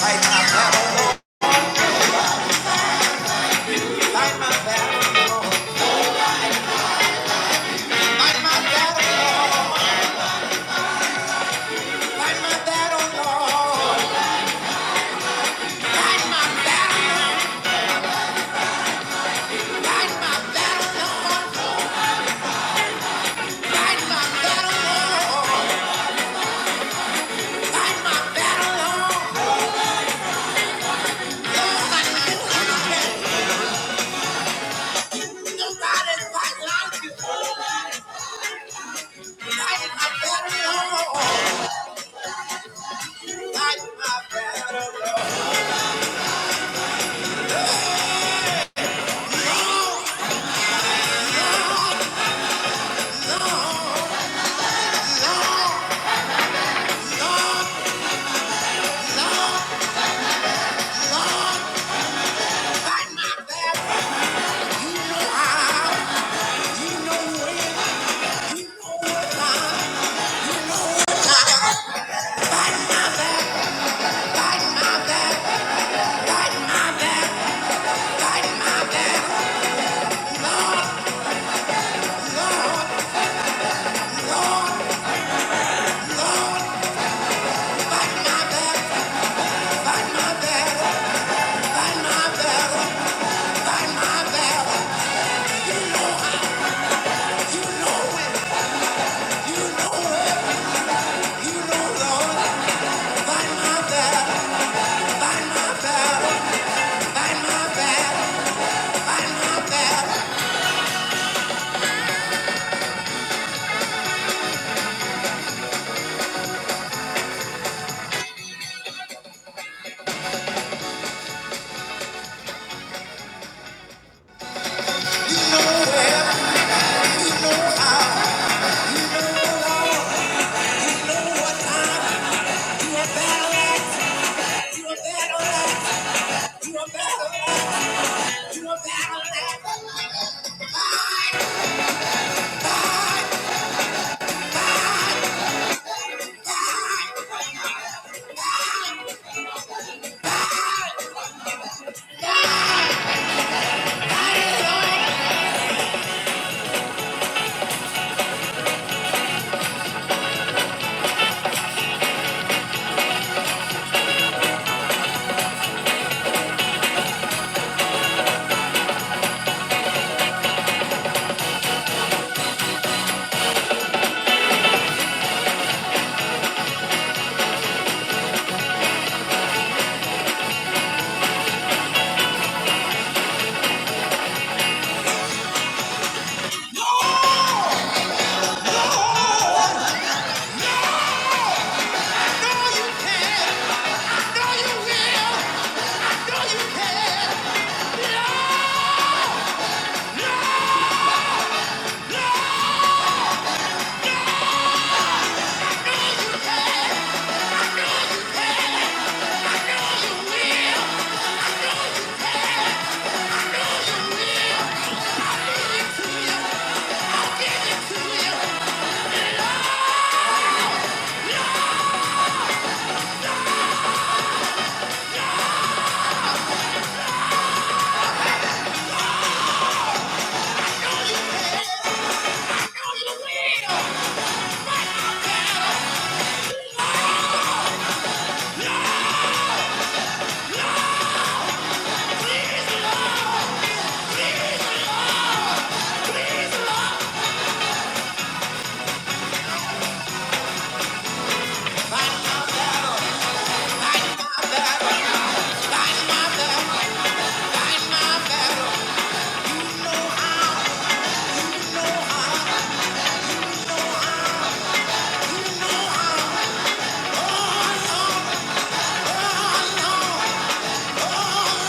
Fight my battle, Lord. my battle, Lord. my battle, Lord. my battle, Lord. Fight my battle, Lord. my battle, Lord. Fight my battle, Lord. Fight my battle, Lord. Lord, I know you can. fight like you. Fight my battle, Lord. Lord. Lord, Lord, Lord, Lord, Lord, my battle. You know, Lord, fight my battle, fight my battle, fight my battle. Oh,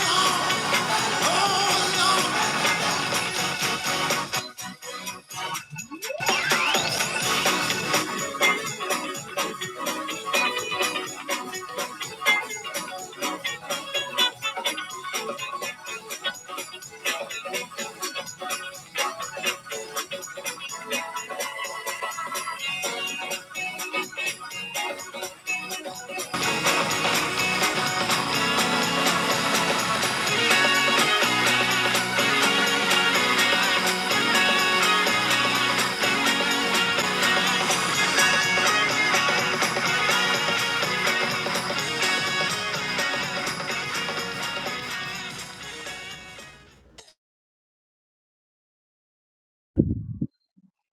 no. Oh, no.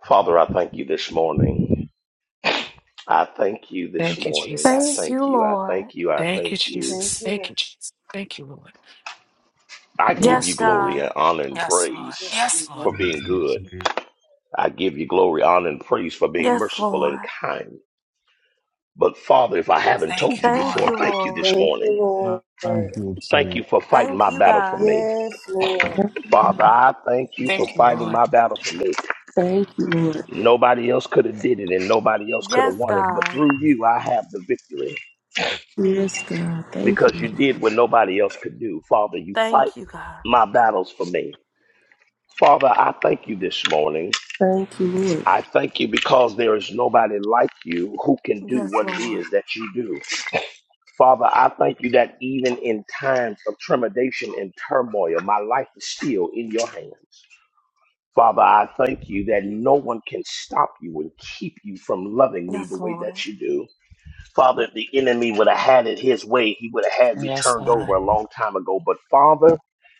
Father, I thank you this morning. I thank you this Thank you, morning. I Jesus. thank you. I thank you. I Thank you, thank you. Thank Jesus. you, Thank Lord. you, Jesus. Thank you, Lord. I give you Yes, Lord. glory and honor and Yes, Lord. praise Yes, Yes, Lord. Lord. for Thank being you, Jesus. good. I give you glory, honor, and praise for being merciful and kind. But Father, if I haven't Thank told you, you Lord. before, thank you this Thank you, morning. Lord. Thank you, Thank you Jesus. for fighting my battle for me. Yes, Lord. Father, I thank you for Thank you, fighting Lord. my battle for me. Thank you, Lord. Nobody else could have did it and nobody else could have won it, but through you I have the victory. Yes, God. Thank you. because you Lord. did what nobody else could do. Father, you fight my battles for me. Father, I thank you this morning. Thank you, Lord. I thank you because there is nobody like you who can do what it is that you do. Father, I thank you that even in times of trepidation and turmoil, my life is still in your hands. Father, I thank you that no one can stop you and keep you from loving me the way that you do. Father, if the enemy would have had it his way, he would have had me Yes, turned over God. a long time ago. But Father,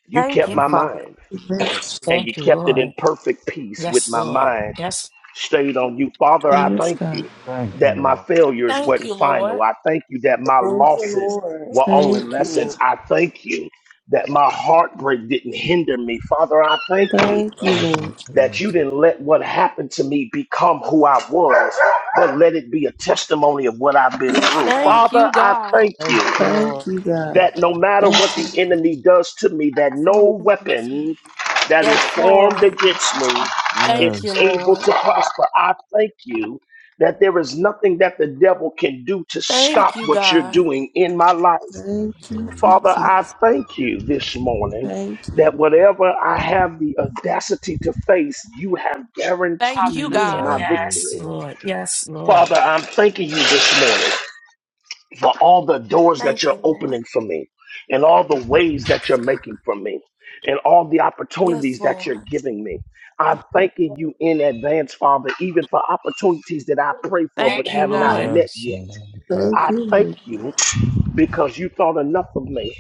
you kept Thank my mind Yes, and you Thank you, kept it in Lord. perfect peace with Yes, my Lord. mind Yes. stayed on you. Father, I yes, thank God. you thank you, that my Lord. failures weren't final. I thank you that my Thank you, losses Lord. were only Thank Thank you. you, Lord. lessons. I thank you that my heartbreak didn't hinder me. Father, I thank you Thank you, Thank you, Lord. that you Jesus. didn't let what happened to me become who I was, but let it be a testimony of what I've been Yes, through. God. Father, I thank you Thank you, Lord. Thank you, God. that no matter what Thank you. the enemy does to me, that no weapon that is formed against me is Yes. able to prosper. I thank you that there is nothing that the devil can do to stop what you're doing in my life. Thank Thank you, you, Father, I Jesus. thank you this morning Thank you. that whatever I have the audacity to face, you have guaranteed Hallelujah. my Thank you, Yes, victory. Jesus. Lord. Yes, Lord. Father, I'm thanking you this morning for all the doors that you're opening for me and all the ways that you're making for me and all the opportunities that you're giving me. I'm thanking you in advance, Father, even for opportunities that I pray for but Thank you, have not Lord. met Yes, yet. Lord. Thank- Thank I you, thank Lord. you because you thought enough of me.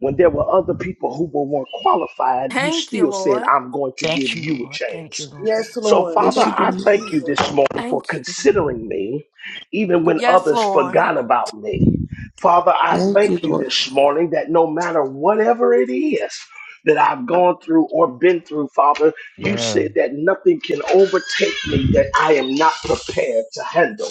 When there were other people who were more qualified, you still said, I'm going to give Thank you, you a Lord. Thank you, chance. Lord. Yes, So, Lord. Father, Yes, you Thank I you, do. thank you Jesus. this morning for considering me, even when others forgot about me. Father, I Thank you, thank you Lord. this morning that no matter whatever it is, that I've gone through or been through, Father, you Yes, said that nothing can overtake me that I am not prepared to handle.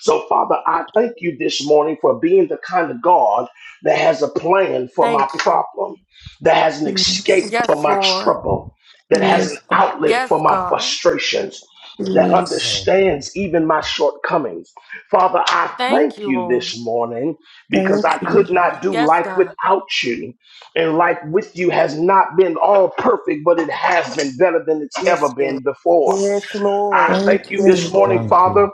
So, Father, I thank you this morning for being the kind of God that has a plan for my problem, that has an escape Yes. for my trouble, that has an Yes, God. outlet for my frustrations. That Yes. Lord. understands even my shortcomings. Father, I thank you this morning because I Thank could you. not do life without you and life with you has not been all perfect, but it has been better than it's ever Yes, Lord. been before. Yes, I Lord. thank Thank you, you this Yes, Lord. morning, Thank Lord. you. Father,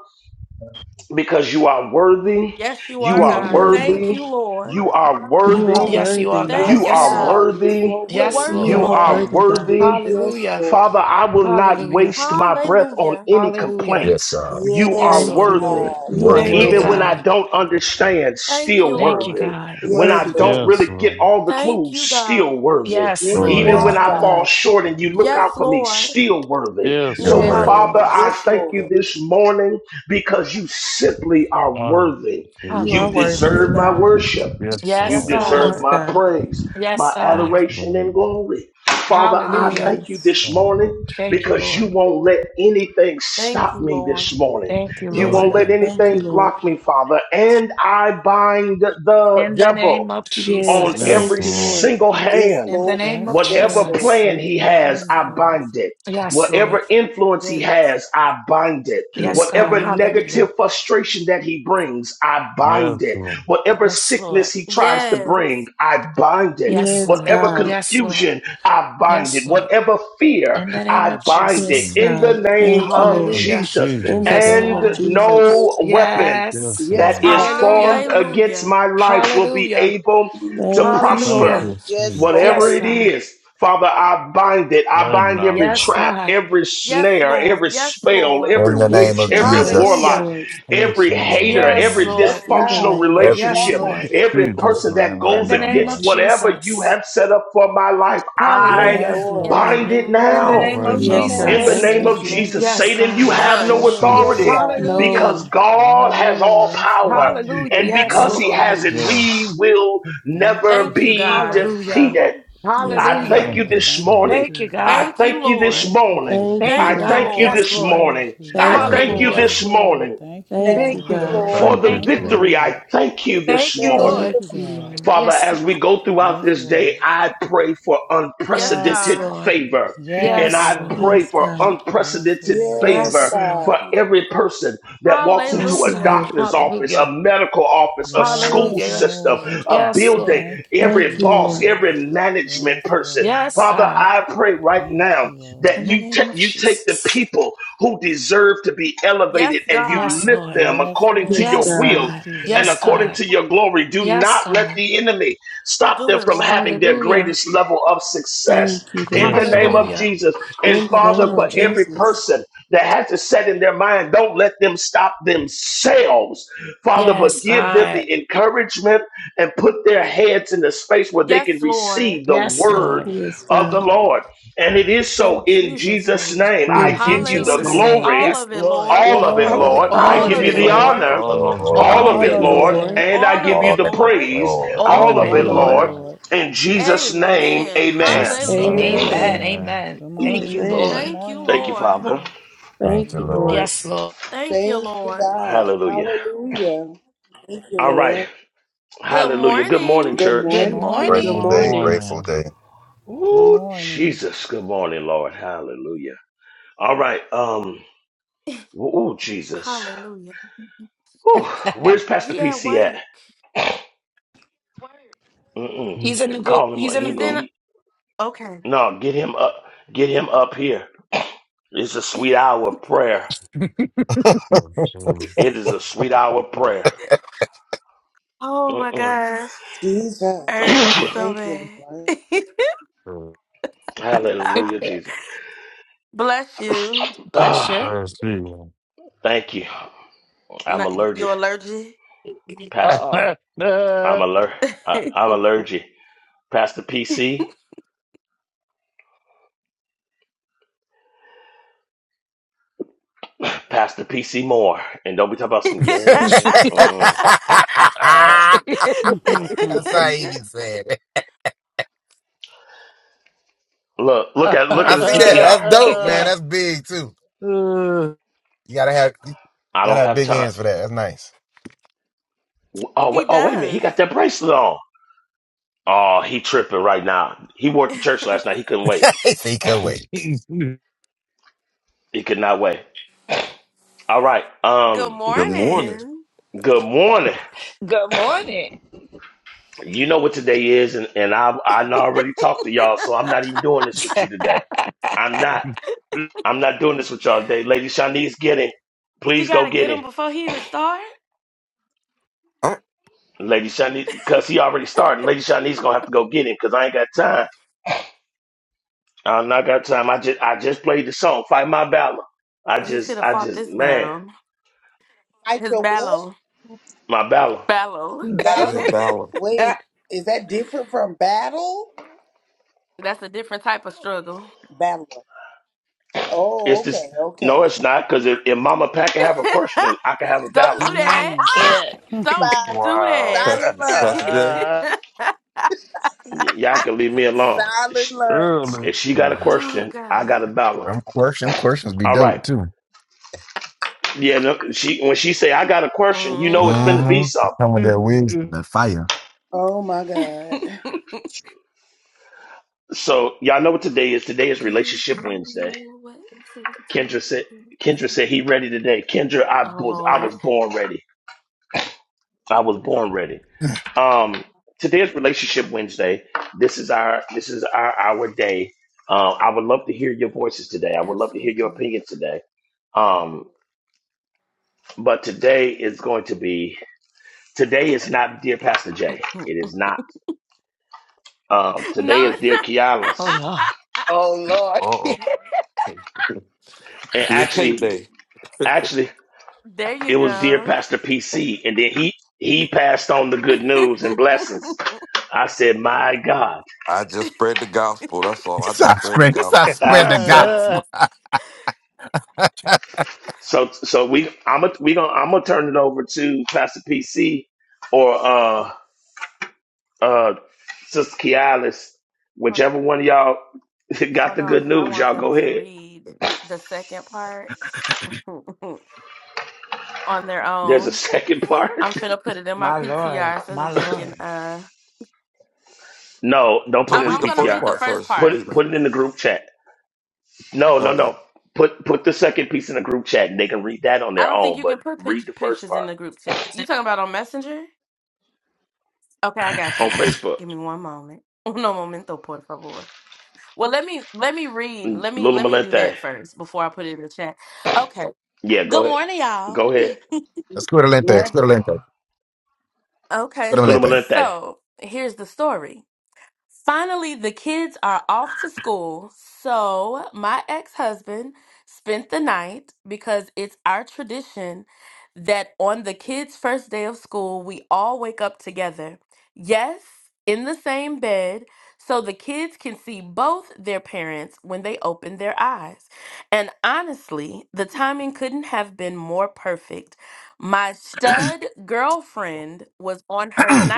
because you are worthy. You You are are worthy. worthy. You are You are God. worthy. Yes, you are worthy. God. You Yes, Yes, are Lord. God. You're worthy. so Yes, worthy. You You Lord. are are worthy, God. worthy. Yes, Hallelujah. Lord. Father, I will not Hallelujah. waste my breath on any Hallelujah. Yes, complaints. God. You Yes, are Thank Yes, Lord. you, worthy. Lord. God. You're You are worthy, Yes, Thank you, worthy, Even Lord. when Lord. I God. God. don't understand, still Thank you, worthy. God. When Yes, Worthy, I God. don't Lord. Yes, really get Lord. all the clues, still worthy. Yes, Yes, you Lord. Worthy, Even when Yes, God. are, I fall God. God. short and you look out for me, still worthy. Yes, You're So, You're Yes, worthy. Lord. Father, worthy. Hallelujah. I Yes, thank you Lord. this morning because you simply are Thank worthy. you you. are You Hallelujah. worthy. deserve my worship. Yes, You Yes, Lord. God. deserve Yes, my God. praise, Yes, my God. Yes, adoration, and Lord. glory. Father, I Hallelujah. thank you Yes. this Thank morning you. Thank you, because you Lord. won't let anything stop me this morning. Thank you, You Yes, Thank won't Lord. you. God. let Thank you, Lord. anything Lord. block me, Father. And I bind the In the devil name of on Yes, Yes, Jesus. every thank you, Lord. Lord. single Yes, hand. In the Lord. name of Yes, Yes, Whatever Lord. Lord. Jesus. plan Thank he you, has, I Jesus. bind it. Yes, Lord. Whatever influence he has, I bind it. Yes, Yes, God. Whatever God. Hallelujah. negative frustration that he brings, I bind Yes, it. Whatever Yes, Lord. sickness he tries to bring, I bind it. Yes, Yes, Lord. Whatever God. Yes, Lord. confusion, I bind it. Yes, Lord. Whatever fear, In the name I of bind it. Yes, Jesus. Lord. In the God. name Thank you, of Lord. In Hallelujah. Jesus. In Jesus' the Yes, name And name. of God. Jesus. no weapon Yes. Yes, Yes, that Lord. God. is Hallelujah. formed against my life will be Hallelujah. able to Thank you, Thank Hallelujah. prosper, Lord. you, Yes, Jesus. whatever Lord. Yes, it God. is. Father, I bind it. I Right bind now, every Yes, Lord. trap, God. every snare, every spell, In every the name Yes, witch, of God. every Thank you, Jesus. warlock, Hallelujah. Lord. Yes, every Lord. hater, Right Yes, now. every Lord. Yes, Lord. In the dysfunctional God. name of Yes, Everything Yes, relationship, God. Lord. Jesus. every Jesus' person that name. Right In goes the now, name of against Lord. whatever you Jesus. have set up for my life. Yes, I Hallelujah. Yes, Lord. bind Lord. it In the now. Thank name you, Right of In the now, Yes, name God. In Jesus. Lord. the of Jesus. Thank name you, Yes, of Jesus, Jesus. Lord. Yes, Satan, you God. Yes, have no Lord. Yes, Jesus. authority God. Hallelujah. No. because God has Hallelujah. all Yes, power. Lord. Hallelujah. And Yes, because Yes, Thank he you, Lord. has Lord. it, God. Yes. we will Thank you, never be Jesus. Hallelujah. defeated. Yes, I Yes, God. Hallelujah. thank Thank you Lord. you, this Thank you, Jesus. morning. Thank you, Jesus. I God. thank you this Thank you, morning. God. Thank Thank you, you, I God. I God. thank you Yes, thank this you, Lord. Lord morning. I Thank Jesus. you, Thank thank you, God. you Hallelujah. Yes, Jesus. this Lord. morning Thank you, Thank Thank Thank you, Lord. you, you, God. Lord. Lord. for Thank the you, Thank you, Thank you, Jesus. Lord. victory. I Lord. thank you Thank this you, Thank morning. Lord. Thank you, you, Thank you, Lord. God. Lord. Father, Yes, as God. we go throughout Yes, this day, Lord. I pray for Yes, unprecedented Lord. favor. And Yes, Yes, I Lord. Lord. pray Yes, for God. Yes, unprecedented Lord. Yes, favor Yes, Lord. for God. every person that walks into Thank Yes, a you, God. Lord. doctor's office, a Hallelujah. medical office, a school Yes, Hallelujah. system, Lord. a Yes, building, Lord. Thank you, every Thank you, boss, Lord. Jesus. every management Yes, person. Lord. Yes, Father, God. I pray right Thank now you, Lord. In that the you, name ta- of you take the Jesus. people who deserve to be elevated and you Yes, lift Lord. them Yes, according to Yes, your Lord. Yes, God. will Thank God. you, and Yes, according Jesus. God. to your glory. Do Yes, not let God. the enemy stop them from having their Hallelujah. greatest level of success Thank you, in Lord. the Yes, name of Lord. Hallelujah. Jesus. And In the Father, name for of Hallelujah. every Jesus. person that has it set in their mind, don't let them stop themselves, Father, but Yes, give them God. the encouragement and put their heads in the space where they can receive the Yes, word Lord. Yes, of the God. Lord. And it is so in Jesus' name. In I Jesus, give In you Lord. the Jesus' Jesus' name. name. glory, Yes, Lord. Yes, all of it, All Lord, Lord. Hallelujah. of Lord. it. all I All All All of of of of give it, it, you it, it, the Lord. Lord. Lord. Lord. of the honor All of it, Lord. All all All of of All of Lord. All it, it, of it, of it, it, Lord, Lord. Lord. Lord. Lord. and I give you All the that the praise, Lord. All All all of All of All of of it, it, it, it, All of it, Lord. Lord. Lord, Lord. of Lord. in Jesus' name, In Yes, amen. Jesus' name. it, Lord. Lord. Amen. Amen. Amen. Amen. Amen. Amen. Good Thank you, morning. Amen. Good Lord. morning. Thank you, Father. Amen. Thank Thank you, Amen. you, Lord. Lord. Yes, Lord. Thank you, God. Hallelujah. Hallelujah. Thank you, All right. Lord. Hallelujah. Good morning, Good Good church. Good morning, Good Grateful morning. day, morning. morning. grateful morning. day. Good Ooh, morning. Jesus. Good morning, Lord. Hallelujah. All right. Um, ooh, Jesus. Ooh, where's Pastor PC at? people he's in the Mm-mm. goo. Call He's him. in He, the goo. he, no, get him up. Get him up here. It's a sweet hour of prayer. to It is a sweet hour of prayer. Mm-mm. Jesus. Thank you, Lord. the Hallelujah, Jesus. Bless you. Ah, First season. thank you. I'm allergic, Pastor. Uh oh. I'm aller. Uh, I'm allergic, Pastor PC. Pastor PC Moore, and don't be talking about some yes. That's Uh mm Uh mm how Good he be saying it. Look, look at look at I his see that. Cat. PTR. That's dope, man. That's big too. You gotta have you I don't gotta have have big time. hands for that. That's nice. Oh wait, oh wait a minute. He got that bracelet on. Oh, he tripping right now. He worked the church last night. He couldn't wait. Think away. He could not wait. All right. Um. Good y- morning. Good morning. Good morning. You know what today is, and, and I I already talked to y'all, so I'm not even doing this with you today. I'm not. I'm not doing this with y'all today. Lady Shawnee's getting. Please go get him. I Lady Shawnee's because he already started. Lady Shawnee's gonna have to go get him because I ain't got time. I am not got time. I just I just played the song. Fight my battle. I just I just man, Fight your what? my battle. Bella. had Battle. Valor, Wait, is that different from battle? Babylon. It's Oh, this okay, no, okay. it's not, because if, if Mama Pat can have a question, I can have a battle. morning. Cat. Bye. wow. Pastor, Silent lunch. Pastor Jay, Y- y'all can leave me alone. If Silent she lunch. Early. if she got a on. question, I got a battle. Them questions, questions be All dope right. too. Yeah, no, she when she say I got a question, you know it's finna be Mm-hmm. They something. come with their wings and their fire. Oh my God. So y'all know what today is. Today is Relationship Wednesday. Kendra said Kendra said he ready today. Kendra, I was I was born ready. I was born ready. Um, today is Relationship Wednesday. This is our this is our our day. Um, I would love to hear your voices today. I would love to hear your opinion today. Um, but today is going to be today is not dear Pastor Jay. It is not. Um, today is dear Oh Kialis. Lord. Oh Lord. Uh-oh. And B and K actually, Day. actually, it was dear Pastor PC, and then he he passed on the good news and blessings. I said, "My God!" I just spread the gospel. That's He all. I just starts spread the spreading. He starts gospel. spreading Um, the so, gospel. so, so we, I'm a, we gonna, I'm gonna turn it over to Pastor PC or uh, uh, Sister Kialis, whichever one of y'all got the good news. Y'all go ahead. There's a second part. My Lord. My Lord. no, don't put So it in read the the first PTR. part first. Put Read. it, it. put it in the group chat. No, no, Okay. no. Put put the second piece in the group chat and they can read that on their own, but read the first part on Facebook. Mm, Lula Malente. Yeah, go ahead. Go ahead. Squidolente, Mercy. squidolente, Scooter squidolente. Malente.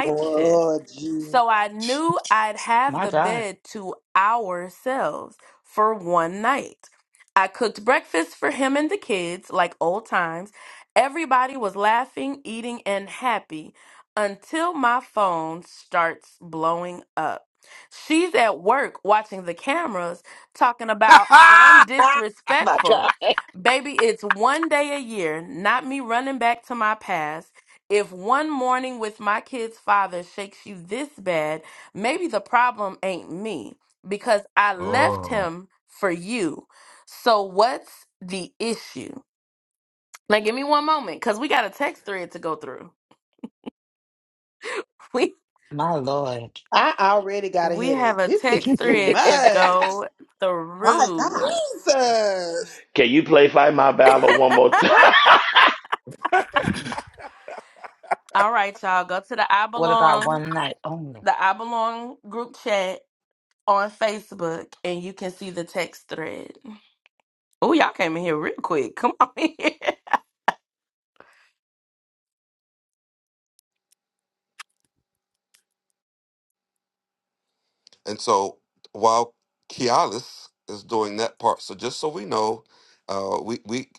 Lord Jesus. My God. Ah, my God. oh, My Lord. I already got a headache. This is too much. My God, Jesus. Can you play Fight My Battle one more time? what about one night only? And so while Kialis is doing that part, so just so we know, uh, we we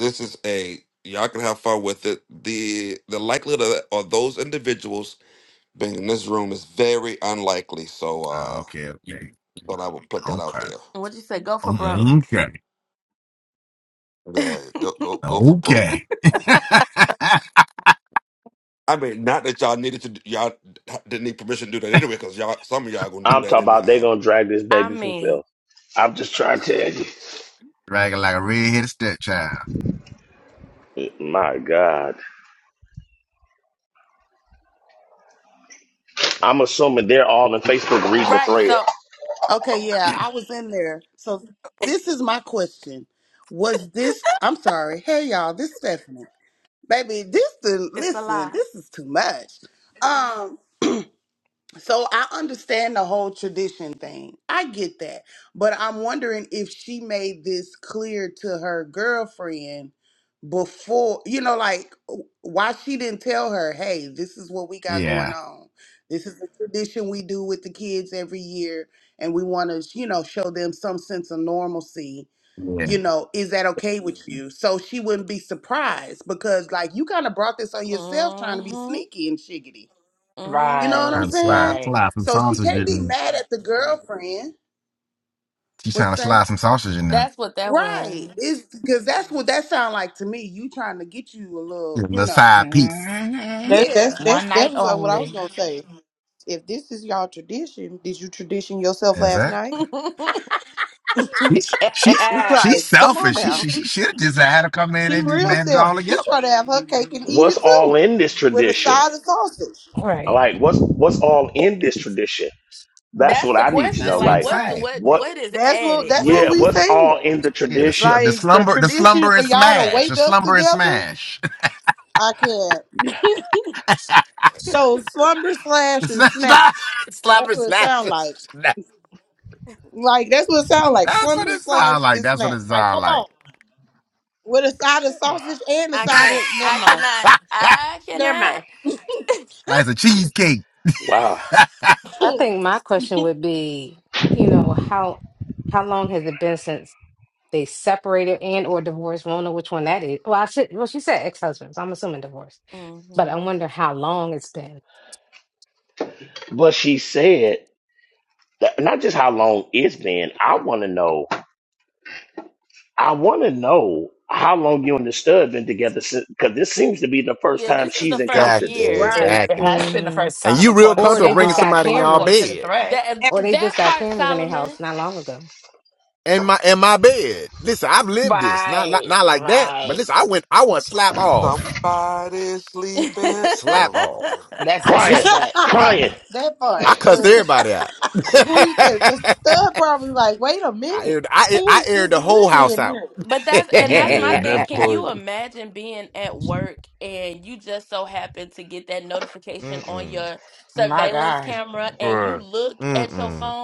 this is a y'all can have fun with it. The the likelihood of, of those individuals being in this room is very unlikely. So uh, okay, okay, thought I would put that out okay, there. Um, Yeah, go go okay, go for broke. okay. I mean, not that y'all needed to, do- y'all didn't need permission to do that anyway, because y'all, some of y'all gonna do I'm talking that about they anyhow. gonna drag this baby for Phil. I'm just trying to tell Dragging like a red-headed stepchild. you. My God. I'm assuming they're all in Facebook reading the thread. Okay, yeah, I was in there. So this is my question. Was this I'm sorry. Hey y'all, this is Stephanie. Baby, this the listen, this is too much. Um. So I understand the whole tradition thing. I get that. But I'm wondering if she made this clear to her girlfriend before, you know, like w- why she didn't tell her, hey, this is what we got going Yeah, on. This is the tradition we do with the kids every year. And we want to, you know, show them some sense of normalcy. yeah. You know, is that okay with Mhm. you? So she wouldn't be surprised because, like, you kind of brought this on yourself trying to be sneaky and shiggity you know what I'm Trying Right. to saying? slide, Right. slide some So she sausage can't in be there. mad at the girlfriend. She's What you trying to say? slide some sausage in there. Right. It's because that's what that sound like to me. You trying to get you a little, Just a you little know. side piece. hmm that, Yeah. that's that's One night that was uh, what I was only. gonna say. If this is y'all tradition, did you tradition yourself last Exactly. night? it, She's she's she's like, come on selfish. She now, she, she should have just had her come in she and just real manage it all selfish. She together. try to have her cake and eat What's it all too, in this with a tradition? side of sausage. All Right. Like what's what's all in this tradition? That's what I need to know. That's what I'm Like Right. saying. what? That's what that's what Yeah, we what's saying. all in the Yeah, the sl- tradition? the Like the slumber the tradition slumber for and y'all to smash wake the up slumber and together. smash. I can't. Yes. So slumber slash It's and not, it's not snacks. slumber That's and what it smash. sound It's like. not- Like that's what it sound like. That's what Slumber it slash sound like. and That's what snacks. it Like, sound come on. like. with a side of Uh, sausage and a side of never mind. Never mind. like it's a cheesecake. Wow. I think my question would be, you know, how how long has it been since they separated and or divorced? Won't know which one that is. Well, I should. Well, she said ex husbands. I'm assuming divorce, but I wonder how long it's been. But she said, that- not just how long it's been, I want to know, I want to know how long you and the stud been together since, because this seems to be the first time she's encountered Exactly. this. Right. it Exactly. has been the hmm first And time, you real according Or to comfortable they the just bringing got um, somebody in y'all according to cameras, the bed. thread. or they just got cameras in their house not long ago. in my in my bed. Listen, I've lived this. Not like Right, not like that. But right. listen, I went. I went slap off. Somebody sleeping. Slap Oh my off. bad. That's that Crying, disrespect. crying. part, I cussed cause everybody out. who you tell? Cause the stud probably like, wait a I minute, aired, I, who I is aired this the whole house nigga in out. here? Yeah, Mm-mm. that part. My God. bruh. Mm-mm.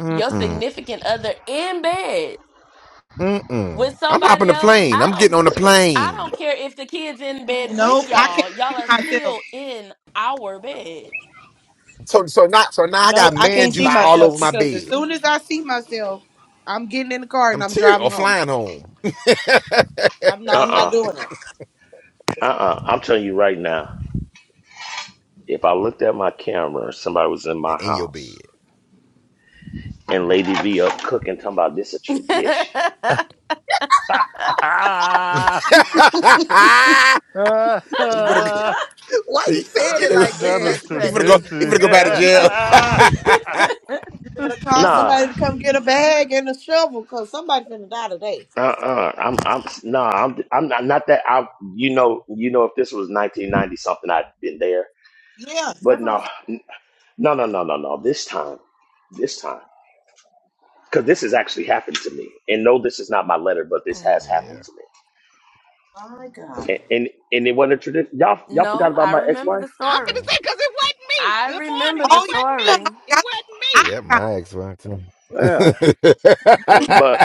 Mm-mm. Mm-mm. I'm hopping the plane. I'm getting on the plane. Nope, I can't see myself. So so not so now I Nope, got I man can't see juice all myself over my Right. because as bed. soon as I see myself, I'm getting in the car and I'm I'm tear driving or home. flying home. I'm not. I'm not Uh doing it. uh-uh, uh, I'm telling you right now, if I looked at my camera, somebody was in my In your house bed. and Lady V up cooking, talking about this a tradition. you Ah, ah, better, ah, Why you said you it know, like Not that? a you better go, you tradition. better Here go you back to go. You jail. better call. You better call Nah, somebody to come get a bag and a shovel, cause somebody finna die today. Uh uh-uh. uh, I'm I'm no, I'm I'm not, not that I you know you know if this was 1990 something I'd been there, Yeah, that's what but I'm no, saying. no, no, no, no, no. This time, this time, because this has actually happened to me, and no, this is not my letter, but this has happened yeah, to me, My God. and and, and it wasn't a tradition. Y'all y'all forgot about my ex wife, well, Oh yeah, I forgot. I yeah, forgot. my ex wife too. I'm yeah. But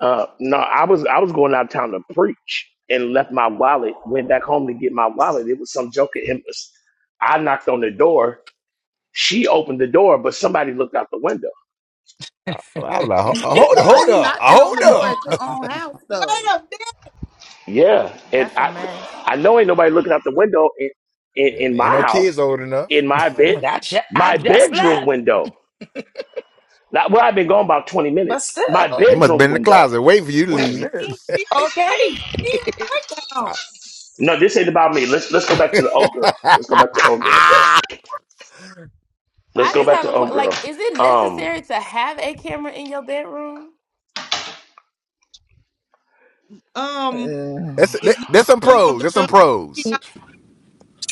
uh, no, I was I was going out of town to preach and left my wallet. Went back home to get my wallet. It was some joke at him. I knocked on the door She opened the door, but somebody looked out the window. like, "Ho- hold, Why hold you up, uh, knocking on the hold door up, at your own house Wait though? a Yeah, and I, I know ain't nobody looking out the window in, in, and in ain't my no kids house, old enough. in my bed, Like, I ju- I my just bedroom left, window. Not, well, I've been gone about twenty but minutes. My still, They must bedroom been in the window. closet waiting for you to Twenty leave. minute, minutes. she be okay. wait, she be waiting on. So- No, this ain't about me. Let's let's go back to the old girl. Let's go back to old girl. Let's go They- back to old girl. Um, Um, that's Mm. that, if you that's some really want pros. the That's real, some pros. Mm,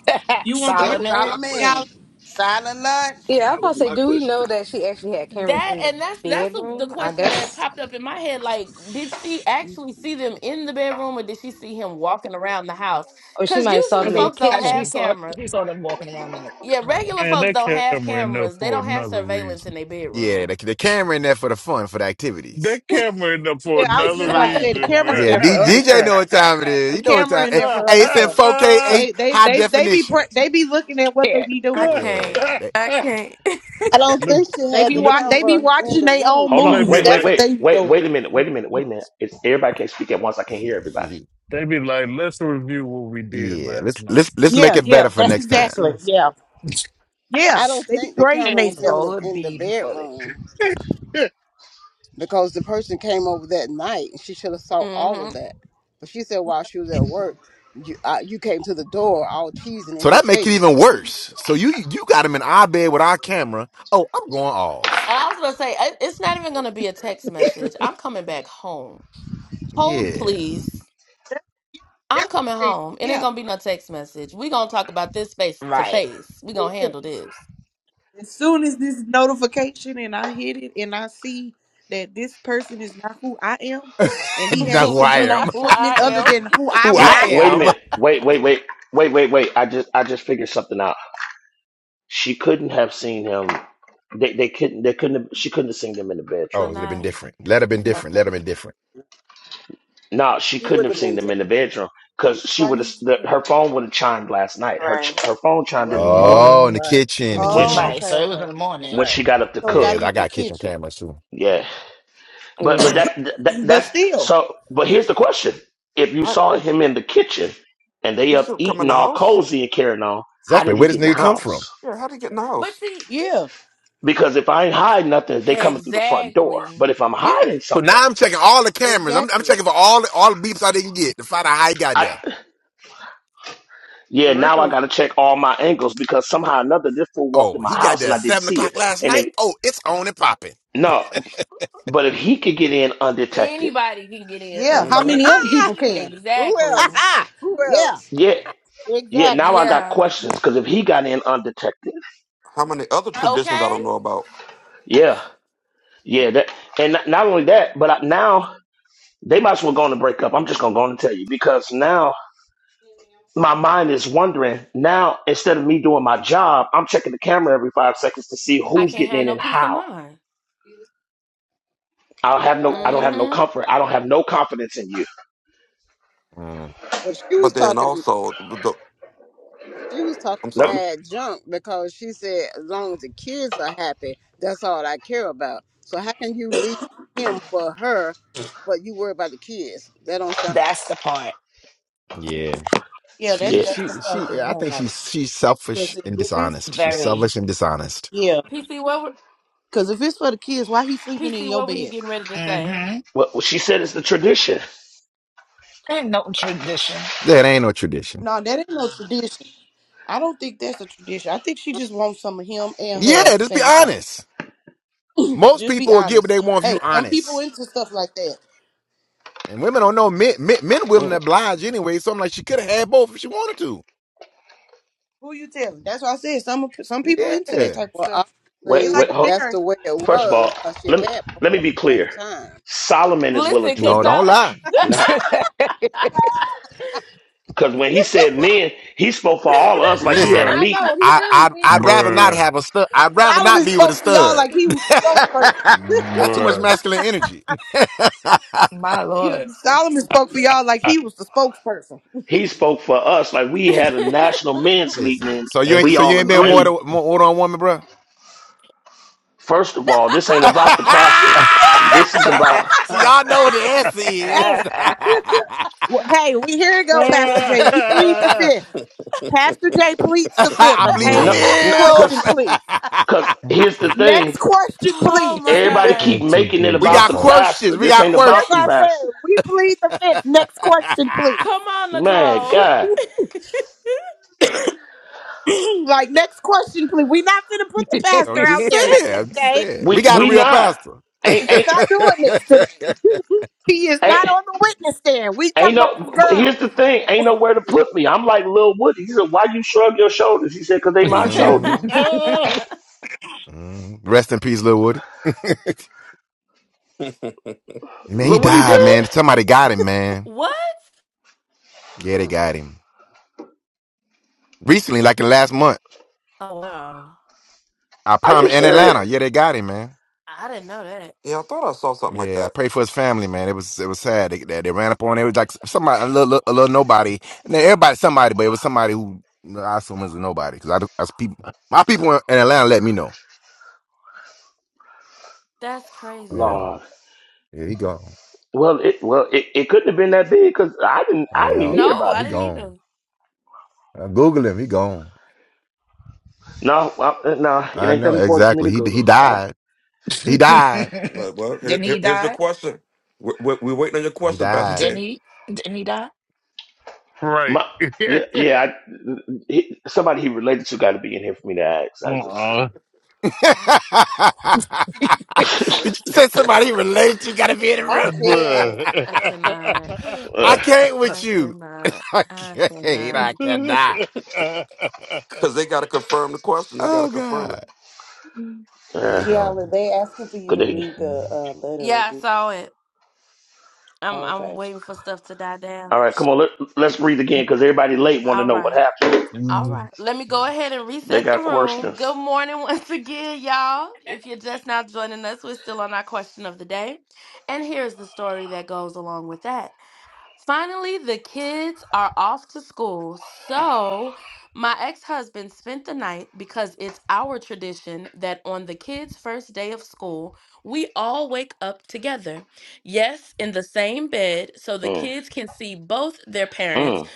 you want the That real. was Solomon, my Yeah, Solomon. question. Silent lunch. Yeah, I was That about to was say, my do we know question. that she actually had cameras in the bedroom? I Mm. guess Or she might have saw I them in the think uh, she kitchen saw she saw them walking around in the house. Man, that camera in there for another reason. Yeah, the, the camera in there for the fun, for the activities. That camera in there for I was just another about to Right. say the reason, camera in bro. Yeah, there for D- other DJ know stuff. what time it is. The You know what camera time. in Hey, there for hey, other it's in stuff. 4K, eight They they high they they be definition. pre- they be looking at what they Yeah. be doing. Yeah, that, I don't let, think she They had be the let, wa- they be camera in watching the their own hold room. on. let me movies. Wait, wait, That's like, what wait, they be wait, doing. wait a minute. Wait a minute. Wait a minute. It's everybody can't speak at once. I can't hear everybody. they be like, let's review what we did yeah. last Let's night. let's let's make Yeah, it better yeah, for that's next time. Let's, exactly. let's. Yeah, yeah. I don't They be think the grading camera was in themselves. the Roll it in the beautifully. bedroom because the person came over that night and she should have saw all of that. But she said while she was at work, you uh, you came to the door all cheesing in So his that make it face. even worse. So you you got him in our bed with our camera. Oh, I'm going off. Yeah, That's yeah, Right. for real. As soon as this notification and I hit it and I see that this person is not who I am and he know has who some I other am. equipment other than who I Who what I No, wait I a am. have. minute. Wait, wait, wait, wait, wait, wait. I just I just figured something out. She couldn't have seen him. They they couldn't they couldn't have, she couldn't have seen them in the Oh, it bedroom. would have been different. Let have been No, different. Okay. Let have been different. No, she she couldn't wouldn't have have seen been. ta- them in the bedroom because she Why would you have say the, that? her phone would have chimed last night. Her ch- Right. her phone chimed in in the the right, morning Oh, in the morning. right, kitchen, the when Oh, she, hmm kitchen. Right. okay, So it was okay. in the morning. when right. she got up to So it gotta Yeah, be cook. I in the got kitchen kitchen. cameras too. Yeah, but but Yeah. that, that But that's still, so. But here's the question: If you How, saw him in the kitchen and they you up should come in eating the all house. cozy and carrying on, how Exactly. did he Where does get in the nigga come from? house? Yeah, how do you get in the house? yeah, Because if I ain't hiding nothing, they coming through the front door. But if I'm yeah, hiding So something. now I'm checking all the cameras. I'm, I'm exactly. checking for all the, all the beeps I didn't get to find out how he got there. Yeah, For now I real. gotta check all my angles because somehow or another this fool walked in Oh, my he got house there and at I didn't seven see it. o'clock last And night. if Oh, it's on and popping. no, but if he could get in undetected, Yeah. How hmm many other Ah, people can? who Ha else? ha. Who Yeah, else? yeah, yeah. exactly. Now I got questions because if he got in undetected, How many other traditions I don't know about? yeah, yeah. That and not not only that, but I, now they might as well go on and break up. I'm just gonna go on and tell you because now my mind is wondering. Now instead of me doing my job, I'm checking the camera every five seconds to see who's getting in and how. I have no, I don't Right. have no comfort. I don't have no confidence in you. Mm, But she was But then talking. also, the, the- She was talking I'm No, sorry. mad junk because she said, as long as the kids are happy, that's all I care about. So how can you leave him for her, but you worry about the kids? That don't sound That's the part. yeah. Yeah, She, that's yeah. that's the she, part she. that I I don't think like. she's she's selfish Because if and if it's dishonest. She's yeah, Very. selfish and dishonest. yeah. Because if it's for the kids, why he sleeping in your bed? Mm-hmm. Well, she said it's the tradition. Ain't no tradition. That ain't no tradition. No, that ain't no tradition. I don't think that's a tradition. I think she just wants some of him and her Yeah, at the just be same time. honest. Most Just be people will get what honest. they want if you Hey, some people honest. into stuff like that. And women don't know men. Men, men willing to Mm. oblige anyway. So I'm like, she could have had both if she wanted to. Who you telling? That's what I said. Some some people into that Yeah. type of well. stuff. Wait, They like wait. Obviously, Hold. that's sharing. the way it First of all, was because she let me had both let me at be the same clear. time. Solomon is willing to No, don't lie. oblige, not because when he said men, he spoke for all of us like he Listen. had a bruh, I meeting. know he I, really I did. I'd Like rather he not bruh, have a stud. I'd rather not Solomon be with a spoke for y'all stud. like he was the spokesperson. That's too much bruh. masculine energy. My Yeah, lord. Solomon spoke for y'all like he was the spokesperson. He spoke for us like we had a national men's meeting Listen, and so you And, ain't we so you all ain't been more and agreed. to more order on woman, bro. First of all, this ain't about the pastor. This is about so y'all know what the answer is. Hey, well, hey, we here you go, Pastor bruh, J. We plead the fifth. Pastor yeah, J pleads the fifth. I plead the Okay, no, next question, fifth. because please. because here's the thing. Next question, please. Everybody one, keep two, making it three, we four, about got the five. questions. pastor. We This got ain't That's about what the I questions. pastor. said. We plead the fifth. Next question, please. Man, God. Like, next question, please. we not finna put the I'm pastor out just there like saying. that, I'm just okay? saying. We We got a we real not. pastor. we Ain't ain't not doing this today. He is not ain't on the witness stand. We ain't talking about this no. but Here's girl. the thing. Ain't nowhere to put me. I'm like Lil Woody. He said, "Why you shrug your shoulders?" He said, "Cause they my hmm shoulders." Ah, hmm Rest in peace, Lil Woody. man, he Look what he died, did. man. Somebody got him, man. Yeah, they Mm. got him. Recently, like in the last month. I Are you promise in serious, Atlanta. Yeah, they got him, man. I thought I saw something like Yeah, I that. pray for his family, man. It was it was sad. They they, they ran up on it. It was like somebody a little, a little nobody. And then everybody somebody, but it was somebody who no, I assume is a nobody because I, do- I s- people my people in Atlanta let me know. Yeah. Lord? Yeah, he gone. Well, it well it, it couldn't have been that big because I didn't I didn't even Yeah. hear about He it. gone. I Google him, he gone. No, well, uh, no, it I ain't know that important for me exactly. to He Google. he Uh, died. He died. But well, here, Didn't he here- here's your die? question. We're, we're, we're waiting on your He question, Pastor died. Didn't Jay. he? Didn't he die? right. my yeah yeah. I, he, somebody he related to got to be in here for me to ask. I just uh-uh. Did you say somebody related? You gotta be in the I room. can't. Bruh. I uh, can't with you. I can't. I cannot. Because they got to confirm the question. They got to Oh confirm it. God. Yeah, uh, he Kiala, gone. they asking for you could to they? read the uh, letter again. okay. All right, come on. Let, let's read again because everybody late want to know what happened. They got questions. Mm, mm.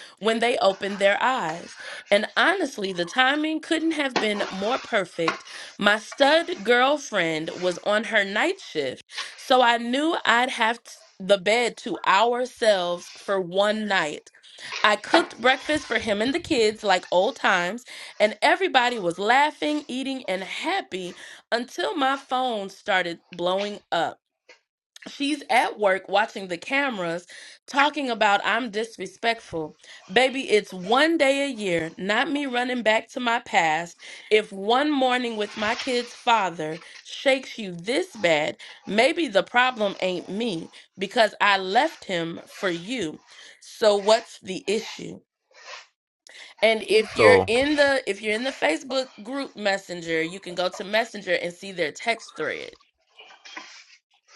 So,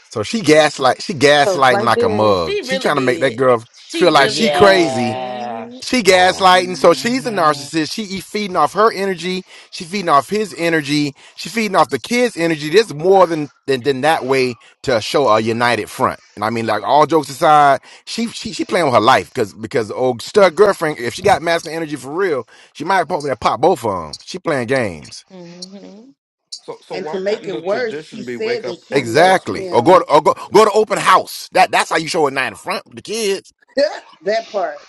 so she gaslight. She So gaslighting right like a there, mug. She trying to make that girl feel like she crazy Yeah. she Um, gaslighting so she's a hmm narcissist she e- feeding off her energy she feeding off his energy she feeding off the kids energy there's more than than, than that way to show a united front and i mean like all jokes aside she she, she playing with her life because because old stud girlfriend if she got masculine energy for real she might pop that pop both of them she playing games So so And to why make couldn't the it worse, she tradition be wake said that up she on left exactly or Christmas? go him. to, or go go to open house that that's how you show a united front with the kids that part.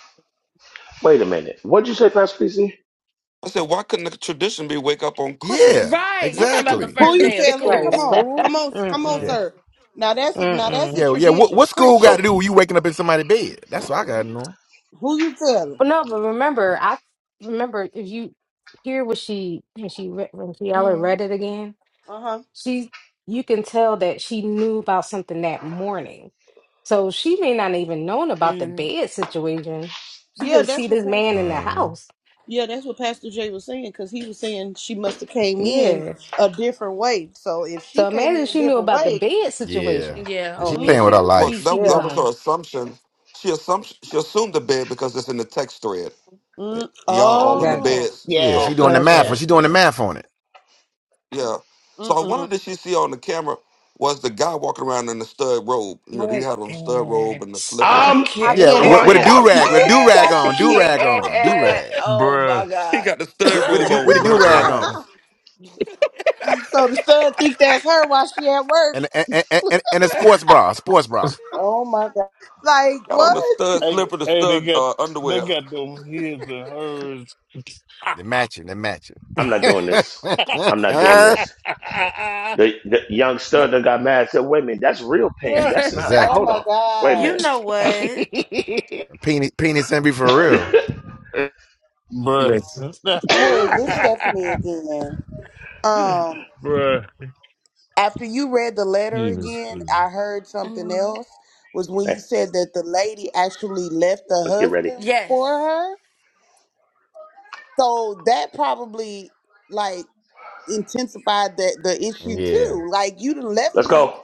Wait a minute. What'd you say, Pastor PC? I said, why couldn't the tradition be wake up on Christmas, yeah not school? exactly Who you telling? right, Come on, school? come on, come on, Mm-mm. sir. Now that's a, now that's a Mm-mm. Yeah, yeah. What tradition. what school got Christmas. So to do with you waking up in somebody's bed? That's what I got to know. Who you telling? But no, but remember, I remember if you hear what she when she re- when Kiala read it again, Uh huh. she you can tell that she knew about something that morning. So she may not even known about the bed situation. She Yeah, just that's see what. this Pastor. man in the hmm house. Yeah, that's what Pastor Jay was saying because he was saying she must have came in Yeah. a different way. So if she So came imagine in a she knew different about the way, bed Yeah. situation. Yeah, Oh She yeah, playing with her mm, she Well, she life. she that, be that yeah, was her gone. assumption. She assumed she assumed the bed because it's in the text thread. mm, Y'all all in the Gotcha. oh, beds. Yeah, yeah. So she uh, Oh, doing the that's math. Yeah. right. She doing the Yeah. math on it. yeah. So I mm-mm. wondered did she see on the camera was the guy walking around in the stud robe? You know, he I had on the stud robe can't. and the I I'm slippers. I can't. Yeah, with, cannot. with a crying. I do rag, with a do can't. rag that's I the on, do PC rag way on, too do can't. much. rag. Oh my bruh, She God. got the stud With, with a robe do with a on with do her rag bruh. on, slides. so the son think that's her while she at work. and and, and and and a sports bra, a sports bra. Oh my god. Like Got on the what? stud Hey, slipper, the hey, they stud got uh, they underwear. got them his and hers. They matching, they matching. I'm not doing this. I'm not doing this. The, the young stud that got mad said, wait a minute, that's real pain. Bruh. That's not, Oh exactly. hold my on. Wait a god. minute. it's Penis, penis, and be for real. It- Listen, Hey, this Stephanie again. Um, Bruh. after you read the letter He was, again, I heard something else. Was when you Hey, said that the lady actually left the let's get ready. husband for her. So that probably like intensified that the issue Yeah. too. Like you done left Let's me go.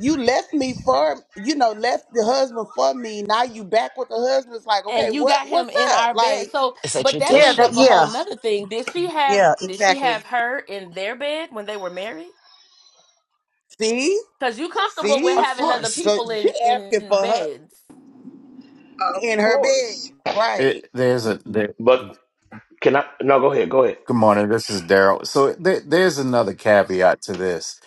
you left me for you know left the husband for me now you back with the husband it's like okay what what's up like a Yeah, that, tradition. yeah, yeah, exactly. see See? Of course. So she asking for her Of in her bed. course. Right. it, there's a there, But good can I, no, go ahead. Go ahead. morning. This is Daryl. So there, there's another caveat to this.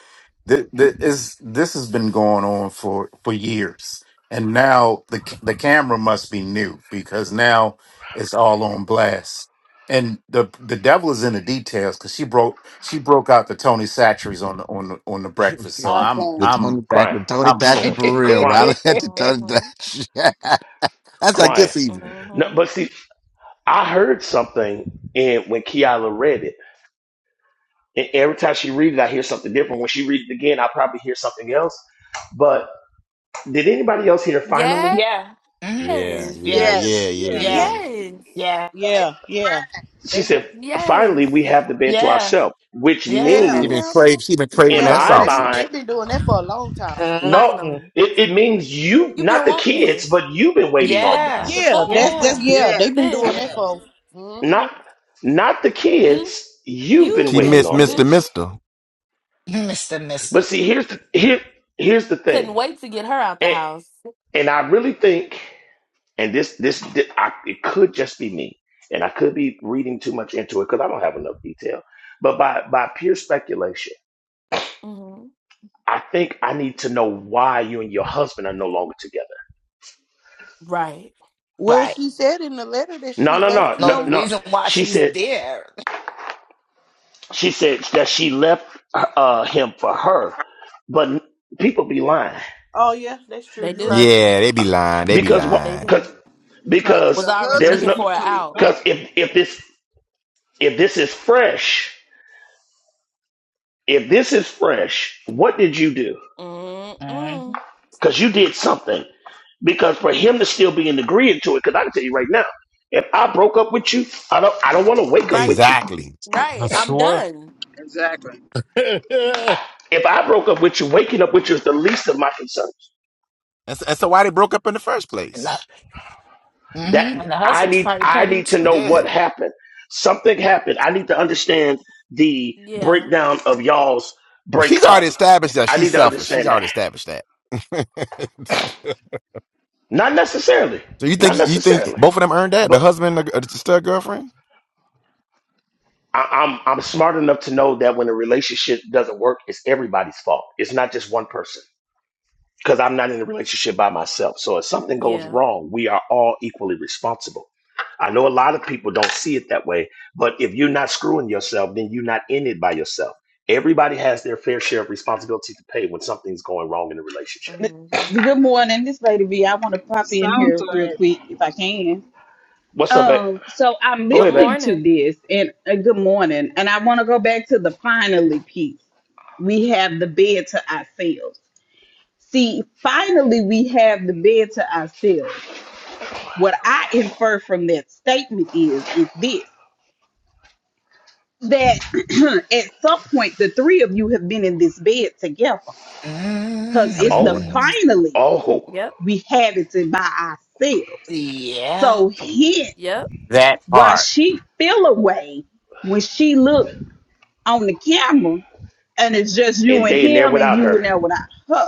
This, this. this has been going on for for years, and now the c- the camera must be new because now it's all on blast. And the the devil is in the details because she broke she broke out the Tony Satcheries on the on the on the breakfast. So I I'm The can. I'm Tony Crying, Thatcher, Tony I'm Thatcher floored. for real. yeah. Riley crying, had the Tony Thatcher. That's like good crying. for No, but see, I heard something and when Kiala read it. E- Every time she reads it, I hear something different. When she reads it again, I probably hear something else. But did anybody else hear finally? Mhm. Yeah, yeah, Yeah. yeah, Yes, yeah, Yeah. yeah. yes, Yeah. So They've been Yeah, yeah, trying. She They've said, been finally, we have the bed to Yeah. ourselves, which Yeah. yeah, She been means, crave, she been craving in yeah. that So my they have been mind, sausage. they've been doing that for a long time. no, Mm, it, it means you, not the kids, but you've been waiting on Yeah. Mm. this. Yeah, that's that's Yeah. yeah. They've yes, been doing that yes. for. hmm Not, not the kids, you've been She waiting missed on Mr. this. Mister. Mister, But Mister. see, here's the, here, here's the thing. And, and I really think and this this, thi- I, it could just be me and i could be reading too much into it because i don't have enough detail but by by pure speculation i think i need to know why you and your husband are no longer together Well, Right. she said in the letter that no she no left no No, no the him. no reason why she she's said there. she said that she left uh, him for her but people be lying Oh yeah, that's true. You're right. Yeah, they be lying. They be because what lying. because Because the because there's husband no keep coming because back. if if this if this is fresh if this is fresh what did you do hmm And because you did something. Because for him to still be in agreement to it, because I can tell you right now, if I broke up with you, I don't I don't want to wake up with you. Exactly. I swear. Exactly. If I broke up with you, waking up with you is the least of my concerns. That's, that's why they broke up in the first place. the, mhm. And That the I husband's need probably I petty need to too. know Yeah. what happened. Something happened. I need to understand the breakdown of y'all's Well, she's already breakup. established that I she's need to selfish. She's understand already that. established that. so Not necessarily. you Not think you think necessarily. both of them earned that? The But. husband and the, uh, the stud girlfriend? I, I'm I'm smart enough to know that when a relationship doesn't work, it's everybody's fault. It's not just one person because I'm not in a relationship by myself. So if something goes wrong, we are all equally responsible. I know a lot of people don't see it that way, but if you're not screwing yourself, then you're not in it by yourself. Everybody has their fair share of responsibility to pay when something's going wrong in a relationship. Good morning. This lady V, I want to It pop in sounds here real like quick if I can. What's up, babe? Um, so I'm Go ahead, babe. listening to this and uh, good morning. And I want to go back to the finally piece. We have the bed to ourselves. See, finally we have the bed to ourselves. What I infer from that statement is is this that at some point the three of you have been in this bed together because Gotta it's go the on Oh, hmm finally oh, we have it to by ourselves Yeah. So hence That why part. she feel away when she look on the camera and it's just you and and they in there him and without you in there her. without her.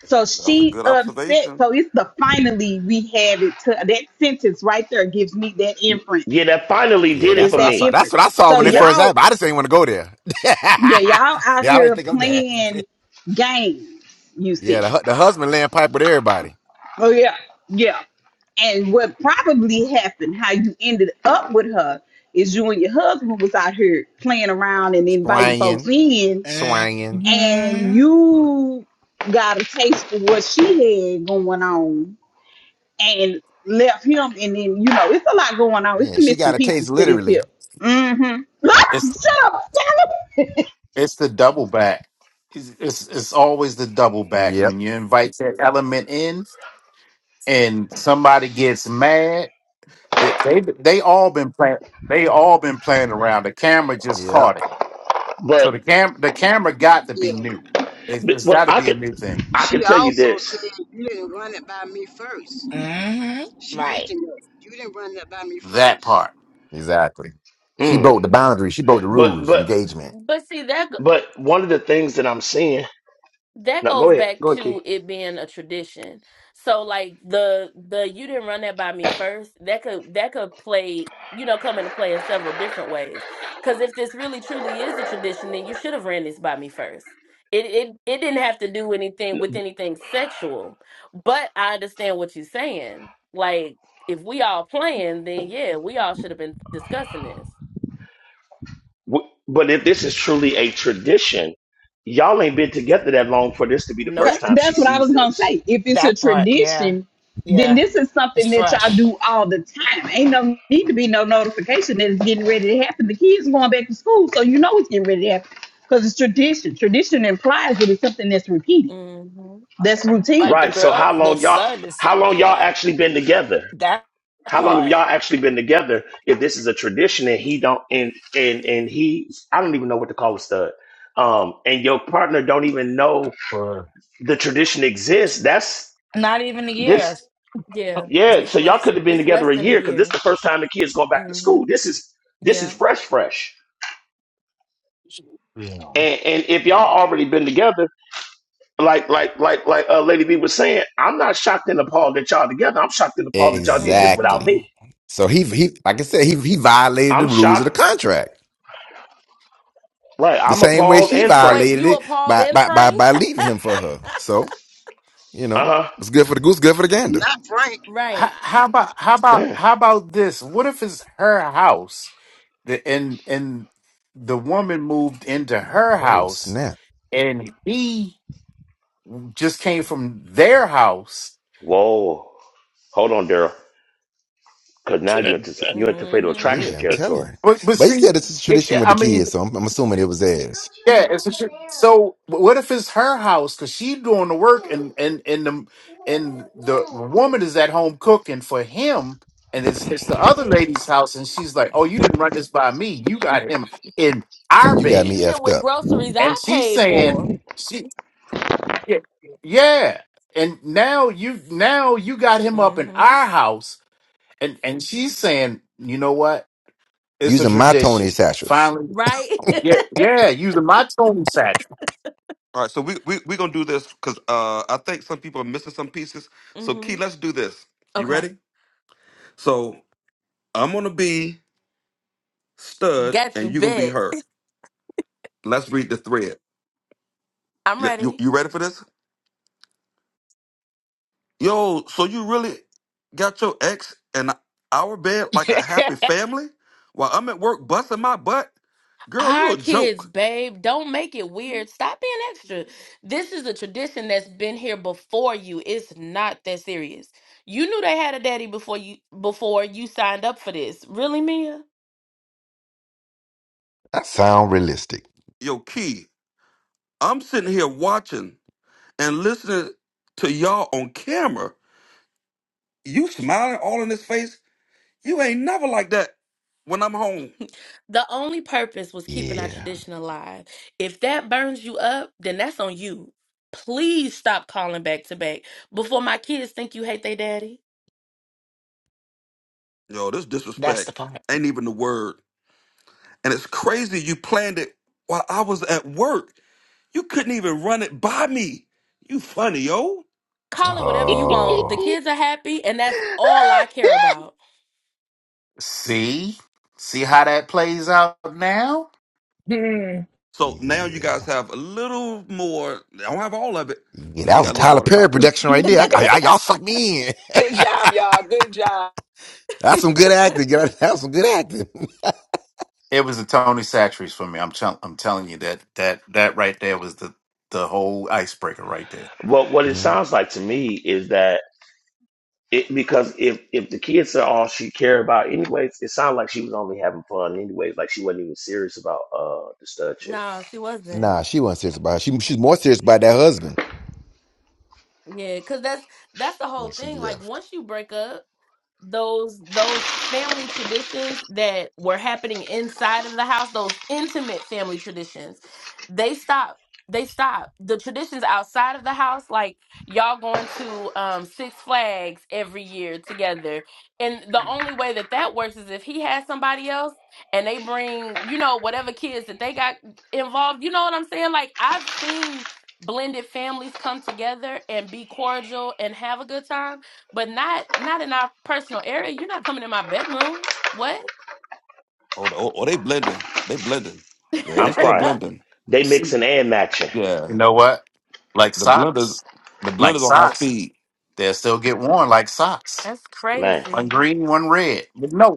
So That's a she good upset. observation. So it's the finally we have it to that sentence right there gives me that inference. Yeah, that finally Yeah, did it Is that's for what I that saw. me. That's inference? what I saw So when they Yeah, that. first y'all, happened. I just didn't want to go there. yeah, yeah, I y'all out don't here think I'm that. playing games, you Yeah, the, see. hu- the husband laying pipe with everybody. Oh yeah. Yeah. And what probably happened, how you ended up with her, is you and your husband was out here playing around and inviting folks Swanging, in, swanging. and Mm-hmm. you got a taste for what she had going on and left him. And then, you know, it's a lot going on. It's Yeah, some she missing got a pieces taste to this literally. here. Mm-hmm. Shut up. It's the double back. It's, it's it's always the double back Yep, when you invite that element in, and somebody gets mad. They they, they all been playing. They all been playing around. The camera just yep, caught it. So But the cam the camera got to yeah. be new. It, But- it's Well, got to I be a could, new thing. I She can tell you also this. said you didn't run it by me first. hmm She Right. mentioned that you didn't run that by me That first. part. exactly. She Mm. broke the boundary. She broke the But rules, but engagement. but one of the things that I'm seeing. Now go ahead, go ahead, Key. W- But if this is truly a tradition, y'all ain't been together that long for this to be the Okay, first time she that's what I sees was gonna this, say. If it's a That part, yeah. tradition, then Yeah. this is It's something that y'all fresh. do all the time. Ain't no need to be no notification that it's getting ready to happen. The kids going back to school, so you know it's getting ready to happen because it's tradition. Tradition implies that it's something that's repeated, that's Like routine. the right? So girl, how the long y'all? son is How long y'all yeah. actually been together? That How long have part. y'all actually been together? If this is a tradition and he don't and and and he, I don't even know what to call a stud. Um, and your partner don't even know Bruh. the tradition exists. That's Not even the this. years. Yeah, so y'all could have been together a year because this is the first time the kids go back to school. This is this is fresh, fresh. Yeah. And and if y'all already been together, like like like like uh, Lady B was saying, I'm not shocked and appalled that y'all together. I'm shocked and appalled that y'all did this without Exactly. me. So he, he, like I said, he, he violated the I'm rules of the shocked. contract Right, the I'm same way appalled she and franked. violated it by, by, by, by leaving him for her. So, you know, Uh what's good for the goose, good for the gander. Not Frank. How, how about how about huh. how about this? What if it's her house, the, and and the woman moved into her Oh, house, snap. and he just came from their house. Whoa, hold on, Daryl, because now you're into you're into fatal that attraction Yeah, I'm telling territory. you. But but But he see, said it's a it, tradition with I the mean, kids, so I'm, I'm assuming it was theirs. yeah. It's a, sh- so what if it's her house because she doing the work and and and the and the woman is at home cooking for him, and it's it's the other lady's house, and she's like, "Oh, you didn't run this by me. You got him in So our you got bed," me effed up. and she's saying, "She yeah." And now you now you got him up in our house, and and she's saying, "You know what? It's a Using my Tony tradition. Satchels. Finally, yeah, yeah, using my Tony Satchel. All right, so we we we gonna do this because uh, I think some people are missing some pieces. So Key, let's do this. You ready? So I'm gonna be Stud, and you gonna be her. Let's read the thread. You, you you ready for this? Yo, so you really got your ex and our bed like a happy family, while I'm at work busting my butt. Girl, you a joke. That sound realistic. Yo, Key, I'm sitting here watching and listening to y'all on camera. You smiling all in his face You ain't never like that when I'm home. Yeah. Yo, this That's the disrespect part. ain't even the word. And it's crazy you planned it while I was at work. You couldn't even run it by me. You funny, yo. Oh, See, see how that plays out now. Mhm. So now you guys yeah. have a little more. I don't have all of it. yeah Now that you was got a a little Tyler more of the Perry contract. production right there. Good I, I- y'all sucked me in. job, y'all. Good job. That's some good acting. girl. That's some good acting. It was the Tony Satcheries for me. I'm tell- I'm telling you that that that right there was the the whole icebreaker right there. But what it Mm, sounds like to me is that It, because if if the kids are all she cared about, anyways, it sounded like she was only having fun, anyways. Like she wasn't even serious about uh the stud chick. Nah, she wasn't serious about it. She, she's more serious about that husband. Then she left. Oh, the- oh, oh, they blending. They blending. Yeah, they I'm still crying. blending. They See, mixing and matching, you Yeah, know what? the, Like the blenders, socks, the like blenders on high socks. speed. They'll still get worn like socks. man. One green, one red. But no.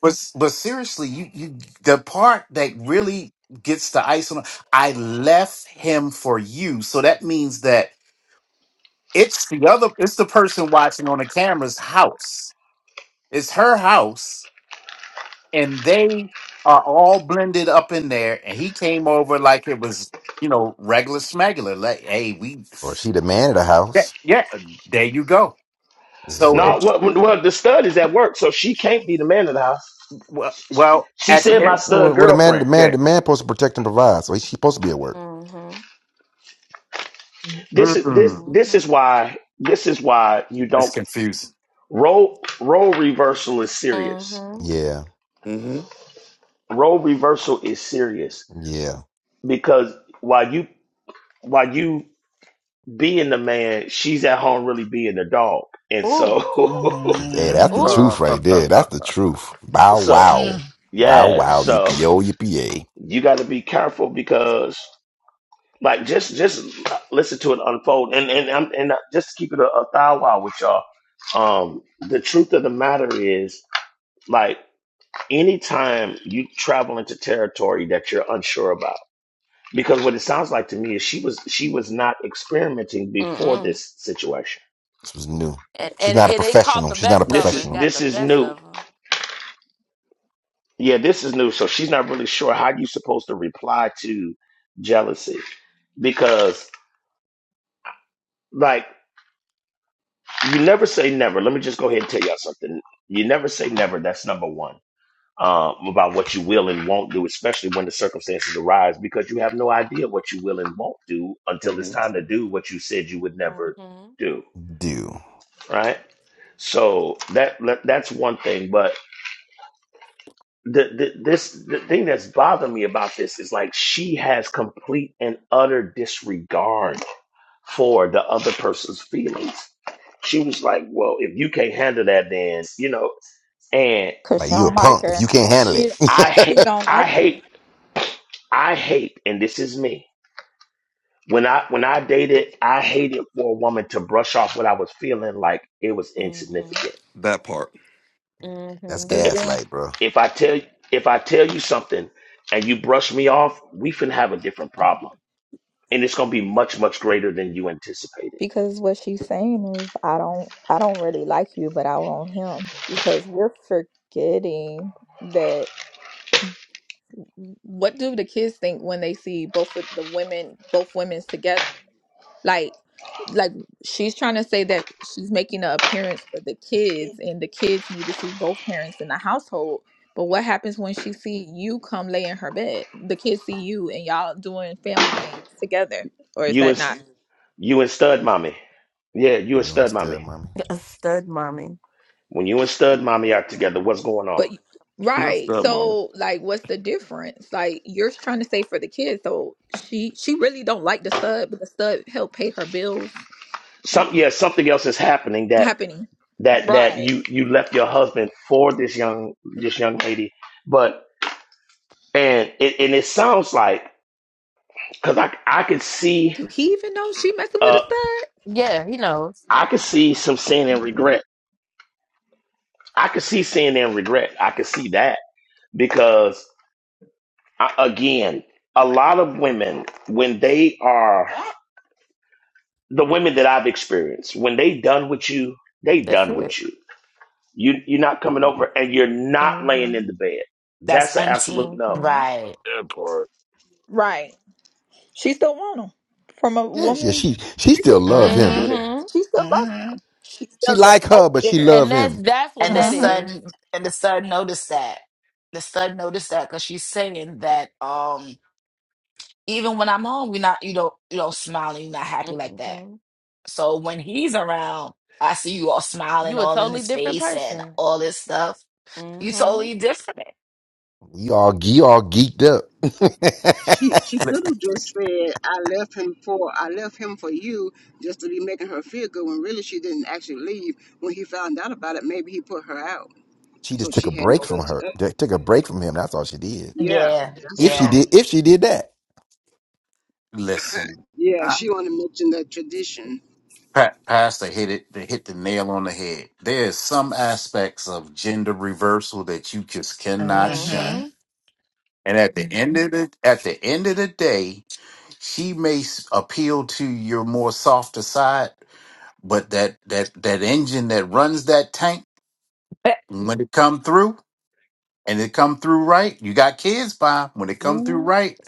But but seriously, you you the part that really gets the ice on I left him for you. So that means that it's the other it's the person watching on the camera's house. It's her house and they are all blended up in there and he came over like it was, you know, regular smegular. Like, hey, we Or she the man of the yeah, house. yeah, there you go. So Yeah. No, it's well, well, the stud is at work, so she can't be the man of the house. well, well She at the said What, end. my stud what a man, the girlfriend. man, Yeah. the man supposed to protect and provide. So he's supposed to be at work. This is this Mm, this is why this is why you it's don't confusing. role role reversal is serious. Yeah. Mm-hmm. Role reversal is serious Yeah. because while you while you being the man, she's at home really being the dog. And so, Hey, that's the Mhm. truth right there. That's the truth. Wow, so Mm. wow. Wow, yeah, wow. so Yippee, yo, yippee, yay. you got to be careful because, like, just just listen to it unfold, and and I'm and just to keep it a, a thigh while with y'all. Um, the truth of the matter is, like, anytime you travel into territory that you're unsure about, because what it sounds like to me is she was she was not experimenting before this situation. This was new. She's not a professional. She's not a This is professional. this is new Yeah, this is new. So she's not really sure how you're supposed to reply to jealousy because, like, you never say never. Let me just go ahead and tell y'all something. You never say never. That's number one um, about what you will and won't do, especially when the circumstances arise, because you have no idea what you will and won't do until it's hmm time to do what you said you would never do. Dude. Right. So that, that that's one thing. But the, the this the thing that's bothered me about this is like she has complete and utter disregard for the other person's feelings. She was like, "Well, if you can't handle that, then you know." And Cause Like, she you a don't like punk if you her. can't handle She it. I she hate, don't like I hate, I hate, and this is me. When I when I dated, I hated for a woman to brush off what I was feeling like it was insignificant. That part. that's her. Cause If then gaslight, bro. if I tell if I tell you something and you brush me off, we finna have a different problem and it's gonna be much much greater than you anticipated. because what she's saying is I don't I don't really like you, but I want him. Because we're forgetting that what do the kids think when they see both of the women both women's together? like like she's trying to say that she's making an appearance for the kids and the kids need to see both parents in the household but what happens when she see you come lay in her bed the kids see you and y'all doing family things together or is You that and not you and Stud Mommy, yeah, you and You Stud Mommy. understand, mommy? When you and Stud Mommy are together, what's going on? but That's right that, mama. so like what's the difference like you're trying to say for the kids so she she really don't like the stud but the stud help pay her bills Some yeah, something else is happening that happening that that right you you left your husband for this young this young lady, but and it and it sounds like because I I could see do he even know she messing with a uh stud I could see some sin and regret. I could see sin and regret. I could see that because I, again, a lot of women when they are the women that I've experienced, when they done with you, they done with you. You you're not coming over and you're not laying in the bed. That's That's an absolute auntie. no. Right. part. Right. She still want him from a Yeah, yeah, woman. she, she She still still, love him. Give it Mm-hmm. a- she still loves him. She She still there's like hope her, but she there. love him. and the Mm-hmm. A son and the son noticed that the son noticed that because she's saying that um even when i'm home you're not you don't you don't smiling you're not happy like that so when he's around i see you all smiling all in his face and all this stuff you totally different You all, you all geeked up. She she Li- could have just said I left him for I left him for you just to be making her feel good when really she didn't actually leave. When he found out about it, maybe he put her out. she So just took she a had break nowhere from to her. go. They Took a break from him. That's all she did. Yeah, yeah that's If she yeah all. did, if she did that. Listen, Yeah, I, she wanna mention that tradition. pa- Pastor hit it. They hit the nail on the head. There's some aspects of gender reversal that you just cannot mm-hmm shun. And at the end of the at the end of the day, she may s- appeal to your more softer side, but that that that engine that runs that tank when it come through. and it come through right, you got kids, by when it come through right,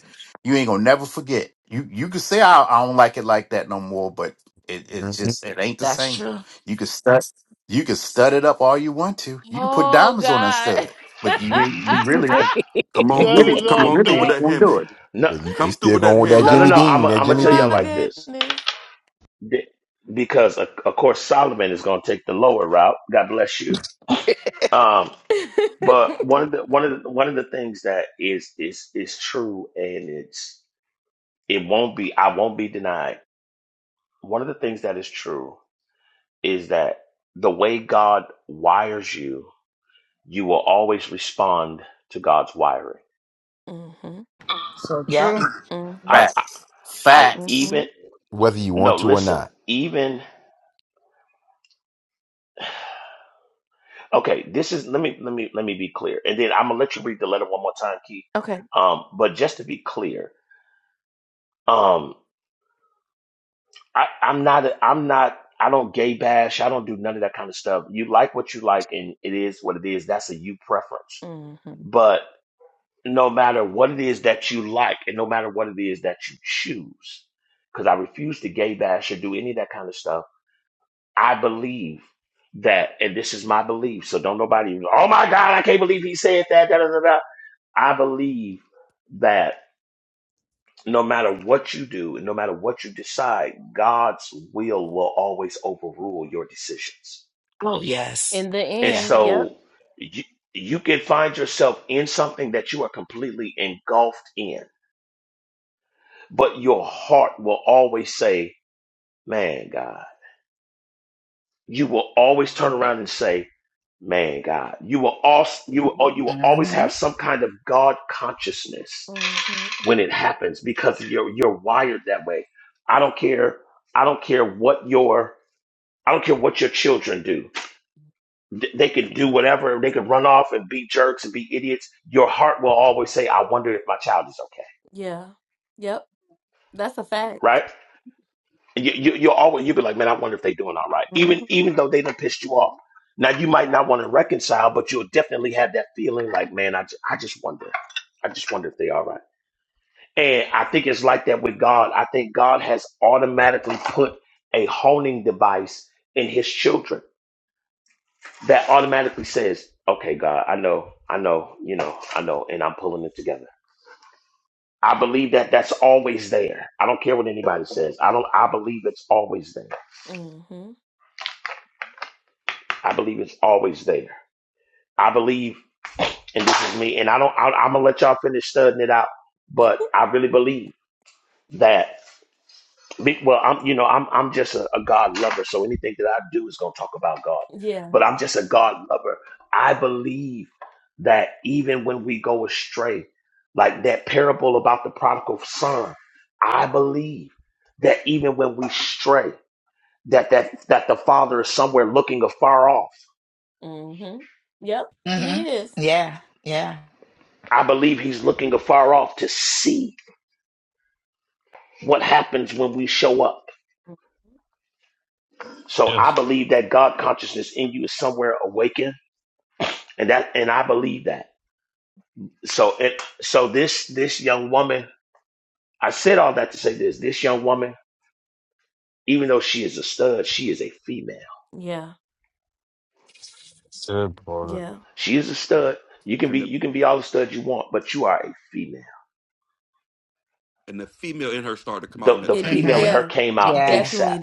you ain't gonna never forget. You you can say I, I don't like it like that no more, but it it Mhm. just it ain't the that's same. true You can stud you can stud it up all you want to. You can put diamonds on that stud, but you ain't you really ain't- Come you on Cut through. really it you Come off, on through really with ain't Doc. that gonna do Hemi. it. No, But You, you Come through still with that going with that no, Hemi. no, Jimmy no. I'm Dean, i that I'm gonna Jimmy tell y'all like Dean, this, Th- because of, of course Solomon is gonna take the lower route. God bless you. Um, but one of the one of the, one of the things that is is is true, and it's it won't be I won't be denied. One of the things that is true is that the way God wires you you will always respond to God's wiring. So true. yep I, I, Facts, I facts. even whether you no, want to or listen, not. even okay. This is let me let me let me be clear, and then I'm gonna let you read the letter one more time, Keith. Um, but just to be clear, um, I, I'm not a, I'm not I don't gay bash. I don't do none of that kind of stuff. You like what you like, and it is what it is. That's a you preference. But no matter what it is that you like, and no matter what it is that you choose, because I refuse to gay bash or do any of that kind of stuff I believe that, and this is my belief. So don't nobody, oh my God, I can't believe he said that. Da, da, da, da. I believe that no matter what you do, and no matter what you decide, God's will will always overrule your decisions. oh yes. And Yeah. so you, you can find yourself in something that you are completely engulfed in, but your heart will always say, man, God. You will always turn around and say, man, God, you will also you will oh, you will always mm-hmm have some kind of God consciousness when it happens because you're you're wired that way. I don't care. I don't care what your I don't care what your children do. Th- They could do whatever. They could run off and be jerks and be idiots. Your heart will always say, "I wonder if my child is okay." Right? You, you, you'll always you'll be like, man, I wonder if they're doing all right, even even though they done pissed you off. Now you might not want to reconcile, but you'll definitely have that feeling like, man, I, ju- I just wonder, I just wonder if they're all right. And I think it's like that with God. I think God has automatically put a honing device in His children that automatically says, okay, God, I know, I know, you know, I know, and I'm pulling it together. I believe that that's always there. I don't care what anybody says. I don't. I believe it's always there. I believe it's always there I believe, and this is me, and I don't. I, I'm gonna let y'all finish studying it out, but I really believe that. be- Well, I'm, you know, I'm, I'm just a, a God lover, so anything that I do is gonna talk about God. But I'm just a God lover. I believe that even when we go astray, like that parable about the prodigal son, I believe that even when we stray, that that that the father is somewhere looking afar off. mm-hmm yeah yeah I believe he's looking afar off to see what happens when we show up. So I Yes. believe that God consciousness in you is somewhere awakened, and that and I believe that. So it so this this young woman, I said all that to say this. This young woman, even though she is a stud, she is a female. That part. She is a stud. You can be And the you can be all the stud you want, but you are a female. and the female in her started to come out in The that the text female in thread. mm-hmm her came out yeah ASAP.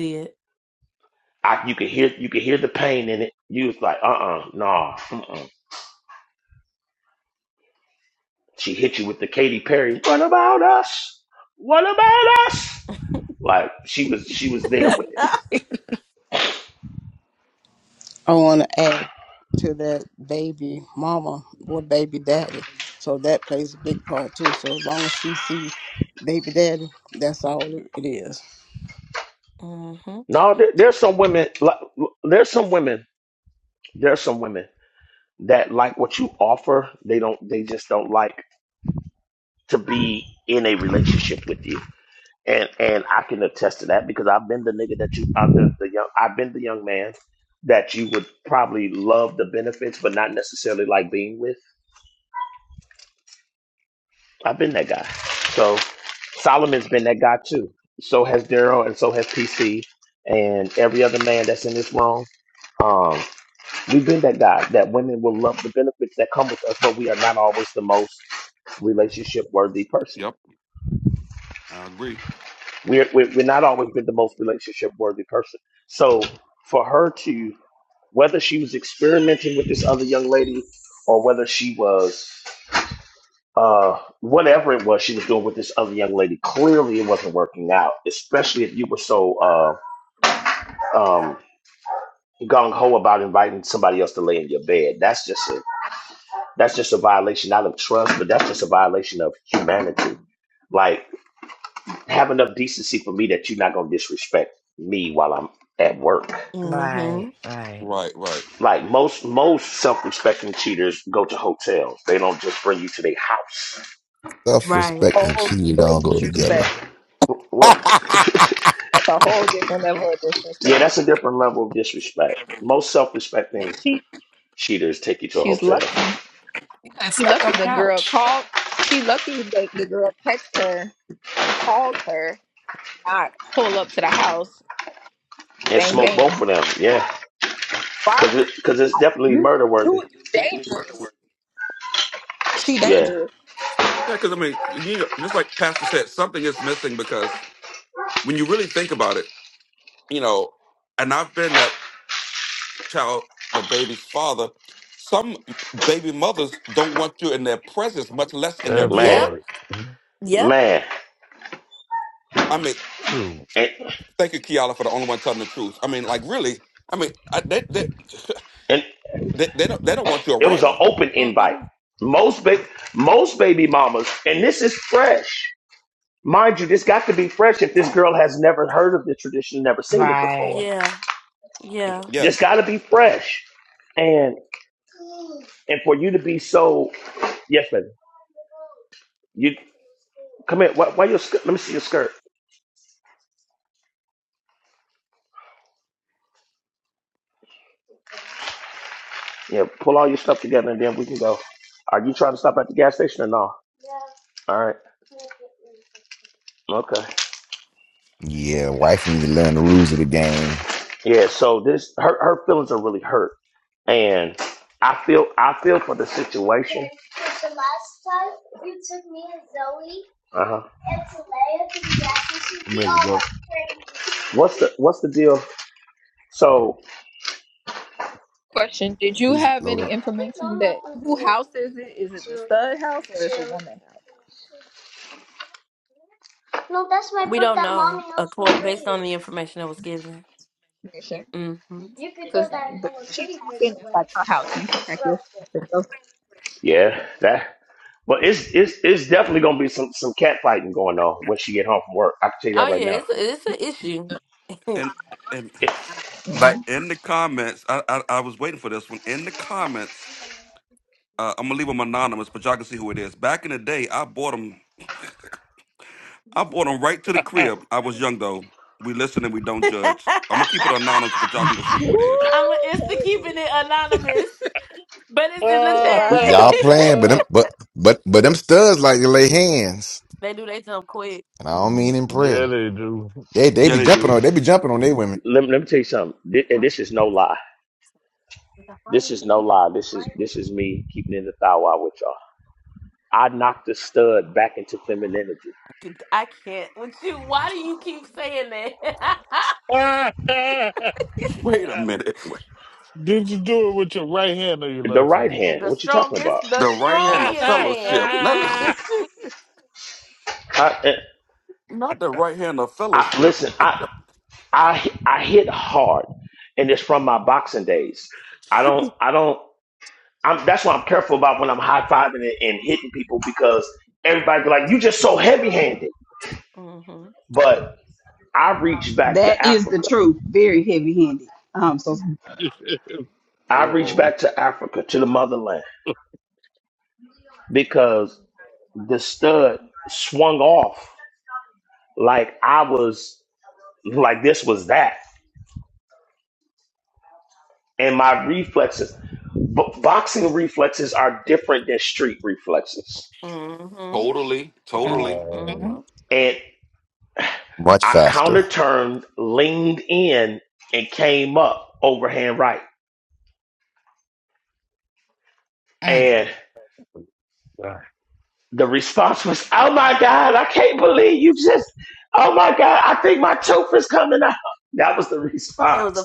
I, you could hear you could hear the pain in it. You was like, uh uh nah. mm-mm. She hit you with the Katy Perry. What about us? What about us? Like she was, she was there with it. I want to add to that baby mama or baby daddy. So that plays a big part too. So as long as she see baby daddy, that's all it it is. No, there, there's some women. Like, there's some women. There's some women that like what you offer. They don't. They just don't like to be in a relationship with you. And and I can attest to that because I've been the nigga that you. I'm the, the young. I've been the young man that you would probably love the benefits, but not necessarily like being with. I've been that guy. So Solomon's been that guy too. So has Daryl, and so has PC, and every other man that's in this room. Um, we've been that guy that women will love the benefits that come with us, but we are not always the most relationship worthy person. Yep, I agree. We're, we're we're not always been the most relationship worthy person. So for her to whether she was experimenting with this other young lady or whether she was uh, whatever it was she was doing with this other young lady, clearly it wasn't working out, especially if you were so uh, um, gung ho about inviting somebody else to lay in your bed. That's just a that's just a violation not of trust, but that's just a violation of humanity. Like have enough decency for me that you're not gonna disrespect me while I'm at work. Right, right, Right, right. Like most most self respecting cheaters go to hotels. They don't just bring you to their house. Self respect and whole cheating level of don't go together. disrespect. Well, That's a whole different level of yeah, disrespect. that's a different level of disrespect. Most self respecting And she cheaters take you to a she's hotel lucky. You could have She slept on lucky the the girl couch. called. She lucky the, the girl texted her and called her. Not pull up to the house. and Bang smoke both bang. of them. Yeah, Right? because it, cause it's definitely You murder worthy. you you dangerous. She Yeah, dangerous. Yeah, because I mean, you know, just like Pastor said, something is missing because when you really think about it, you know, and I've been that child, the baby's father. Some baby mothers don't want you in their presence, much less in their That man, bed. part. man, I mean, True. and thank you, Kiala, for the only one telling the truth. I mean, like really. I mean, I, they, they, and they, they don't they don't want you it was an around. open invite. Most ba- most baby mamas, and this is fresh. Mind you, this got to be fresh if this girl has never heard of the tradition, never seen it before. right. This Yes. got to be fresh, and and for you to be so yes, baby, you come here. Why, why your skirt? Let me see your skirt. Yeah, pull all your stuff together and then we can go. Are you trying to stop at the gas station or no? All right. Okay. yeah, wife need to learn the rules of the game. Yeah, so this her her feelings are really hurt. And I feel I feel for the situation. Uh-huh. I'm ready to go. What's the what's the deal? So Question: Did you Please have load any up. information that who house is it? Is it the stud house or is the woman house? Because the way she talking that's like her house. You can pack your shit and go. yeah, that but it's it's it's definitely gonna be some some cat fighting going on when she get home from work. I can tell you that right now. And and It, Like Mm. in the comments, I, I I was waiting for this one. In the comments, uh, I'm gonna leave them anonymous, but y'all can see who it is. Back in the day, I bought them. I bought them right to the crib. I was young though. We listen and we don't judge. I'm gonna keep it anonymous, but y'all can go see who it is. Woo, baby, you Ah, right. ah, Y'all playing, but them, ah. but but but them studs like to lay hands, and I don't mean in prayer. yeah, they do. They they Yeah, be they jumping do. on they be jumping on their women let, me- let me tell you something. Thi- and this is no lie. This is no lie. This is this is me keeping in the thou wow with y'all. I knocked the stud back into femininity. Ah. ah, Wait a minute. Wait. Did you do it with your right hand or your The left hand? right hand. What you talking about? The right hand of fellowship, not I, eh, not the right hand of I fellowship. listen. Wait I a- I I hit hard, and it's from my boxing days. I don't. I don't. I'm, that's why I'm careful about when I'm high fiving and, and hitting people because everybody be like, "You just so heavy handed." But I reached back to That is the Africa. truth. Very heavy handed. Um. So. I reached oh back to Africa to the motherland because the stud swung off like I was like this was that, and my reflexes, bo- boxing reflexes are different than street reflexes. Totally, totally. Mm-hmm. man. And much I counter faster. turned, leaned in, and came up overhand right. Mm. And the response was, "Oh my god, I can't believe you just! Oh my god, I think my tooth is coming out." That was the response.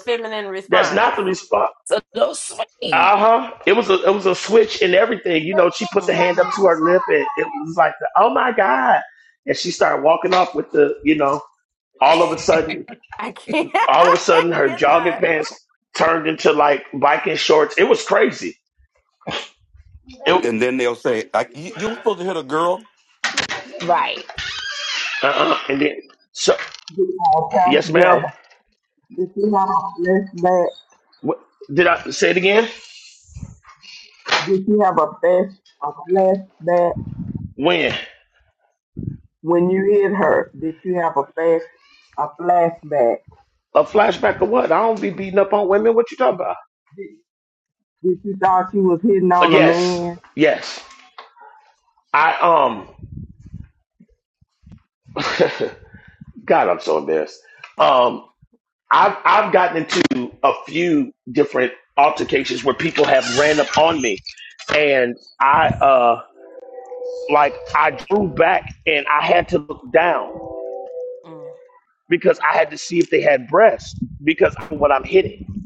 That's not the response. So go swing. Uh huh. It was a it was a switch and everything. You know, she put the hand up to her lip and it was like, the, oh my god! And she started walking off with the, you know, all of a sudden, all of a sudden, her jogging pants turned into like biking shorts. It was crazy. It, And then they'll say, I, you, "You're supposed to hit a girl," What? Right. uh-uh. And then, so Uh, yes, Pastor Jay, ma'am. did you have a flashback? What, did I say it again? Did you have a flash a flashback When when you hit her? Did you have a flash a flashback? a flashback of what? I don't be beating up on women. What you talking about? Did, did you thought she was hitting Uh, on a yes, man? yes. I um. God, I'm so embarrassed. Um. I've I've gotten into a few different altercations where people have ran up on me, and I uh like I drew back and I had to look down because I had to see if they had breasts because of what I'm hitting,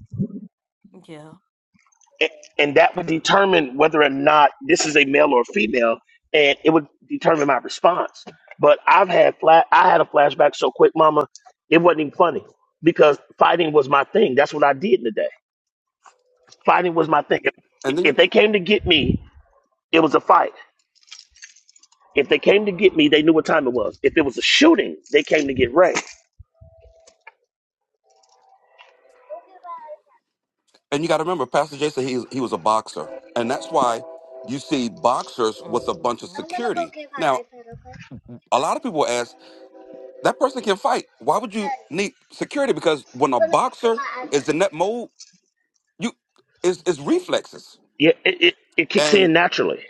and, and that would determine whether or not this is a male or a female, and it would determine my response. But I've had flat I had a flashback so quick, Mama, it wasn't even funny because fighting was my thing. That's what I did today. Fighting was my thing. If, and if then they came to get me, it was a fight. If they came to get me, they knew what time it was. If it was a shooting, they came to get Ray. and you got to remember, Pastor Jason, he he was a boxer, and that's why you see boxers with a bunch of security. Now, a lot of people ask that person can fight. Why would you need security? Because when a boxer is in that mode, you is is reflexes, Yeah, it, it, it kicks and in naturally.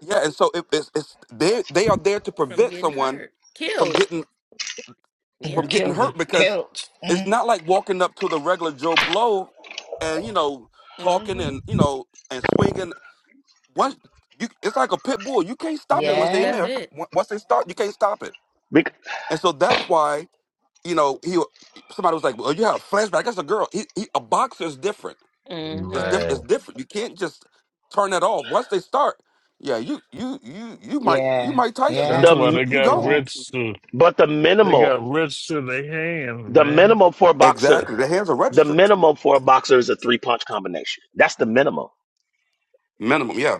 yeah, and so it, it's it's they they are there to prevent someone from getting It would from getting kill you. hurt because Killed. it's Mm. not like walking up to the regular Joe Blow and you know talking and you know and swinging once you it's like a pit bull you can't stop them once they're in Yeah, there Once once they start you can't stop it Bec- and so that's why you know he somebody was like well you have a flashback that's a girl he, he, a boxer is different it's different it's man. different you can't just turn that off once they start yeah you you you you might you yeah, might tyson That's The yeah, you, why m- you, they you got yeah. go registered. but the They minimal got registered their hands, the man. minimal for a boxer exactly the hands are the registered minimal for a boxer is a three punch combination. That's the minimum. minimum yeah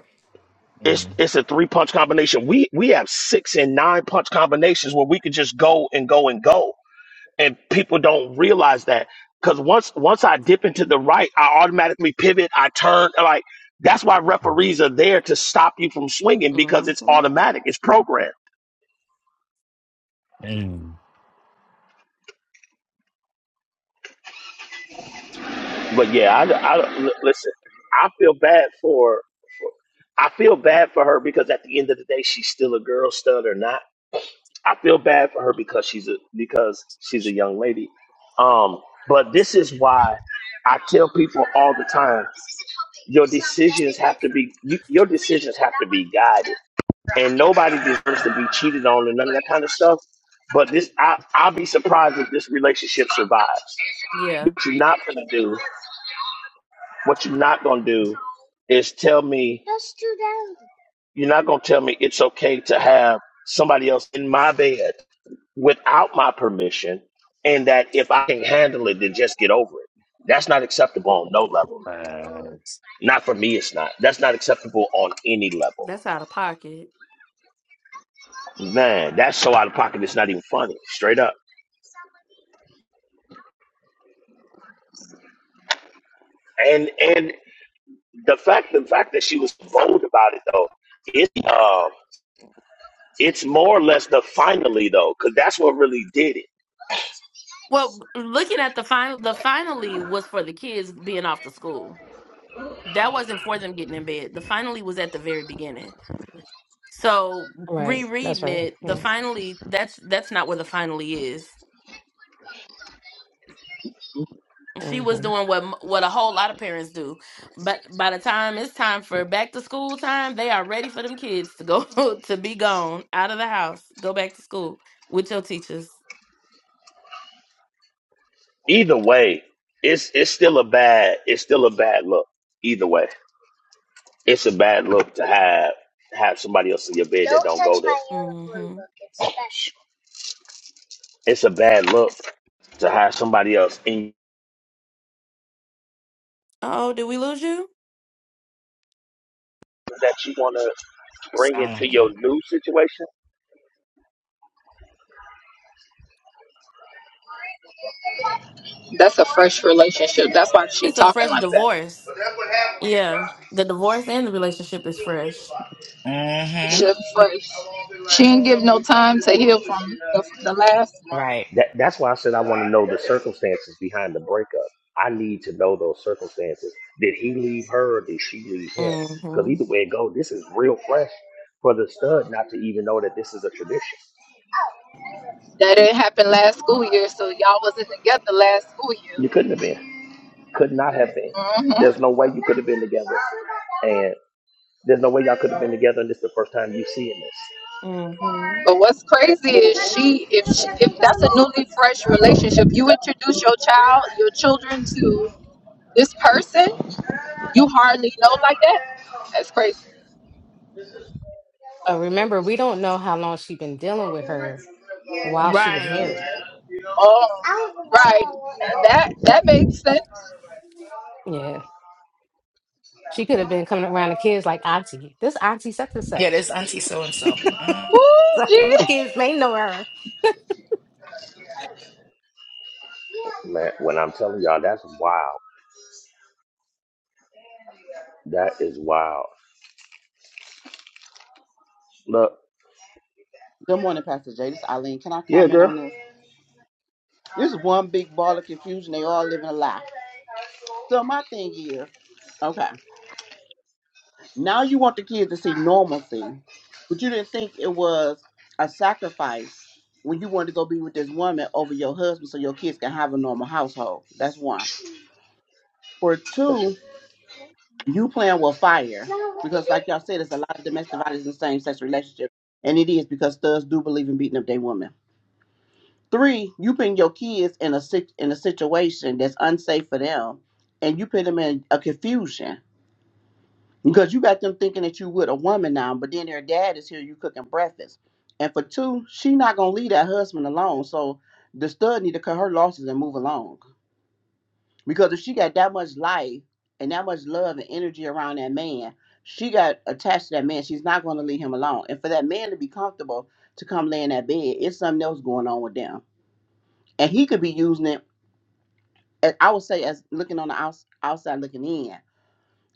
It's it's a three punch combination. We we have six and nine punch combinations where we could just go and go and go. and people don't realize that because once once I dip into the right, I automatically pivot. I turn like that's why referees are there to stop you from swinging because it's automatic. It's programmed. Mm. Mm. But yeah, I, I l- listen. I feel bad for, for I feel bad for her because at the end of the day, she's still a girl stud or not. I feel bad for her because she's a because she's a young lady. Um, but this is why I tell people all the time. your decisions have to be you, your decisions have to be guided and nobody deserves to be cheated on and none of that kind of stuff but this I, i'll be surprised if this relationship survives what you're not going to do what you're not going to do is tell me you're not going to tell me it's okay to have somebody else in my bed without my permission and that if i can handle it then just get over it that's not acceptable on no level Man. not for me it's not that's not acceptable on any level Man, that's so out of pocket. It's not even funny, straight up. And and the fact the fact that she was bold about it though, it's uh, it's more or less the finally though, because that's what really did it. right. That's right. Yeah. hmm Either way, it's it's still a bad it's still a bad look. Either way, it's a bad look to have have somebody else in your bed that don't go there. It's a bad look to have somebody else in that you want to bring Sound into like your it. new situation That's a fresh relationship. That's why she talking like that. She, Mm-hmm. for, she didn't give no time to heal from the, the last one. Right. That that's why I said I want to know the circumstances behind the breakup. I need to know those circumstances. Did he leave her or did she leave him? Because either way it goes, this is real fresh for the stud not to even know that this is a tradition. That it happened last school year, so y'all wasn't together last school year. You couldn't have been. Could not have been. hmm There's no way you could have been together. And there's no way y'all could have been together and this is the first time you seeing But what's crazy is she if she if that's a newly fresh relationship, you introduce your child, your children to this person you hardly know like that. That's crazy. But remember, we don't know how long she been dealing with her while she was married. Oh, right. That that makes sense. Yeah. She could have been coming around the kids like auntie. This auntie such and Yeah, such. this auntie so and so. Woo, So gee. them kids may know her. this. Man, when I'm telling y'all, that's wild. That is wild. Look, Good morning, Pastor Jay. This is Eileen. Can I yeah, comment girl. on this? This is one big ball of confusion. They all living a lie. So my thing is, okay, now you want the kids to see normalcy, but you didn't think it was a sacrifice when you wanted to go be with this woman over your husband so your kids can have a normal household. That's one. For two, you playing with fire because, like y'all said, there's a lot of domestic violence in same sex relationships, and it is because thugs do believe in beating up their women. Three, you putting your kids in a sit- in a situation that's unsafe for them, and you put them in a confusion because you got them thinking that you with a woman now, but then their dad is here, you cooking breakfast. And for two, she not gonna leave that husband alone. So the stud need to cut her losses and move along because if she got that much life and that much love and energy around that man, she got attached to that man. She's not gonna leave him alone. And for that man to be comfortable to come lay in that bed, it's something else going on with them, and he could be using it I I would say as looking on the outs- outside looking in,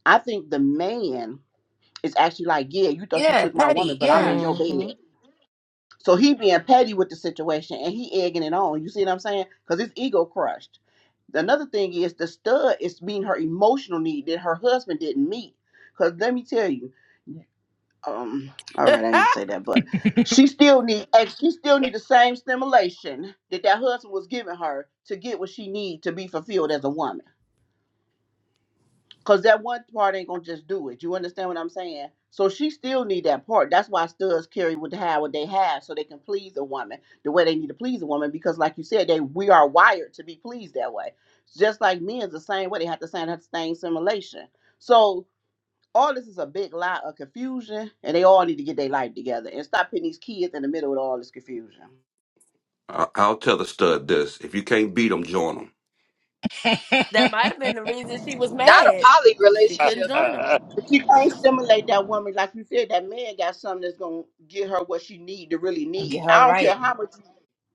I think the man is actually like, yeah, you thought you Yeah, took my Patty. woman, but I'm Yeah. in your bed. So he being petty with the situation and he egging it on. You see what I'm saying? Because his ego crushed. Another thing is the stud is meeting her emotional need that her husband didn't meet. Because let me tell you, um, all right, I ain't gonna say that, but she still need and she still need the same stimulation that that husband was giving her to get what she need to be fulfilled as a woman. Cause that one part ain't gonna just do it. You understand what I'm saying? So she still need that part. That's why studs carry what they have, what they have, so they can please a woman the way they need to please a woman. Because like you said, they we are wired to be pleased that way. Just like men is the same way. They have the same have the same simulation. So all this is a big lie of confusion, and they all need to get their life together and stop putting these kids in the middle of all this confusion. I, i'll tell the stud this if you can't beat them join them Get Not a poly relationship. If you can't stimulate that woman, like you said, that man got something that's gonna get her what she need to really need. her I don't right. care how much.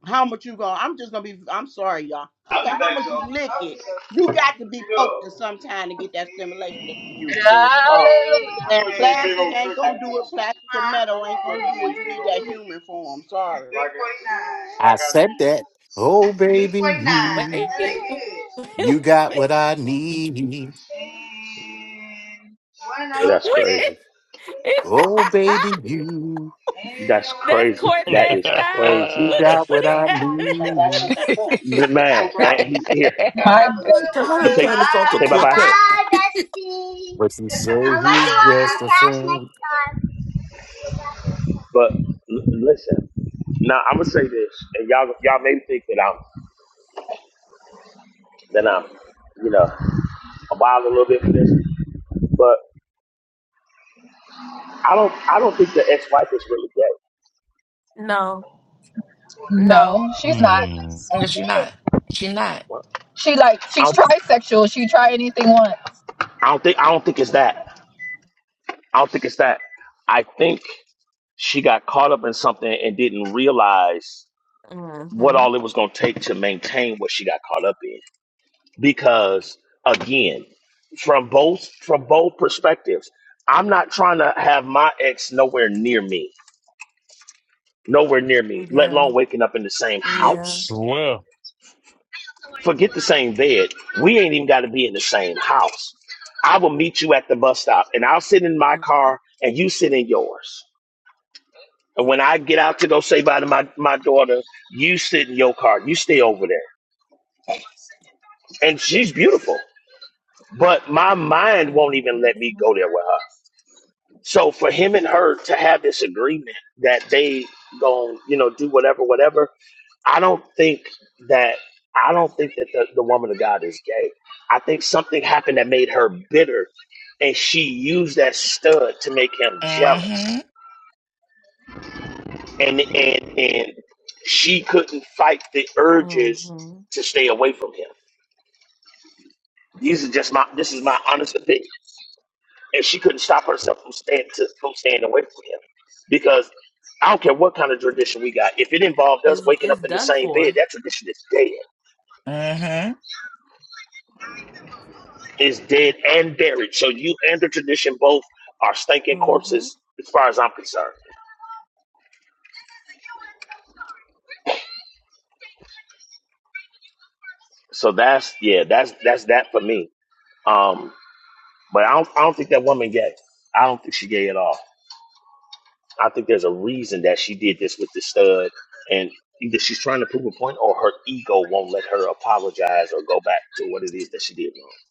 How much you gonna? I'm just gonna be. I'm sorry, y'all. I'm gonna, how much you lick it? You got to be poked at some time to get that stimulation that you used to. Sorry. Hallelujah. And plastic ain't gonna do it. Plastic and metal ain't gonna do it. You need that human form. Sorry. I said that. Oh baby, you you got what I need. That's crazy. Oh baby, you That's crazy. That is crazy. you got what I need. The man, and he's here. My how You did I say, turn this off to a say bye bye. quartet But she say he's just a friend. But l- listen, now I'm gonna say this, and y'all, y'all may think that I'm, that I'm, you know, a am wild a little bit for this, but I don't, I don't think the ex-wife is really gay. no, she's not. Mm. no, she not. She not. She like I she's don't, trisexual. She try anything once. I don't think, I don't think it's that. I don't think it's that. I think she got caught up in something and didn't realize. what all it was going to take to maintain what she got caught up in because again from both from both perspectives i'm not trying to have my ex nowhere near me nowhere near me let alone waking up in the same yep house Well. forget the same bed we ain't even got to be in the same house i will meet you at the bus stop and i'll sit in my car and you sit in yours and when i get out to go say bye to my, my daughter you sit in your car you stay over there and she's beautiful But my mind won't even let me go there with her. So for him and her to have this agreement that they gon' you know, do whatever, whatever, I don't think that I don't think that the, the woman of God is gay. I think something happened that made her bitter and she used that stud to make him Mm-hmm. jealous. And and and she couldn't fight the urges to stay away from him. These are just my this is my honest opinion. and she couldn't stop herself from staying to, from staying away from him because I don't care what kind of tradition we got. If it involved us waking up in the same bed, that tradition is dead. Mm-hmm. It's dead and buried. So you and the tradition both are stinking corpses, as far as I'm concerned. So that's yeah, that's that's that for me. Um, but I don't I don't think that woman gay. I don't think she gay at all. I think there's a reason that she did this with the stud, and either she's trying to prove a point, or her ego won't let her apologize or go back to what it is that she did wrong.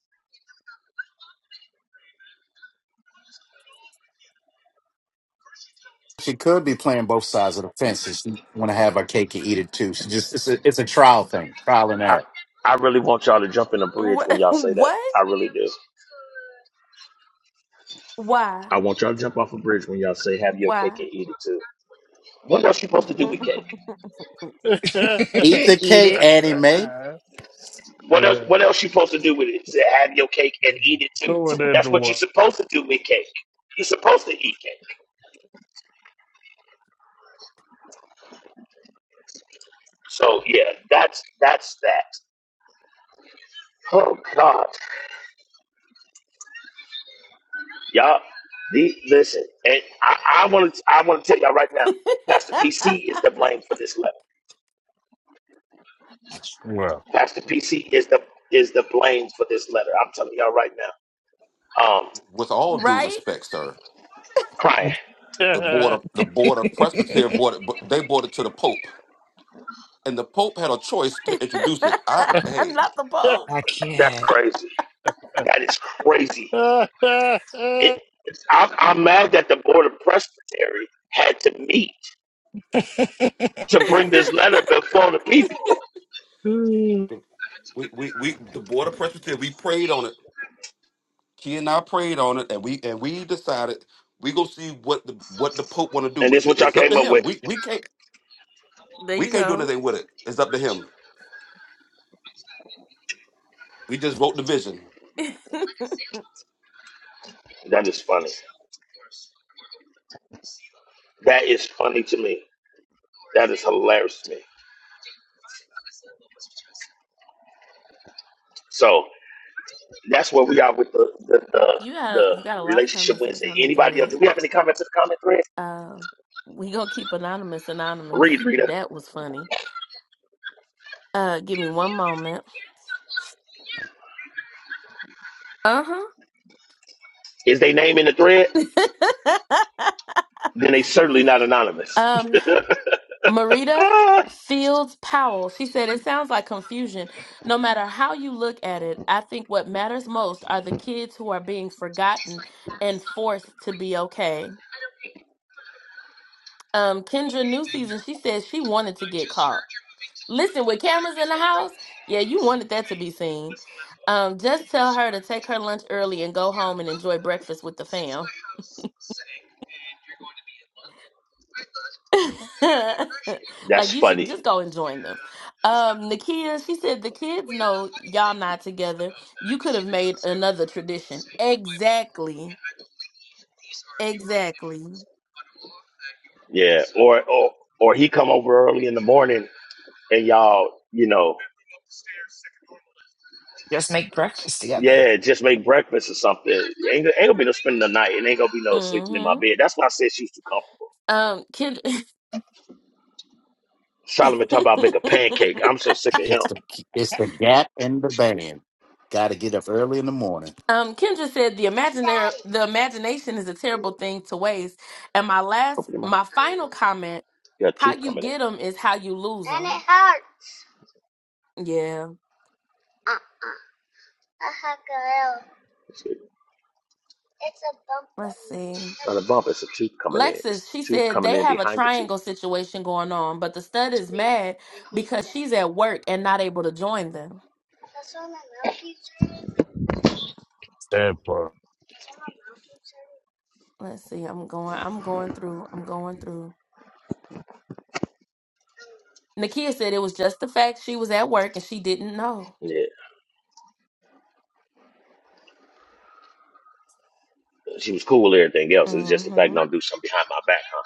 She could be playing both sides of the fence. and She want to have her cake and eat it too. She just it's a, it's a trial thing, trial and error. I I really want y'all to jump in a bridge when y'all say that. I really do. I want y'all to jump off a bridge when y'all say have your cake and eat it too. What else you supposed to do with cake? Eat the cake, Eat Annie Mae. What else? What else you supposed to do with it? Say have your cake and eat it too. Throw it at That's what you're the supposed to do with cake. You're supposed to eat cake. So yeah, that's that's that. Oh God. Y'all, the, listen, and I want to I want to tell y'all right now, Pastor PC is the blame for this letter. wall. Pastor PC is the is the blame for this letter. I'm telling y'all right now. Um, with all due respect sir crying. the board of the board of it. Presbytery bought it, but they bought it to the Pope, and the Pope had a choice to introduce it. I hey, I That's can't. crazy. Stand That is crazy. It, it's, I, I'm mad that the board of presbytery had to meet to bring this letter before the people, the- we we, we the board of Presbytery we prayed on it. He and I prayed on it, and we and we decided we go see what the what the Pope want to do and this is with it. what y'all It's up came to up him. with. We we can't we can't do anything with it. It's up to him. We just wrote the vision. That is funny. That is funny to me. That is hilarious to me. So. That's where we are with the the, the, the relationship Wednesday. Anybody else? Do we have any comments in the comment thread? Read, Rita. Is they name in the thread? Then they certainly not anonymous. That's funny. Yeah. Or or or he come over early in the morning and y'all, you know, Just make breakfast together. yeah, just make breakfast or something. Ain't, ain't gonna be no spending the night and ain't gonna be no sleeping in my bed. That's why I said she's too comfortable. Solomon talk about make a pancake. I'm so sick of him. It's the It's the gap in the band. Got to get up early in the morning. Open your mouth. You got a tooth coming in. Not a bump. It's a tooth coming in. It's the tooth coming in behind the tooth. part, Yeah, she was cool. with Everything else It's just the fact don't do something behind my back, huh?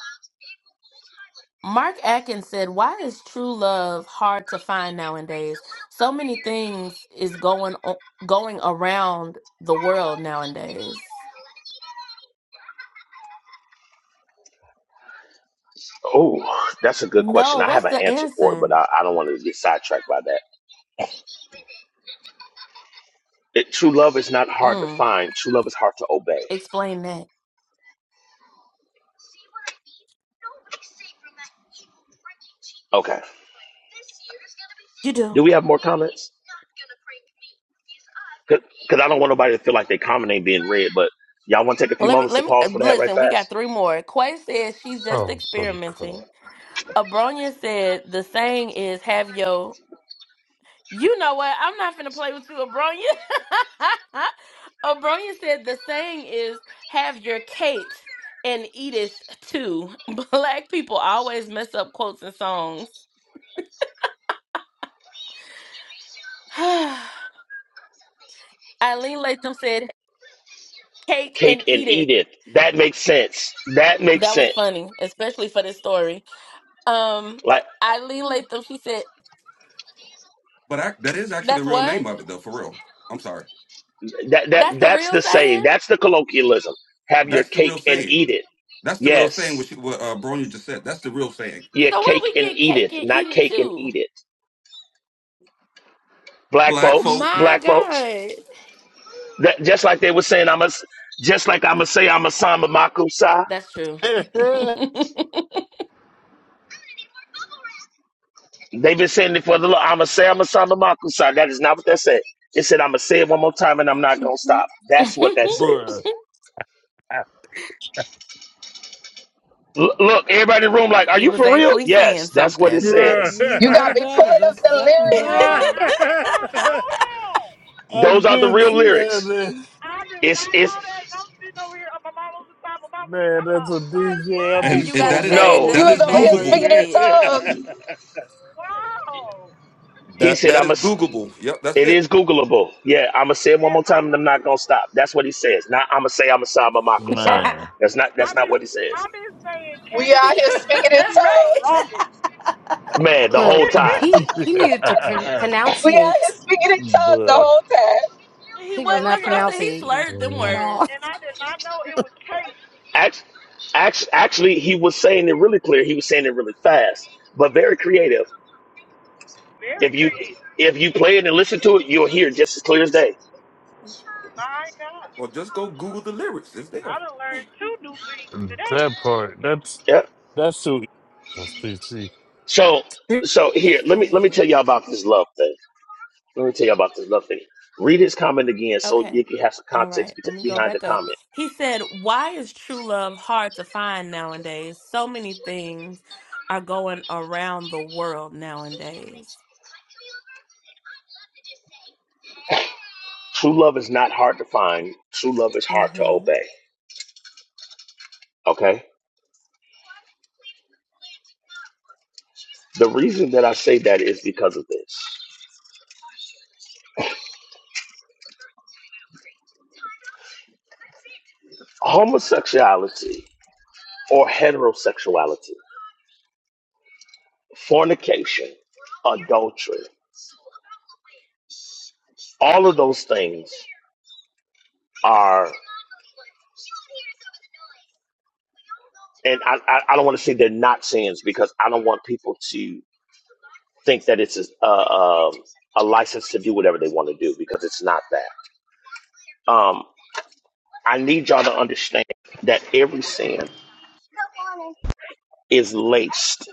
Oh, that's a good question. I have an answer for it, but I, I don't want to get sidetracked by that. It, true love is not hard to find. True love is hard to obey. Okay. Do we have more comments? Because I don't want nobody to feel like their comment ain't being read. But y'all want to take a few moments to pause for that, right? Fast. Oh, gonna call. Cake and eat it. That makes sense. That makes sense. Like. But I, that is actually the real name of it, though. For real, I'm sorry. That that that's the saying. That's the colloquialism. Have your That's the real cake and saying. eat it. That's the real saying. Yes. What, she, what uh, Bronya just said. That's the real saying. Yeah, cake and eat it, not cake and eat it. Black Black folks, folk black folks. That just like they were saying, I'm a, just like I'ma say I'm a samba makusa. They've been saying it for the Lord. I'ma say I'm a samba makusa. That is not what that said. It said I'ma say it one more time and I'm not gonna stop. That's what that says. Bruh. L- look, everybody in the room, like, are you for real? Yes, that's what it Yep, says. Bruh. you You right got me about it. pulling up That's the exactly lyrics. bro. what it says. I did not know that. Those I've are the been real saying lyrics. this. I did It's not know it's that. And I'm sitting over here on my mama's side, my mama's Man, side. that's a Like, DJ. I'd what? be and, and so that is mad no. when You that was is over people here say Googleable. speaking in tongues. that. Wow. He That said, that "I'm is a." Googleable. Yep, that's It it. is Googleable. Yeah, I'm gonna say it one Yeah, more time, I'm and a I'm not gonna Google. stop. That's what he says. Not I'm gonna say I'm a Saba Makusa. Man. That's not. That's I've not been, what he says. I've been saying We cake out here and eat speaking it in too for the tongues. longest. Man, the whole Look, time. he he needed to pron- We out pronunciate. here speaking in tongues the Bruh. whole time. He for was not real. pronunciating at all. And I did not know it was cake. Act, act, actually, he was saying it really clear. He was saying it really fast, but very creative. Very If you creative. if you play it and listen to it, you'll hear just as clear as day. My God. Well, just go Google the lyrics. It's I there. done learned two new things today. That part, that's, Yeah. that's too easy. So Yes, so here, let me let me tell y'all about this love thing. Let me tell y'all about this love thing. Read his comment again, so you can have some context bet- behind the comment. True love is not hard to find. True love is hard to obey. Okay? The reason that I say that is because of this homosexuality or heterosexuality, fornication, adultery, all of those things are, and I, I, I don't want to say they're not sins because I don't want people to think that it's a, a, um, a license to do whatever they want to do because it's not that. Um, I need y'all to understand that every sin is laced.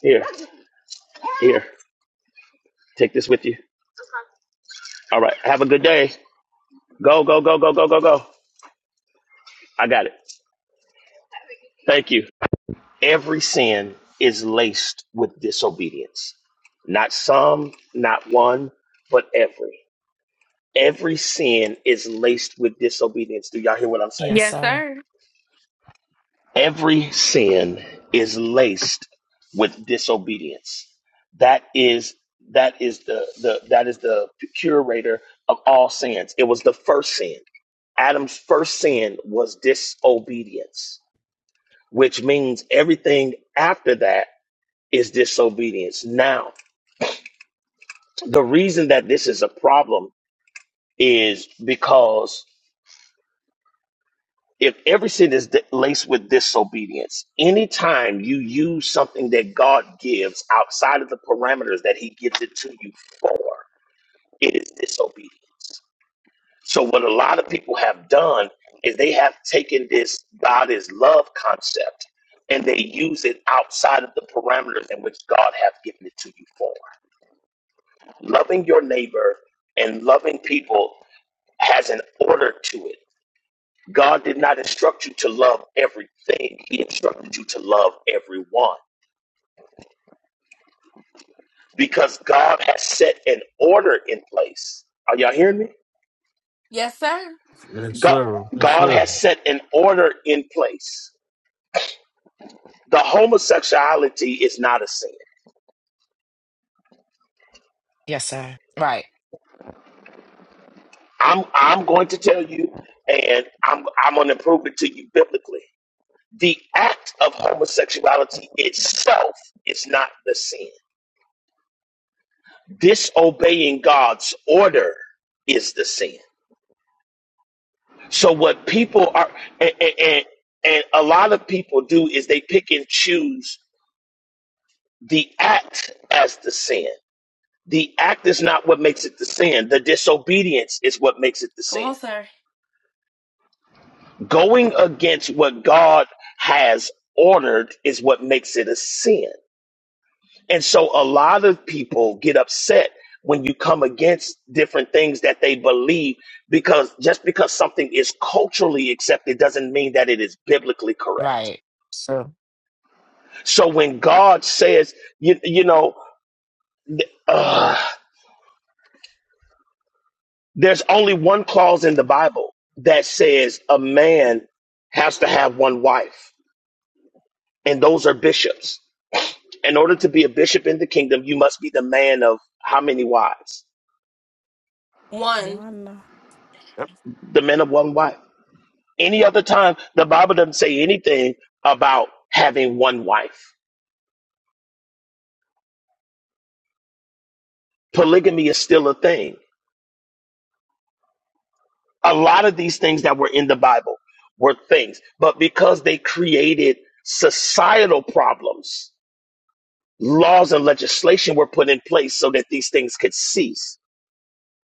Here, here. Take this with you. All right. Have a good day. Go, go, go, go, go, go, go. I got it. Thank you. Every sin is laced with disobedience. Not some, not one, but every. Every sin is laced with disobedience. Do y'all hear what I'm saying? yes, sir. Every sin is laced with disobedience. That is that is the, the that is the curator of all sins. It was the first sin. Adam's first sin was disobedience, which means everything after that is disobedience. Now, the reason that this is a problem is because if every sin is di- laced with disobedience, anytime you use something that God gives outside of the parameters that He gives it to you for, it is disobedience. So what a lot of people have done is they have taken this God is love concept and they use it outside of the parameters in which God has given it to you for. Loving your neighbor and loving people has an order to it. God did not instruct you to love everything. He instructed you to love everyone because God has set an order in place. Are y'all hearing me? God, sir. Yes, God sir. has set an order in place the homosexuality is not a sin. Yes, sir. Right. I'm I'm going to tell you, and I'm I'm going to prove it to you biblically. The act of homosexuality itself is not the sin. Disobeying God's order is the sin. So what people are and and, and a lot of people do is they pick and choose the act as the sin. The act is not what makes it the sin. The disobedience is what makes it the sin. Going against what God has ordered is what makes it a sin. And so a lot of people get upset when you come against different things that they believe because just because something is culturally accepted doesn't mean that it is biblically correct. Right. So So when God says, you, you know, uh, there's only one clause in the Bible that says a man has to have one wife, and those are bishops. In order to be a bishop in the kingdom, you must be the man of how many wives? Yep. The man of one wife. Any other time, the Bible doesn't say anything about having one wife. Polygamy is still a thing. A lot of these things that were in the Bible were things, but because they created societal problems, laws and legislation were put in place so that these things could cease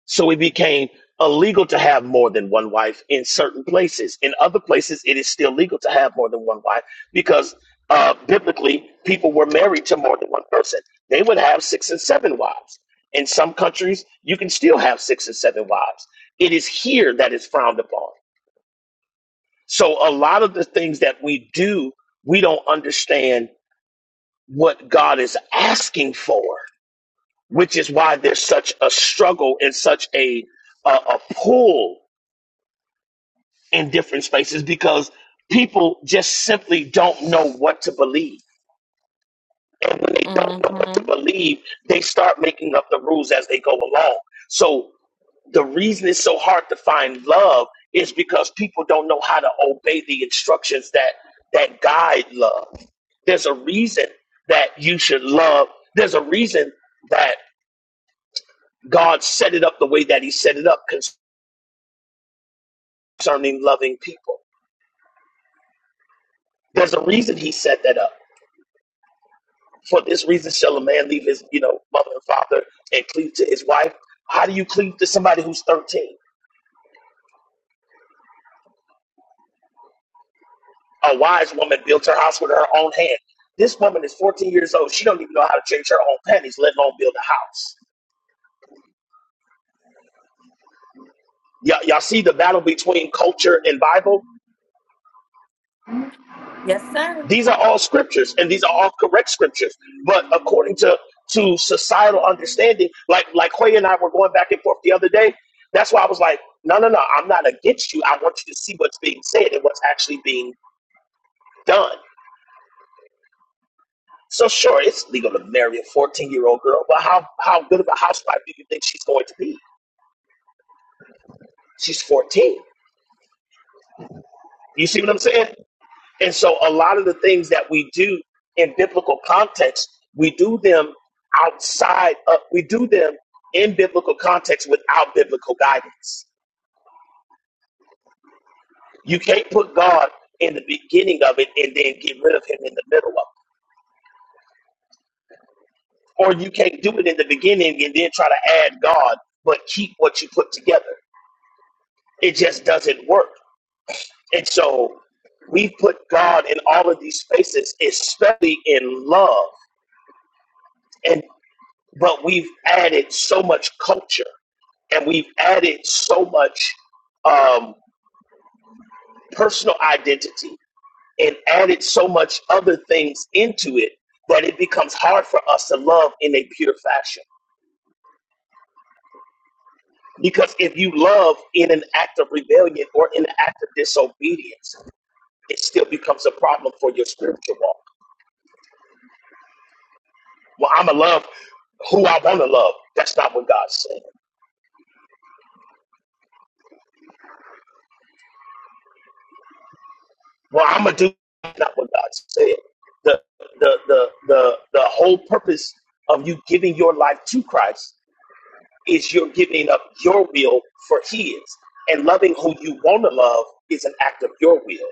So it became illegal to have more than one wife in certain places. In other places, it is still legal to have more than one wife because uh, biblically, people were married to more than one person. They would have six and seven wives. In some countries, you can still have six and seven wives. It is here that is frowned upon. So a lot of the things that we do, we don't understand what God is asking for, which is why there's such a struggle and such a a, a pull in different spaces because people just simply don't know what to believe. And when they don't know what to believe, they start making up the rules as they go along. So the reason it's so hard to find love is because people don't know how to obey the instructions that that guide love. There's a reason that you should love. There's a reason that God set it up the way that he set it up concerning loving people. There's a reason he set that up For this reason shall a man leave his, you know, mother and father and cleave to his wife. How do you cleave to somebody who's 13? A wise woman built her house with her own hand. This woman is 14 years old. She don't even know how to change her own panties, let alone build a house. Y'all, y'all see the battle between culture and Bible? These are all scriptures, and these are all correct scriptures. But according to to societal understanding, like like Quay and I were going back and forth the other day, that's why I was like, no, no, no, I'm not against you. I want you to see what's being said and what's actually being done. So sure, it's legal to marry a 14 year old girl, but how how good of a housewife do you think she's going to be? She's 14. You see what I'm saying? And so a lot of the things that we do in biblical context, we do them outside of we do them in biblical context without biblical guidance. You can't put God in the beginning of it and then get rid of him in the middle of it. Or you can't do it in the beginning and then try to add God, but keep what you put together. It just doesn't work. And so we put God in all of these spaces, especially in love. And but we've added so much culture and we've added so much um, personal identity and added so much other things into it that it becomes hard for us to love in a pure fashion. Because if you love in an act of rebellion or in an act of disobedience, it still becomes a problem for your spiritual walk. Well, I'm going to love who I want to love. That's not what God said. Well, I'm going to do that's not what God said. The, the, the, the, the whole purpose of you giving your life to Christ is you're giving up your will for His. And loving who you want to love is an act of your will,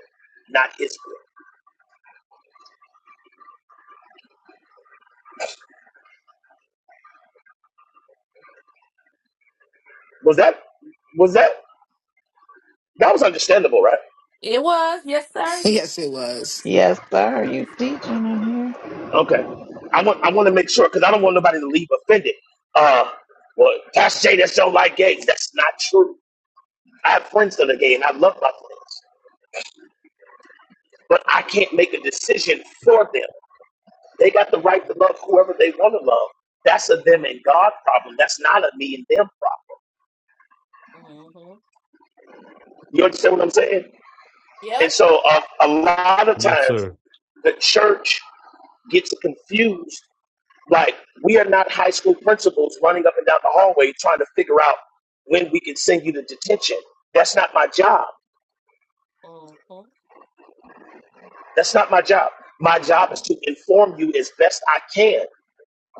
not His will. Was that, was that, that was understandable, right? yes, it was. Yes, sir. You teaching in here? Okay. I want, I want to make sure because I don't want nobody to leave offended. Uh, well, Pastor Jay, that's don't like gays. That's not true. I have friends that are gay and I love my friends, but I can't make a decision for them. They got the right to love whoever they want to love. That's a them and God problem. That's not a me and them problem. You understand what I'm saying? And so uh, a lot of Yes, times sir. the church gets confused. Like we are not high school principals running up and down the hallway trying to figure out when we can send you to detention. That's not my job. That's not my job. My job is to inform you as best I can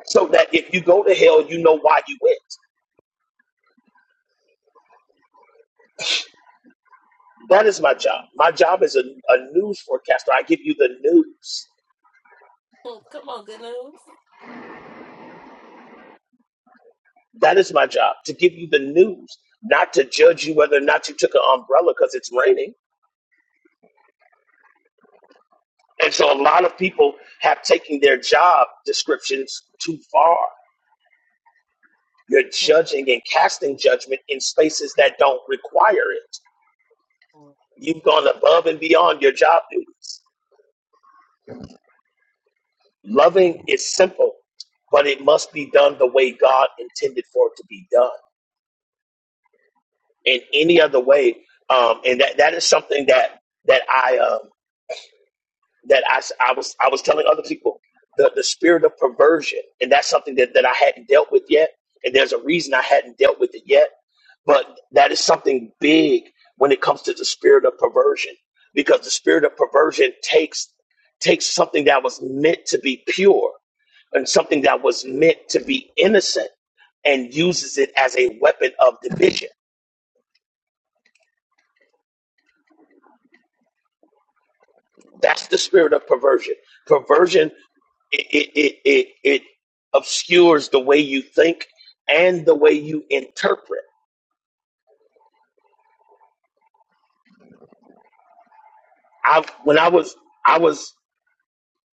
so that if you go to hell, you know why you went. That is my job. My job is a, a news forecaster. I give you the news. That is my job to give you the news, not to judge you whether or not you took an umbrella because it's raining. And so a lot of people have taken their job descriptions too far. You're judging and casting judgment in spaces that don't require it. You've gone above and beyond your job duties. Loving is simple, but it must be done the way God intended for it to be done. In any other way, um, and that that is something that that I um, that I, s- I was I was telling other people the, the spirit of perversion, and that's something that, that I hadn't dealt with yet. And there's a reason I hadn't dealt with it yet, but that is something big when it comes to the spirit of perversion, because the spirit of perversion takes takes something that was meant to be pure and something that was meant to be innocent and uses it as a weapon of division. That's the spirit of perversion. Perversion it, it, it, it, it obscures the way you think and the way you interpret. I when I was I was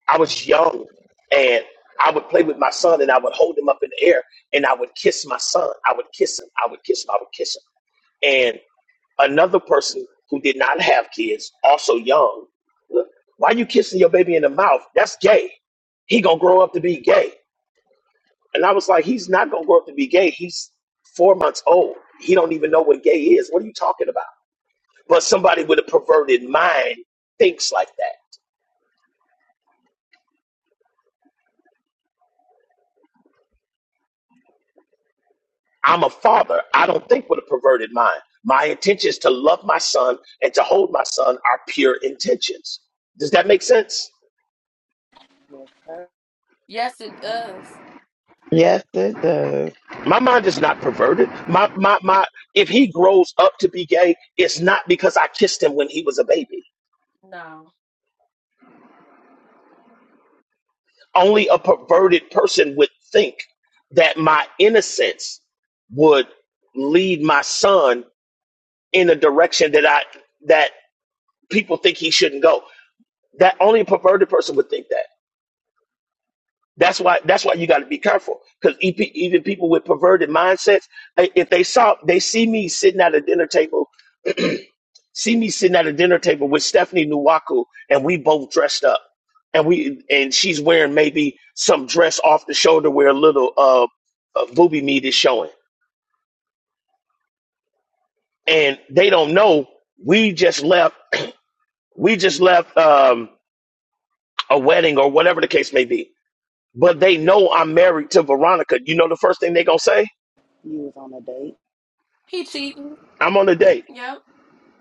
I was young and I would play with my son and I would hold him up in the air and I would kiss my son. I would kiss him. I would kiss him. I would kiss him. And another person who did not have kids, also young, look, why you kissing your baby in the mouth? That's gay. He gonna grow up to be gay. And I was like, he's not gonna grow up to be gay. He's four months old. He don't even know what gay is. What are you talking about? But somebody with a perverted mind thinks like that. I'm a father. I don't think with a perverted mind. My intentions to love my son and to hold my son are pure intentions. Does that make sense? trying. Yes, sir. Yes, it does. My mind is not perverted. My my my if he grows up to be gay, it's not because I kissed him when he was a baby. Only a perverted person would think that my innocence would lead my son in a direction that I that people think he shouldn't go. That only a perverted person would think that. That's why. That's why you got to be careful because even people with perverted mindsets, if they saw they see me sitting at a dinner table see me sitting at a dinner table with Stephanie Nuwaku, and we both dressed up, and we and she's wearing maybe some dress off the shoulder where a little uh, uh booby meat is showing, and they don't know we just left we just left um a wedding or whatever the case may be, but they know I'm married to Veronica. You know the first thing they gonna say? You was on a date. I'm on a date.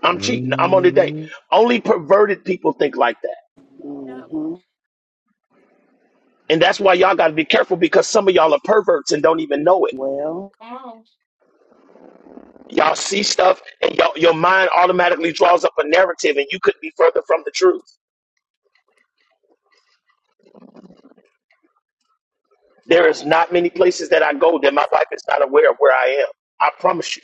I'm cheating. I'm on a date. Mm, Only perverted people think like that. Mm-hmm. And that's why y'all got to be careful because some of y'all are perverts and don't even know it Well, Y'all see stuff, and y'all, your mind automatically draws up a narrative, and you couldn't be further from the truth. There is not many places that I go that my wife is not aware of where I am. I promise you.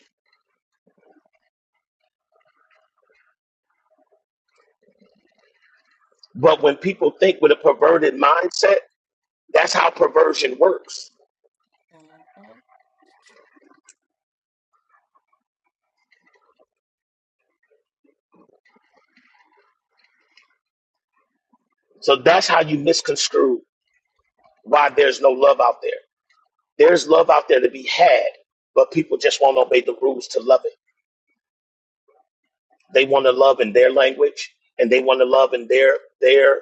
But when people think with a perverted mindset, that's how perversion works. So that's how you misconstrue why there's no love out there. There's love out there to be had, but people just won't obey the rules to love it. They want to love in their language, and they want to love in their their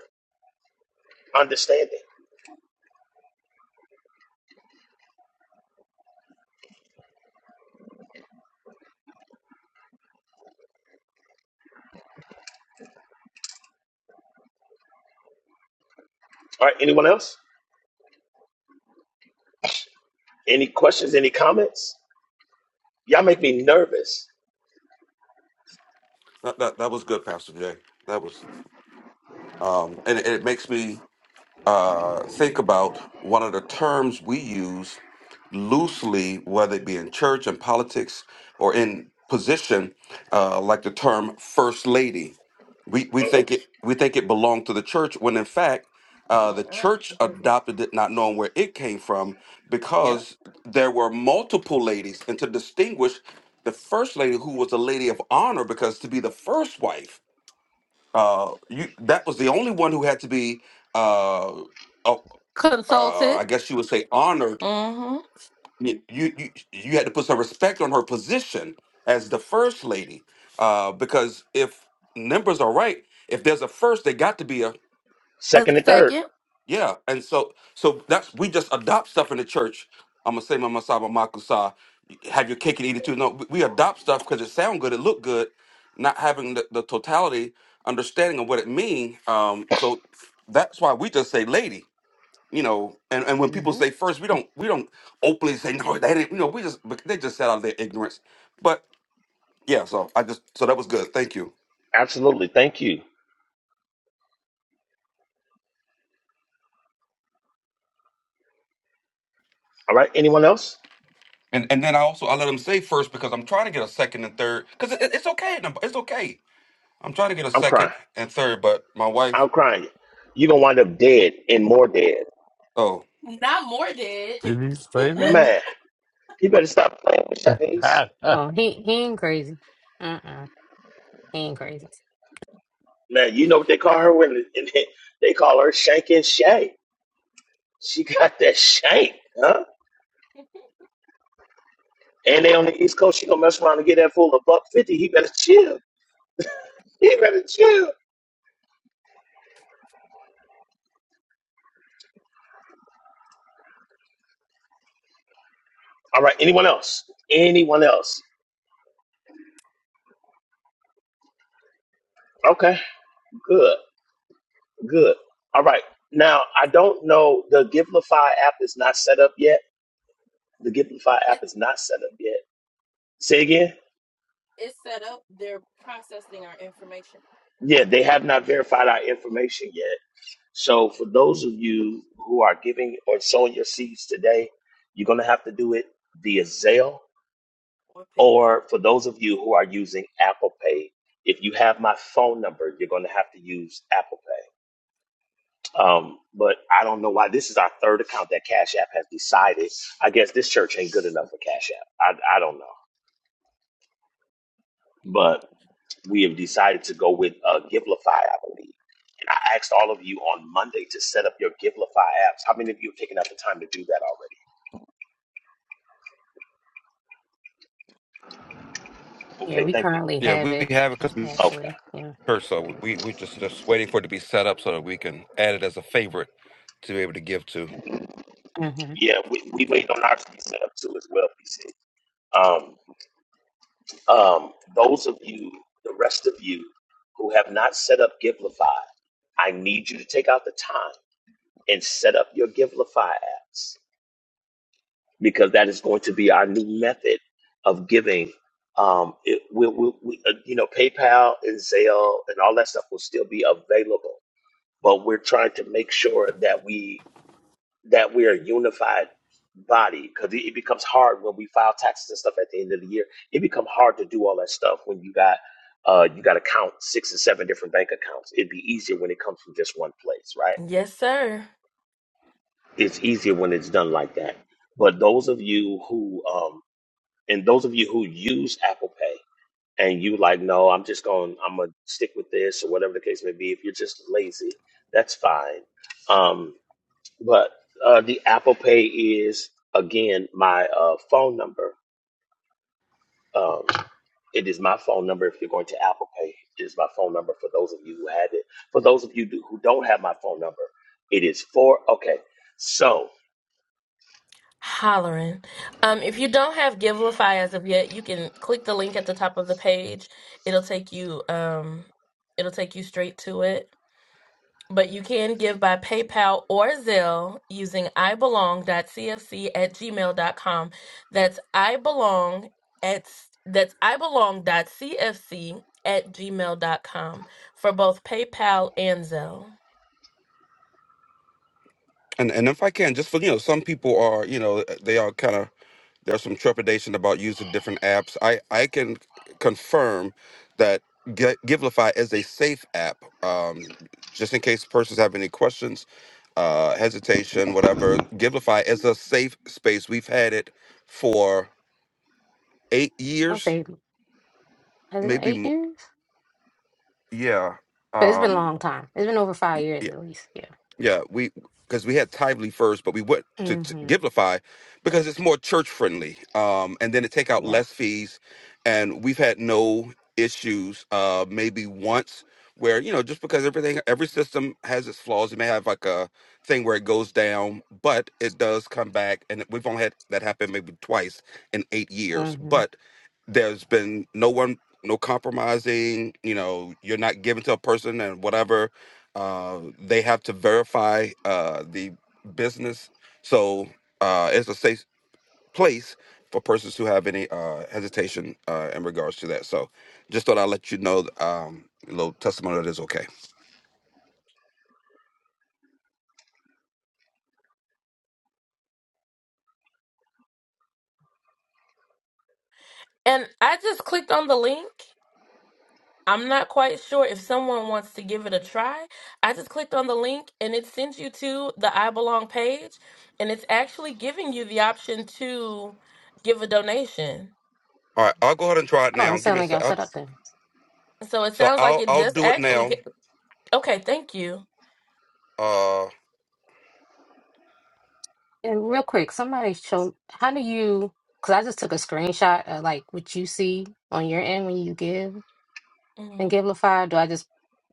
understanding. All right, anyone else? Any questions? Any comments? Y'all make me nervous. That that, that was good, Pastor Jay. That was, um, and it, it makes me uh think about one of the terms we use loosely, whether it be in church and politics or in position, uh, like the term first lady. we we hmm think it we think it belonged to the church when in fact uh, the church adopted it not knowing where it came from because there were multiple ladies and to distinguish the first lady who was a lady of honor because to be the first wife uh, you, that was the only one who had to be uh, oh, uh, i guess you would say honored you you you had to put some respect on her position as the first lady, uh, because if numbers are right, if there's a first, they got to be a Second and third. yeah. And so so that's we just adopt stuff in the church. I'm gonna say my masaba makusa, have your cake and eat it too. No, we we adopt stuff because it sound good, it look good, not having the, the totality understanding of what it mean. Um, so that's why we just say lady you know, and, and when people hmm say first, we don't we don't openly say no, they didn't. You know, we just but they just said out of their ignorance. But yeah, so I just so that was good. Thank you. Absolutely. Thank you. All right. Anyone else? And and then I also I let them say first because I'm trying to get a second and third because it, it's okay. no, It's okay. I'm trying to get a I'm crying. second and third, but my wife. I'm crying. You're going to wind up dead and more dead. Oh Did he say that? Man, you better stop playing with Shanice. Oh, he he ain't crazy. He ain't crazy. Man, you know what they call her when they call her Shank and Shay. She got that shank, huh? And they on the East Coast, she gonna mess around and get that fool a buck fifty. He better chill. You better chill. All right. Anyone else? Anyone else? Okay. Good. Good. All right. Now I don't know. The Giblify app is not set up yet. The Giblify app is not set up yet. Say again. Yeah, they have not verified our information yet. So for those of you who are giving or sowing your seeds today, you're gonna have to do it via Zelle. Or for those of you who are using Apple Pay, if you have my phone number, you're gonna have to use Apple Pay Um, but I don't know why. This is our third account that Cash App has decided. I guess this church ain't good enough for Cash App. I, I don't know. But we have decided to go with uh, Giblify, I believe. And I asked all of you on Monday to set up your Giblify apps. How many of you have taken out the time to do that already? Yeah, Okay, we thank you. currently yeah, have we we it, have it because Okay. actually. Yeah. first, so we we just just waiting for it to be set up so that we can add it as a favorite to be able to give to. hmm Yeah, we, we Yeah. wait on ours to be set up too as well, PC. Um, um, those of you, the rest of you who have not set up Giblify, I need you to take out the time and set up your Givelify apps because that is going to be our new method of giving. Um, it, we, we, we, uh, you know, PayPal and Zelle and all that stuff will still be available, but we're trying to make sure that we that we're a unified body because it, it becomes hard when we file taxes and stuff at the end of the year. It becomes hard to do all that stuff when you got uh, you got to count six or seven different bank accounts. It'd be easier when it comes from just one place, right? it's easier when it's done like that. But those of you who um and those of you who use Apple Pay and you like, no, I'm just going I'm gonna stick with this or whatever the case may be, if you're just lazy, that's fine. Um but uh the Apple Pay is again my uh phone number. Um it is my phone number if you're going to Apple Pay. It is my phone number for those of you who have it. For those of you do- who don't have my phone number, it is four. Okay, so And and if I can, just for you know, some people are you know they are kind of there's some trepidation about using different apps. I, I can confirm that Gi- Givelify is a safe app. Um, just in case persons have any questions, uh, hesitation, whatever, Givelify is a safe space. We've had it for eight I'll years, say, has it been maybe. eight Mo- years? yeah. But it's been a Um, long time. It's been over five years at least. Yeah. Yeah, we because we had Tively first, but we went to, to hmm Giblify because it's more church friendly. Um, and then to take out Yeah. less fees, and we've had no issues. Uh, maybe once where you know just because everything every system has its flaws, it may have like a thing where it goes down, but it does come back, and we've only had that happen maybe twice in eight years. hmm But there's been no one. No compromising, you know, you're not giving to a person and whatever uh, they have to verify uh, the business. So uh, it's a safe place for persons who have any uh, hesitation uh, in regards to that. So just thought I'd let you know um, a little testimony that is okay. All right, I'll go ahead and try it Oh, now. it Give sounds me a like sec. y'all I'll, set up then. so I'll I'll do it now. Uh, And real quick, somebody show, how do you, because I just took a screenshot of like what you see on your end when you give and Givelify. Do I just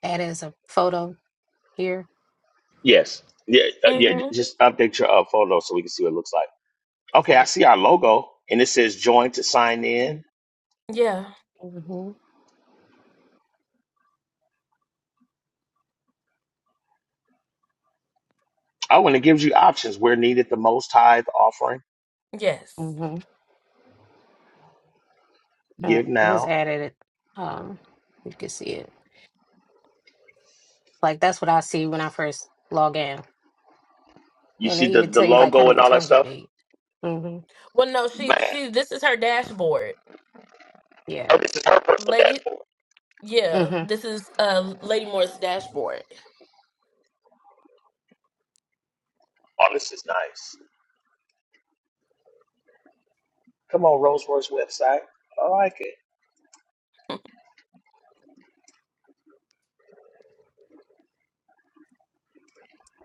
add it as a photo here? Yes. Yeah. uh, yeah. Okay. Just update your uh, photo so we can see what it looks like. Okay. I Okay. see our logo and it says join to sign in. Mm-hmm. Oh, and it gives you options where needed the most tithe offering. Mm-hmm. All right. Give I just now. added it. Um, you can see it. Like that's what I see when I first log in, You and see they the, even the tell you like how logo and many all that times you stuff? made. Mm-hmm. Man. Oh, Yeah. this is her personal dashboard. Mm-hmm. Oh, this is nice.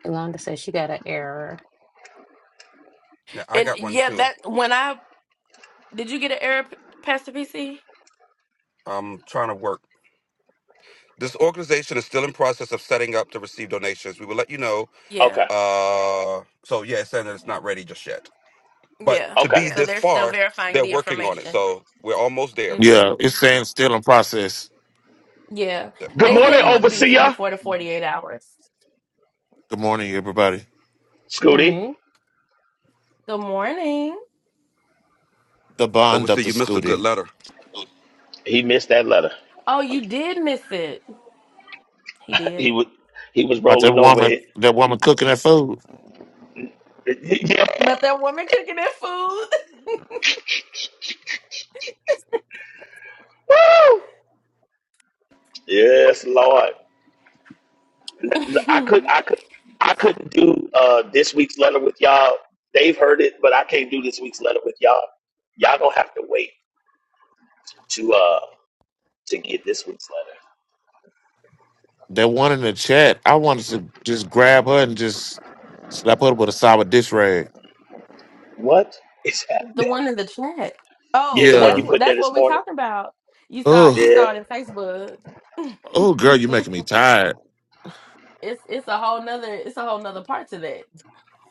Yolanda says she got an error. now I got one too. I'm trying to work. This organization is still in process of setting up to receive donations. We will let you know. Okay. Uh, so yeah, it's saying that it's not ready just yet. but to Okay. be this far, they're working on it. So we're almost there. Yeah, it's saying still in process. That- We're Good morning, almost there. Mm-hmm. overseer. Good morning, everybody. Scooty. Warning. The bond up Obviously, the you missed a good scooty. letter. He missed that letter. He was he was But that rolling over woman, it. that woman cooking that food, yes, Lord. I could I could I couldn't do uh this week's letter with y'all. They've heard it, but I can't do this week's letter with y'all. Y'all gonna have to wait to uh to get this week's letter. that one in the chat, I wanted to just grab her and just slap her with a sour dish rag. What is happening? Yeah, the one you Yeah. put in there this morning. Oh, Yeah, oh, girl, you're making me tired.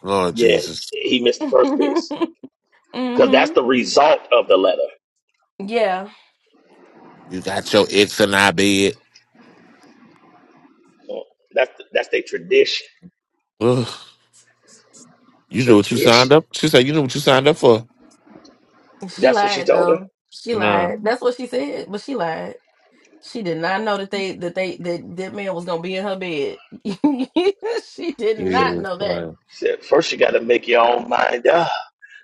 Lord yeah. Jesus, He missed the first piece because that's the result of the letter. you got your ex in our bed. That's that's their tradition. Ugh. You knew what you Tradition. signed up. She said, "You knew what you signed up for." That's what she told her. Nah, Said, Jesus Christ. said first you got to make your own mind up.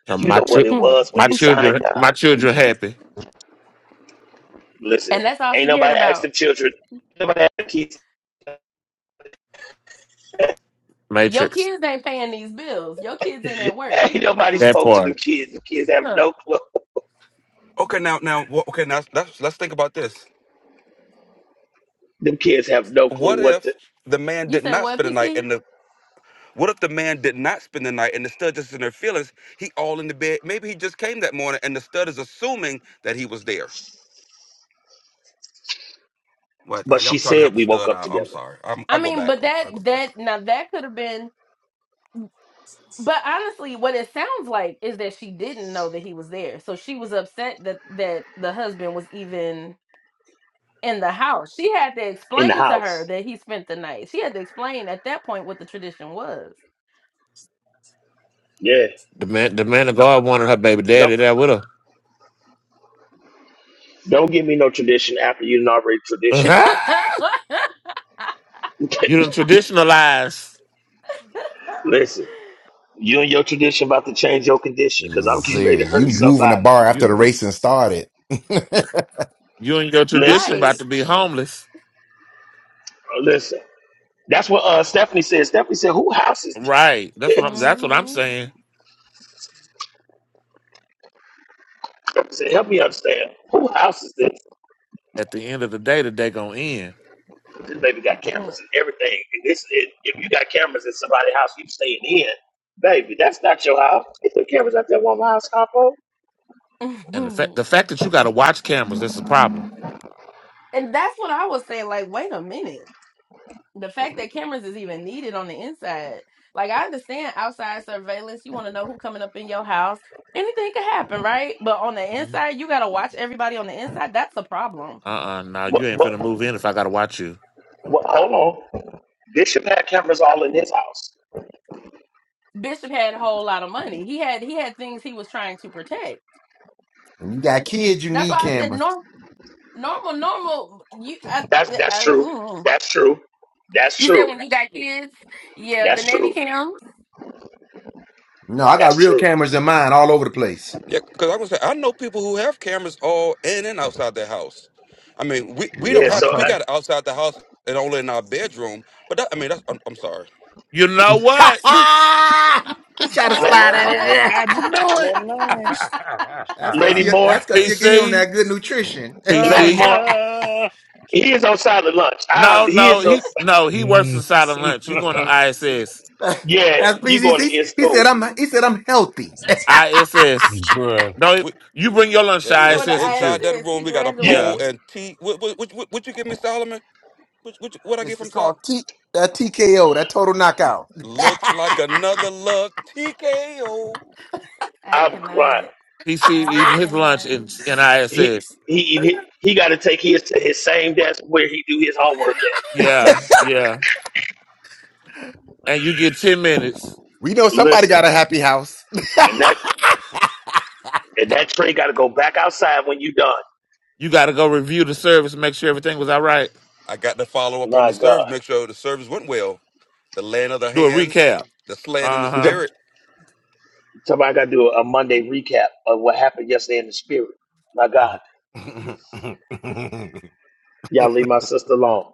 And You my know what chi- it was when my you signed children, up. my children happy. Listen, ain't nobody asked them children. Nobody asked them kids. Matrix. Ain't nobody That spoke to part. them kids. The kids have no clue. Okay, now, now, wha- okay, now let's let's think about this. Them kids have no clue What what to. if the man did not spend the night, and the what if the man did not spend the night, and the stud just in their feelings? He all in the bed. Maybe he just came that morning, and the stud is assuming that he was there. What But I, she I'm trying to said help the we woke stud up out. I'm together sorry. I'm, I go back. I go back. in the house. Yeah. The man, the man of God wanted her baby Don't daddy there with her. don't give me no tradition after you already tradition. you done traditionalize. Listen, you and your tradition about to change your condition because I'm getting ready to Serious. You hurt moving the somebody. bar You after the racing started. you you and your Listen, tradition about to be homeless. listen. That's what uh, Stephanie said. Stephanie said, "Who house is Right. That's this?" what I'm that's what I'm saying. Stephanie said, "Help me understand. Who house is this?" At the end of the day, the day gonna end. This baby got cameras and everything. And this, it, if you got cameras in somebody's house, you staying in, baby. That's not your house. Get the cameras out there, one house, Capo. And the fact the fact that you gotta watch cameras, that's a problem. Uh uh no, you What, ain't what, finna move in if I gotta watch you. what? Hold on. Bishop had cameras all in his house. got kids, you need cameras. That's that's true. That's true. That's true. That's true. No, I got That's real true. cameras in mine all over the place. Yeah, because I'm gonna say I know people who have cameras all in and outside their house. I mean, we, we Yeah. don't Yeah, I'm have So, it. We uh, covered. got it outside the house and only in our bedroom. But that, I mean, that's I'm, I'm sorry. You know what? he tried to La- slide silent out Ah, of lunch. there. I knew it. Silent lunch. That's cause Lady he Moore, that's cause you get him PC, that good nutrition. Lady PC. Moore, he is on silent lunch. I, No, he no, is on. he no, he works Mm. inside of lunch. You going to ISS. Yeah, that's you going to PCC. his He said school? I'm he said I'm healthy. ISS. Bruh, No, We you bring your lunch yeah, to it, ISS with inside you. that room we got a You, pole Yeah, and T. What what, what, what what you give me, Solomon? What what, what I get This from is Sol? called T that TKO, that total knockout. Looks like another luck TKO. I'm crying. PC eating his lunch in in he ISS. he he he got to take his to his same desk where he do his homework at. Yeah, yeah, and you get ten minutes. we know somebody got Listen, a happy house. and that and that tray got to go back outside when you done. You got to go review the service, and make sure everything was all right. I got to follow up on My the God, service, make sure the service went well. The land of the Do a hands, recap. the slaying in the Uh he's huh. a, spirit. somebody got to do a Monday recap of what happened yesterday in the spirit. My God, y'all leave my sister alone.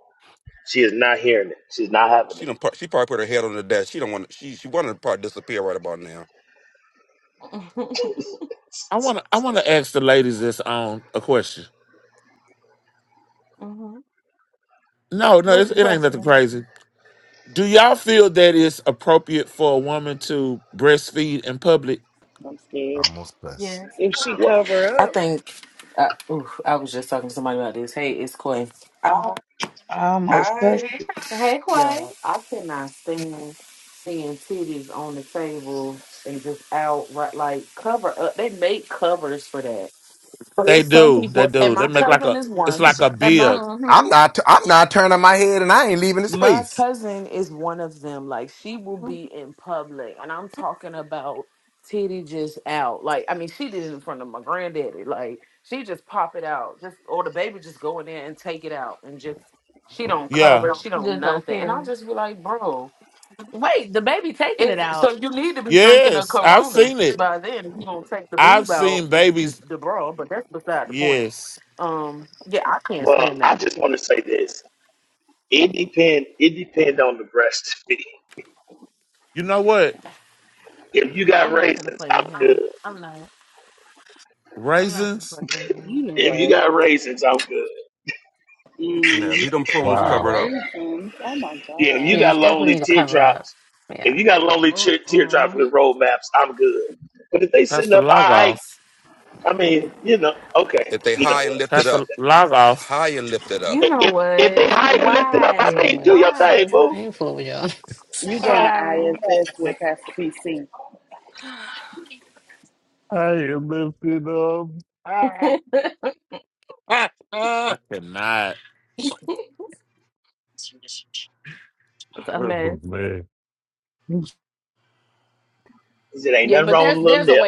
She is not hearing it. She's not having She it. done, pro- she probably put her head on the desk. She don't want. She she wanted to probably disappear right about now. I want to. I want to ask the ladies this on a question. No, no, it's, it ain't nothing crazy. Do y'all feel that it's appropriate for a woman to breastfeed in public? I'm scared. Almost cuss. If she Well, I cover up, think I, oof, I was just talking to somebody about this. Hey, it's Quay. I, I almost cussed I, you. yeah, I cannot stand seeing titties on the table and just out right like cover up. They make covers for that. But They there's some do. They people, and do. They my make like cousin a. is It's one. like a Listen, and my. bib. I'm not. I'm not turning my head, and I ain't leaving the My space. cousin is one of them. Like she will be in public, and I'm talking about titty just out. Like I mean, she did it in front of my granddaddy. Like she just pop it out, just or the baby just go in there and take it out, and just she don't Yeah. cover, she don't nothing. And I'll just be like, bro, is so you need to be drinking a Yes, I've Corona seen it. by then if you gonna take the I've boob out seen the the, babies. the bra. But that's beside the point. Yes. Um, yeah, I can't Well, stand I that. just want to say this. It depend. It depend on the breast. You know what? if you got raisins, I'm good. raisins, you know If you what? got raisins, I'm good. Nah, Mm-hmm. leave them I prunes Not covered wow. cannot. up. raisins. Oh my Yeah, if you God. Yeah, got it's lonely definitely the cover up. teardrops, if you Yeah. got lonely tear, teardrops with roadmaps, I'm good. But if they sitting Pastor up, all right, Lagos, I mean, you know, okay, If they you know high what? and lifted Pastor up, Lagos. high and lifted up, If, if if they high and lifted up, I You know mean, do what? your thing, boo. I ain't fooling with y'all. You going to I ISS with Pastor PC. am lifted up. Ah, ah, I ah. cannot. Oh, man. 'Cause it ain't nothing wrong with a little nip.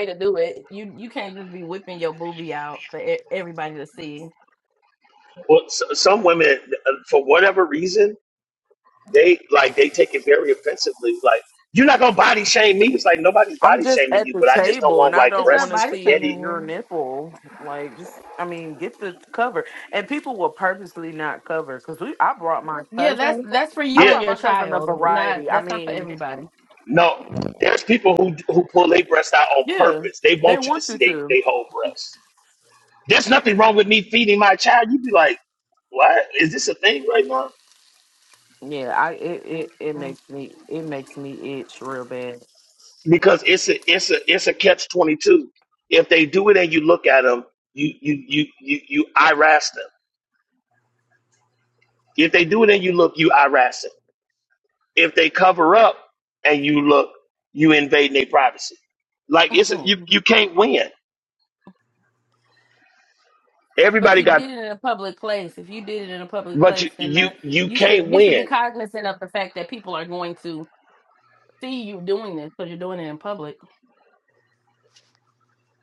Well, s some women, uh, for whatever reason, they like they take it very offensively. Like, you're not gonna body shame me. It's like nobody's I'm body just shaming at you, the but I just don't table and want I like don't breasts want and to see spaghetti. your nipple. Like, just, I mean, get the cover. And people will purposely not cover because we. I brought my cousin. I Yeah. brought my cousin a variety. I mean, No, there's people who who pull their breast out on yeah, purpose. They they want you to want see you they, to. they whole breasts. There's nothing wrong with me feeding my child. You'd be like, what? Is this a thing right now? Yeah, I. It, it, it makes me. It makes me itch real bad. Because it's a it's a it's a catch twenty two. If they do it and you look at them, you you you you you irass them. If they do it and you look, you irass them. If they cover up and you look, you invading their privacy. Like it's a, you you can't win. Everybody got, but you you you can't win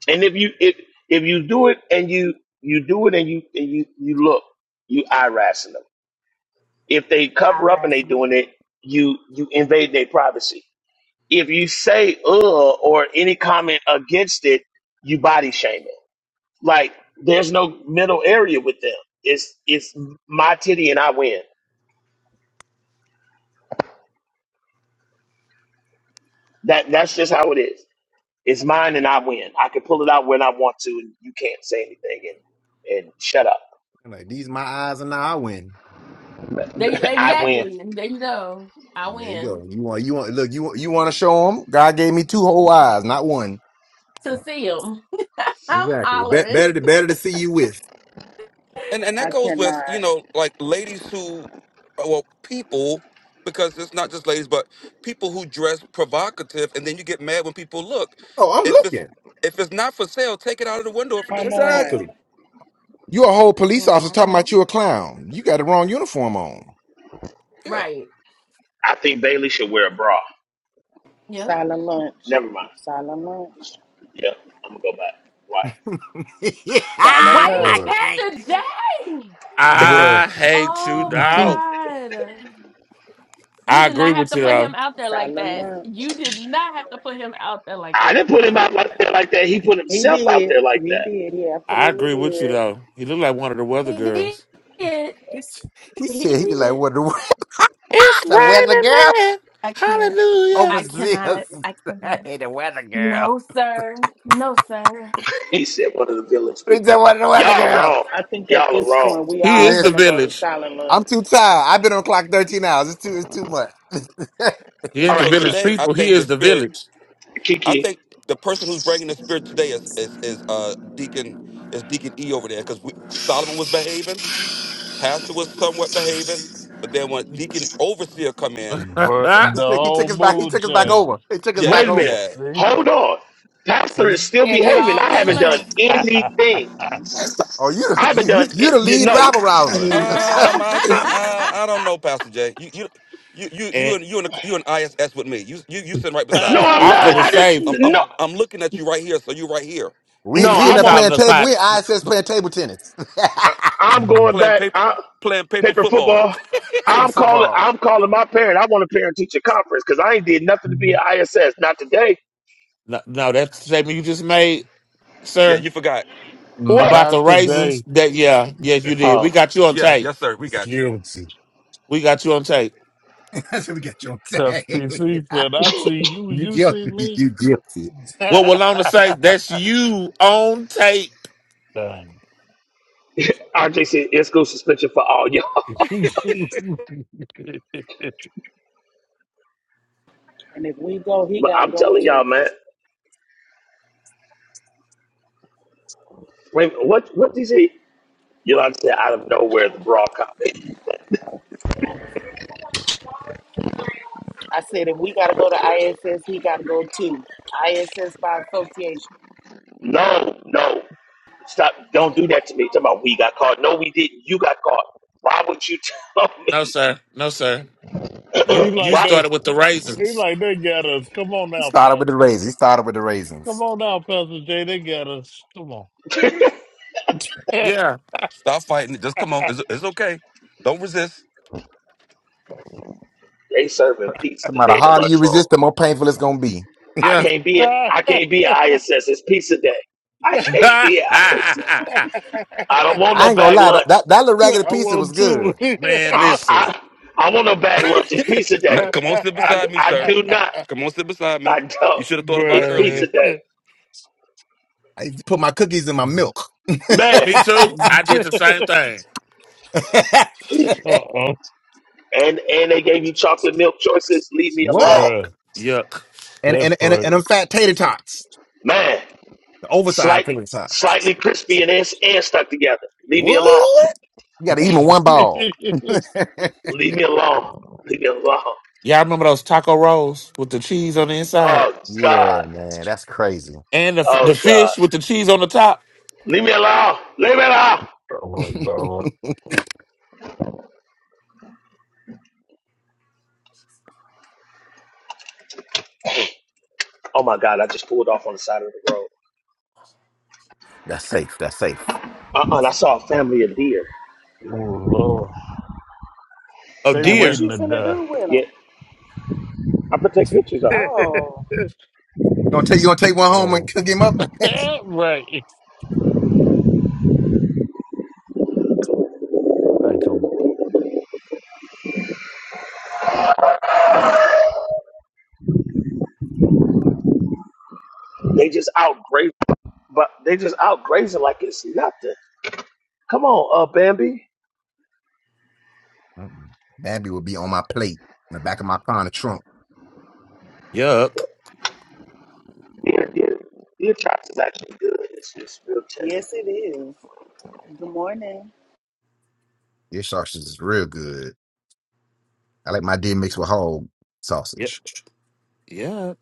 And if you if if you do it and you you do it and you and you you look, you eye racing them. If they cover up and they doing it, you you invade their privacy. If you say uh or any comment against it, you body shaming. Like there's no middle area with them. It's it's my titty and I win. That that's just how it is. It's mine and I win. I can pull it out when I want to, and you can't say anything and and shut up. I'm like these my eyes, and now I win. I win. There you go. You want you want look you want you want to show them. God gave me two whole eyes, not one. Exactly. Bet better to better to see you with. and and that I goes with you cannot. know like ladies who, well, people because it's not just ladies, but people who dress provocative, and then you get mad when people look. Oh, I'm If it's looking. if it's not for sale, take it out of the window for Come display. on. Exactly. You a whole police officer talking about you a clown. You got the wrong uniform on. Yeah. I think Bailey should wear a bra. Silent lunch. Never mind. Silent lunch. Yeah, I'm gonna go back. Why? Yeah, Silent I Bruh. lunch. can't. Bruh. I hate you, dog. I agree with you though. Silent lunch. I didn't put him out like there like that. He put He himself out did. there like He that. did. He I absolutely agree with you did. though. He looked like one of the weather girls. He s- he said he like what the It's the weather raining, girl man. Hallelujah. overseas. hey, the weather girl. He said one of the village He said people. what the weather Y'all wrong. girl. I think at Y'all are this wrong. point we He all is the finna go to village. silent I'm lunch. too tired. I've been on clock 13 hours. It's too it's too much. He it's All ain't the So right, too much. Ki- village today, I people. He think the is the spirit. village. I Kiki. think the person who's bringing the spirit today is is is uh Deacon is Deacon E over there because Solomon was behaving Pastor was somewhat behaving, but then when deacon overseer come in, But the This thing- He whole took us back. He mood took us back changed. over. He took us yeah, back Wait a over. minute. yeah. See? Hold on. Pastor See? is still behaving. I haven't Not done anything. Oh, you I haven't you you, done. you the Any- lead no, rabble I rouser. Um, I Exactly. I, think uh, I don't know, Pastor Jay. You you you you you and and you and you and ISS with me. You you you sitting right beside no, me, I'm sir. I'm for not. We, the I same I'm didn't. I'm No, I'm looking at you right here, so you right here we no, we in I PC there won't. calling playing us table. out. We ISS playing table tennis. I'm going playing back. paper I, playing paper paper football. football. Paper I'm calling. football. I'm calling my parent. I want a parent teacher conference because I ain't did nothing to be an ISS. Not today. No, no, that statement you just made, yeah, sir, you forgot. What? about the raisins. today. That yeah, yes, you did. We Oh, got you on Yeah, tape. yes, sir. We got you. Guilty. We got you on tape. That's what we got you on Because tag. PC said, you I see you, you see guilty. me. You guilty. What Walona say? That's you on tape. Done. RJ in school suspension for all y'all. he And if we go, he But gotta I'm go telling y'all, too. man. Wait, what? What did he say? You like to say out of nowhere the broad cop. I said if we gotta go to ISS, he gotta go too. ISS by association. No, no. Stop! Don't do that to me. Talking about we got caught. No, we didn't. You got caught. Why would you tell No, me? sir. No, sir. You you like Why? they started with the he raisins. like they got us. Come on He now, started with Pastor. the raisins. He started with the Come raisins. on now, Pastor J. They got us. Come Yeah, Stop fighting. Just come on. It's, it's okay. Don't resist. They serving pizza No matter today how in the harder you lunchroom. resist, the more painful it's gonna be. I yeah. can't be I I can't be an ISS. It's pizza day. I can't be an ISS. I on. don't want no I ain't gonna bag lie. That lunch. that, that little raggedy I pizza want was to, good. Man, I listen. I, I want no bag lunch. It's pizza No, day. come on, sit I, beside me, I sir. do not. Come on, sit beside me. I You don't. should have thought about it It's earlier. pizza day, Bruh. I put my cookies in my milk. man. Me too. I did the same thing. And Uh oh. and they gave you chocolate milk choices. Leave me alone, Yuck. what? Bruh. Yuck. And That and and part. and them fat tater tots, man. the oversized Slight tater tots. slightly crispy and and, and stuck together. Leave me alone. What? You got to eat them in one ball. Leave me alone. Leave me alone. Y'all remember those taco rolls with the cheese on the inside Oh God. yeah, man, that's crazy. and the f- the Oh God. fish with the cheese on the top? Leave me alone. Leave me alone. oh my god. Oh my God, I just pulled off on the side of the road. that's safe. That's safe. Uh-uh, and I saw a family of deer. Oh lord. Oh They And what dear. waiting you to finna do with Yeah, him? I'm gonna take pictures die. of them. Oh, You gonna take you gonna take one home oh. and cook him up? right. I can They just out grazing, but they just out grazing like it's nothing. Come on, uh, Bambi. Mm-mm. Babby would be on my plate in the back of my car in the trunk. Yuck. Deer, deer, deer chops is actually good. It's just real tender. yes it is. Good morning. Your sausage is real good. I like my deer mixed with whole Yep. sausage. Yuck.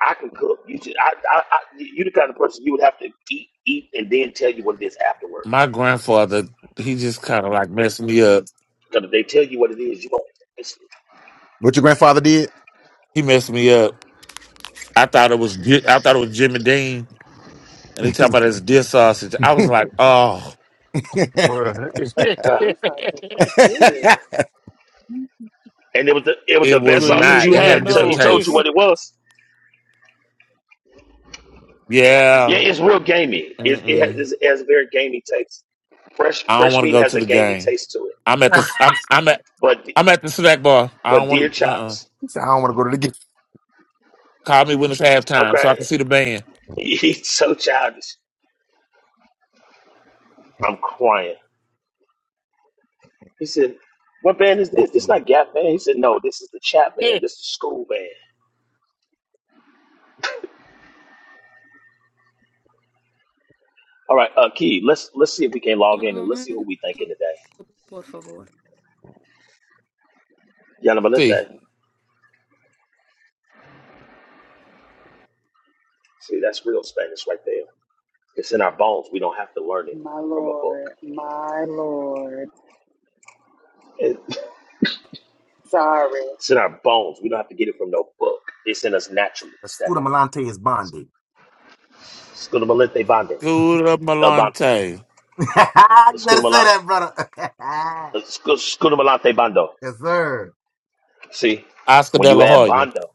I can cook. You just, I, I, I, you the kind of person you would have to eat, eat, and then tell you what it is My afterwards. grandfather, he just kind of like messed me up. Because if they tell you what it is, you won't. It's, What your grandfather did? He messed me up I thought it was Di- I thought it was Jimmy Dean, and he talking about his deer sausage. I was like, oh, bruh. uh, This sausage is good. and it was the, it was the it best So was you sausage didn't not. you It had even had a until different he know. told you taste. what it was. Yeah, Yeah, it's real gamey. It, it, Mm-mm. has, it has a very gamey taste. Fresh I don't fresh want to meat go has to a the gamey game. taste to it. I'm at the I'm I'm at But I'm at the snack bar. I but don't deer want to. Uh-uh. chops. He said, I don't want to go to the game. Call me when it's Okay, halftime so I can see the band. He's so childish. I'm crying. He said, "What band is this? This Mm-mm. not Gap Band." He said, "No, this is the Chat Band. This is School Band." All right, uh, Key. Let's let's see if we can log in and let's see who we thinking today. Ya no me let See, See, that's real Spanish right there. It's in our bones. We don't have to learn it My from a book. lord, my lord. It- Sorry. It's in our bones. We don't have to get it from no book. It's in us naturally, Scooter Stephanie. Malante is bonded. Scudamalite Bando. Scooter El Bando, Malante, you better say Scudamala- that, brother. uh, Scu- Scudamalate Bando. yes, sir. See, Oscar when De you La add Hoya, Bando,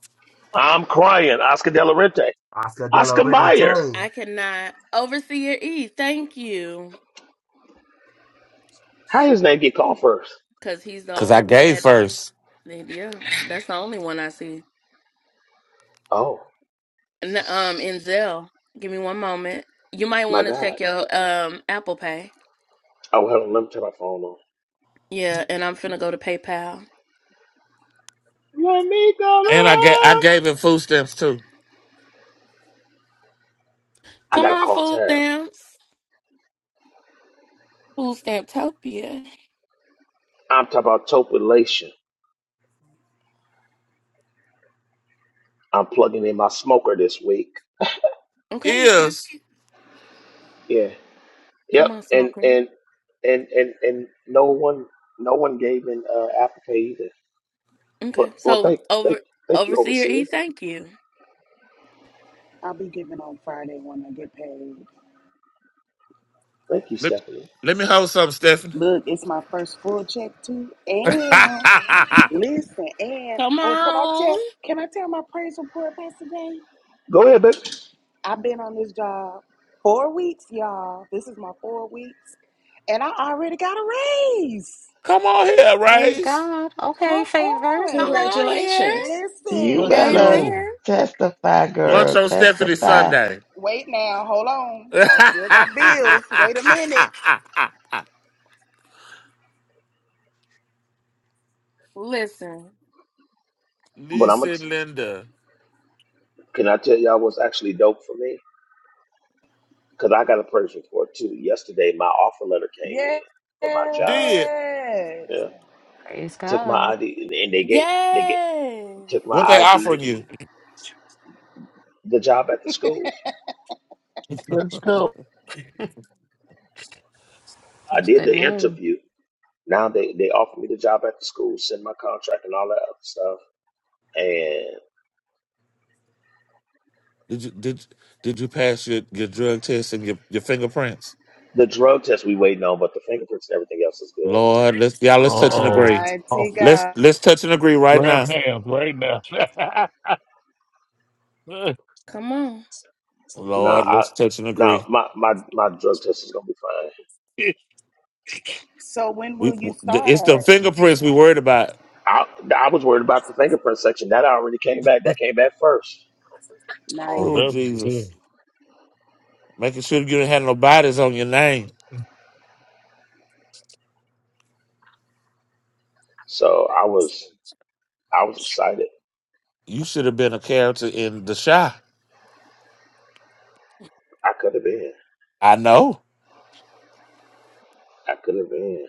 I'm crying. Oscar De La Renta, Oscar De La Oscar Mayer. Renta. How his name get called first? because I gave first, Oh, my God. Oh, hold on. Let me turn my phone on. Let me go and I gave I around. gave him food stamps too. I got to call Tab. I'm talking about topulation. I'm plugging in my smoker this week. Is Yeah. Yep. And, and, and, and, and no one, no one gave an uh, Apple either. Well, well, thank, thank, thank you, overseer. I'll be giving on Friday when I get paid. Thank you, let, Stephanie. let me hold something, Stephanie. Look, it's my first full check too. And listen, and oh, can I tell? Can I tell my praise report, Pastor Jay? Go ahead, baby. I've been on this job four weeks, y'all. This is my four weeks, and I already got a raise. Come on here, Praise Race. God. Okay, Come favor. on, Congratulations. You Let's listen. better go. testify, Lunch girl. on Stephanie Testify. Sunday. Wait now, hold on. I still got bills. Wait a minute. But I'm gonna. Lisa and t- Linda. Can I tell y'all what's actually dope for me? Because I got a praise report too. Yesterday, my offer letter came in Yes, for my job. Did Yeah, Praise took my God. ID and, and they get they get took my what they offering ID. you? The job at the school. Let's go. I That's did good the news. interview. Now they they offered me the job at the school. Send my contract and all that other stuff. And Did you did did you pass your, your drug test and your, your fingerprints? the drug test we waiting on, but the fingerprints and everything else is good. Lord, let's y'all Uh let's touch and oh. agree. Oh, mighty Let's God. let's touch and agree right grab now. hands right now. oh, Nah, Lord, I, let's touch and nah, agree. my, my, my drug test is gonna be fine. that's good. So when will We you it's the start? fingerprints we worried about. I, I was worried about the fingerprint section. That already came back. That came back first. Tell Nice. Oh Jesus, making sure you didn't have no bodies on your name. So I was, I was excited. You should have been a character in the Shy. I could have been. I know. I could have been.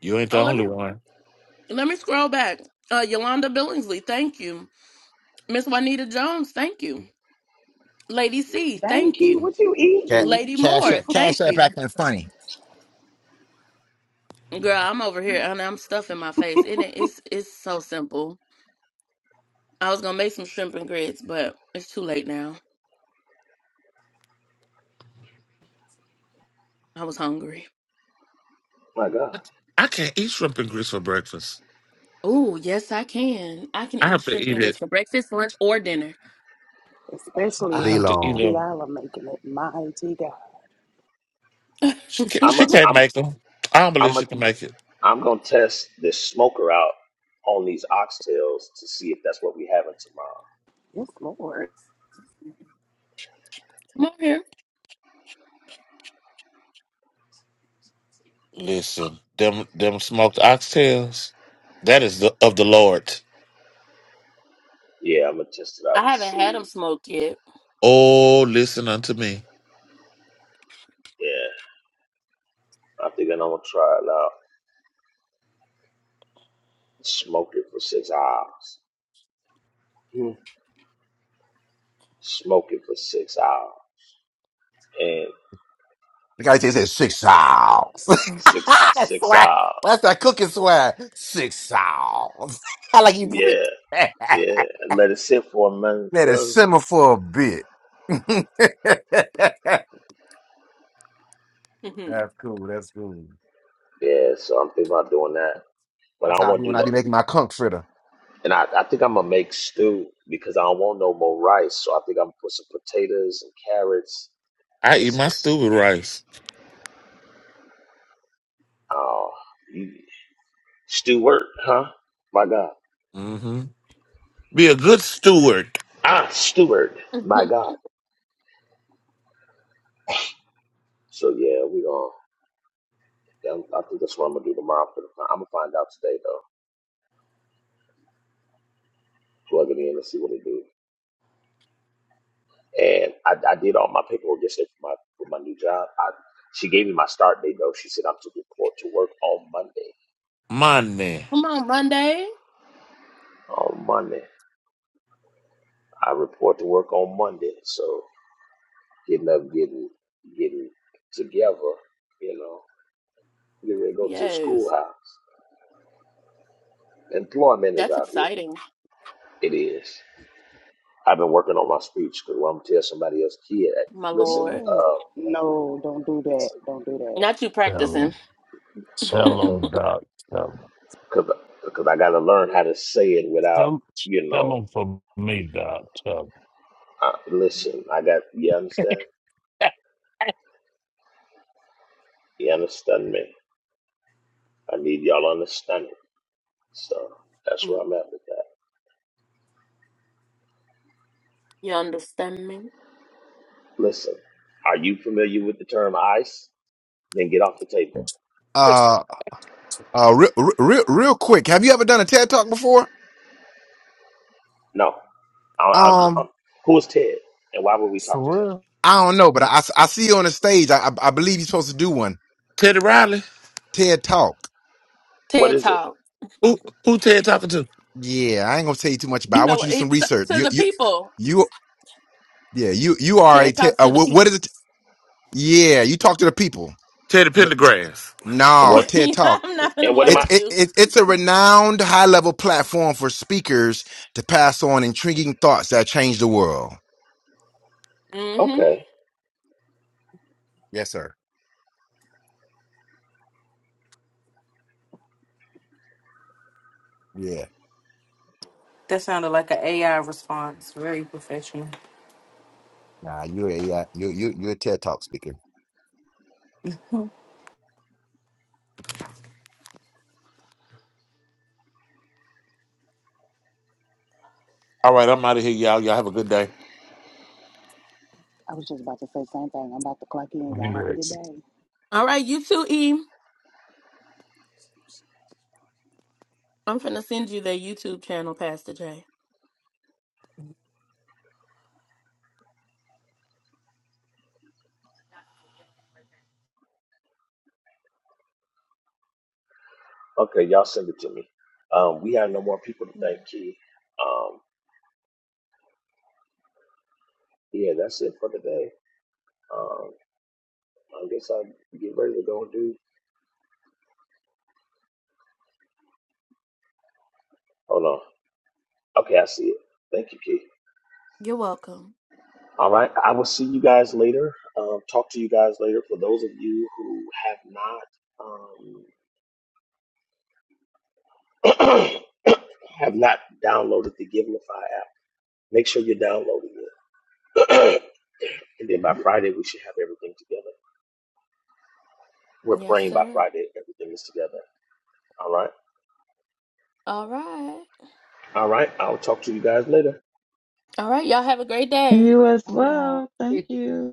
You ain't the only one. Dang, Key, what you Ca- eating? Cash App, Cash App acting funny. My God, I can't eat shrimp and grits for breakfast. I have to eat it. I Especially if D have to eat long. them. Kiala making it. Mighty God. She can't, I'm, she a, can't I'm, make them. I don't believe I'm, a, she can make it. I'm gonna test this smoker out on these oxtails to see if that's what we having tomorrow. Yes, Lord. Listen, them them smoked oxtails. That is the, of the Lord. Yeah, I'm gonna test it out and see. Oh, listen unto me. Yeah, I think I'm gonna try it out. Smoke it for six hours. Hmm. Smoke it for six hours The guy says it's six sauce. six That's six swag. hours. That's that cooking swag. Six sauce. I like you preach Yeah, that. yeah, and let it sit for a minute. Let it Feel me? simmer for a bit. That's cool. That's cool. Yeah, so I'm thinking about doing that, but I That's don't how I be want to when do I no. be making my conch fritter. And I, I think I'm gonna make stew because I don't want no more rice. So I think I'm gonna put some potatoes and carrots I and eat some. my stew with rice. Oh, mm, Stewart, huh? My God, hmm Be a good steward, ah, Stewart, my God. So yeah, we gonna. yeah, I think that's what I'm gonna do tomorrow. For the I'm gonna find out today though. Plug it in and see what it do. and I, I did all my paperwork yesterday for my for my new job. I, she gave me my start date though. She said I'm to report to work on Monday. my man. On Monday, I report to work on Monday. So getting up, getting getting together, you know, getting ready to go to the schoolhouse. Employment is out here. It is. I've been working on my speech because I'm gonna tell somebody else, kid, listen, Yeah. uh, No, don't do that. Don't do that. them. Tell uh them, Doc. Tell them. because I got to learn how to say it without, Tell, you tell know, them for me, Doc. Tell uh, listen, I got, you understand? them. You understand me? I need y'all to understand it. So that's where I'm at with that. Listen, are you familiar with the term ice? Then get off the table. Uh, uh, real, real, real quick. Have you ever done a TED talk before? No. I, I, I, Um, who is Ted? And why would we talk to him? For real? I don't know, but I, I see you on the stage. I, I I believe you're supposed to do one Teddy Riley. TED talk. What is it? Who who Ted talking to? Yeah, I ain't gonna tell you too much about. It. I want you to do some research. You, you. you Yeah, you you are a TED. Uh, what, what is it? Yeah, you talk to the people, Teddy but Pendergrass. And no what TED Talk. and what am It's I? it, it, it's a renowned high level platform for speakers to pass on intriguing thoughts that change the world. Okay. Yes, sir. Yeah. That sounded like an AI response. Very professional. Nah, you yeah you you you're a TED Talk speaker. All right, I'm out of here, y'all. Y'all have a good day. I was just about to say the same thing. I'm about to clock in. Y'all have a good Yes. day. Okay, y'all send it to me. Um, we have no more people to thank you. Um, yeah, that's it for today. Um, I guess I get ready to go and do. Hold on. Okay, I see it. Thank you, Keith. All right. I will see you guys later. Um, talk to you guys later. For those of you who have not um, have not downloaded the Giveify app, make sure you're downloading it. and then by Friday, we should have everything together. We're praying by Friday, everything is together. All right. All right. I'll talk to you guys later. You as Bye, y'all. well. Thank you.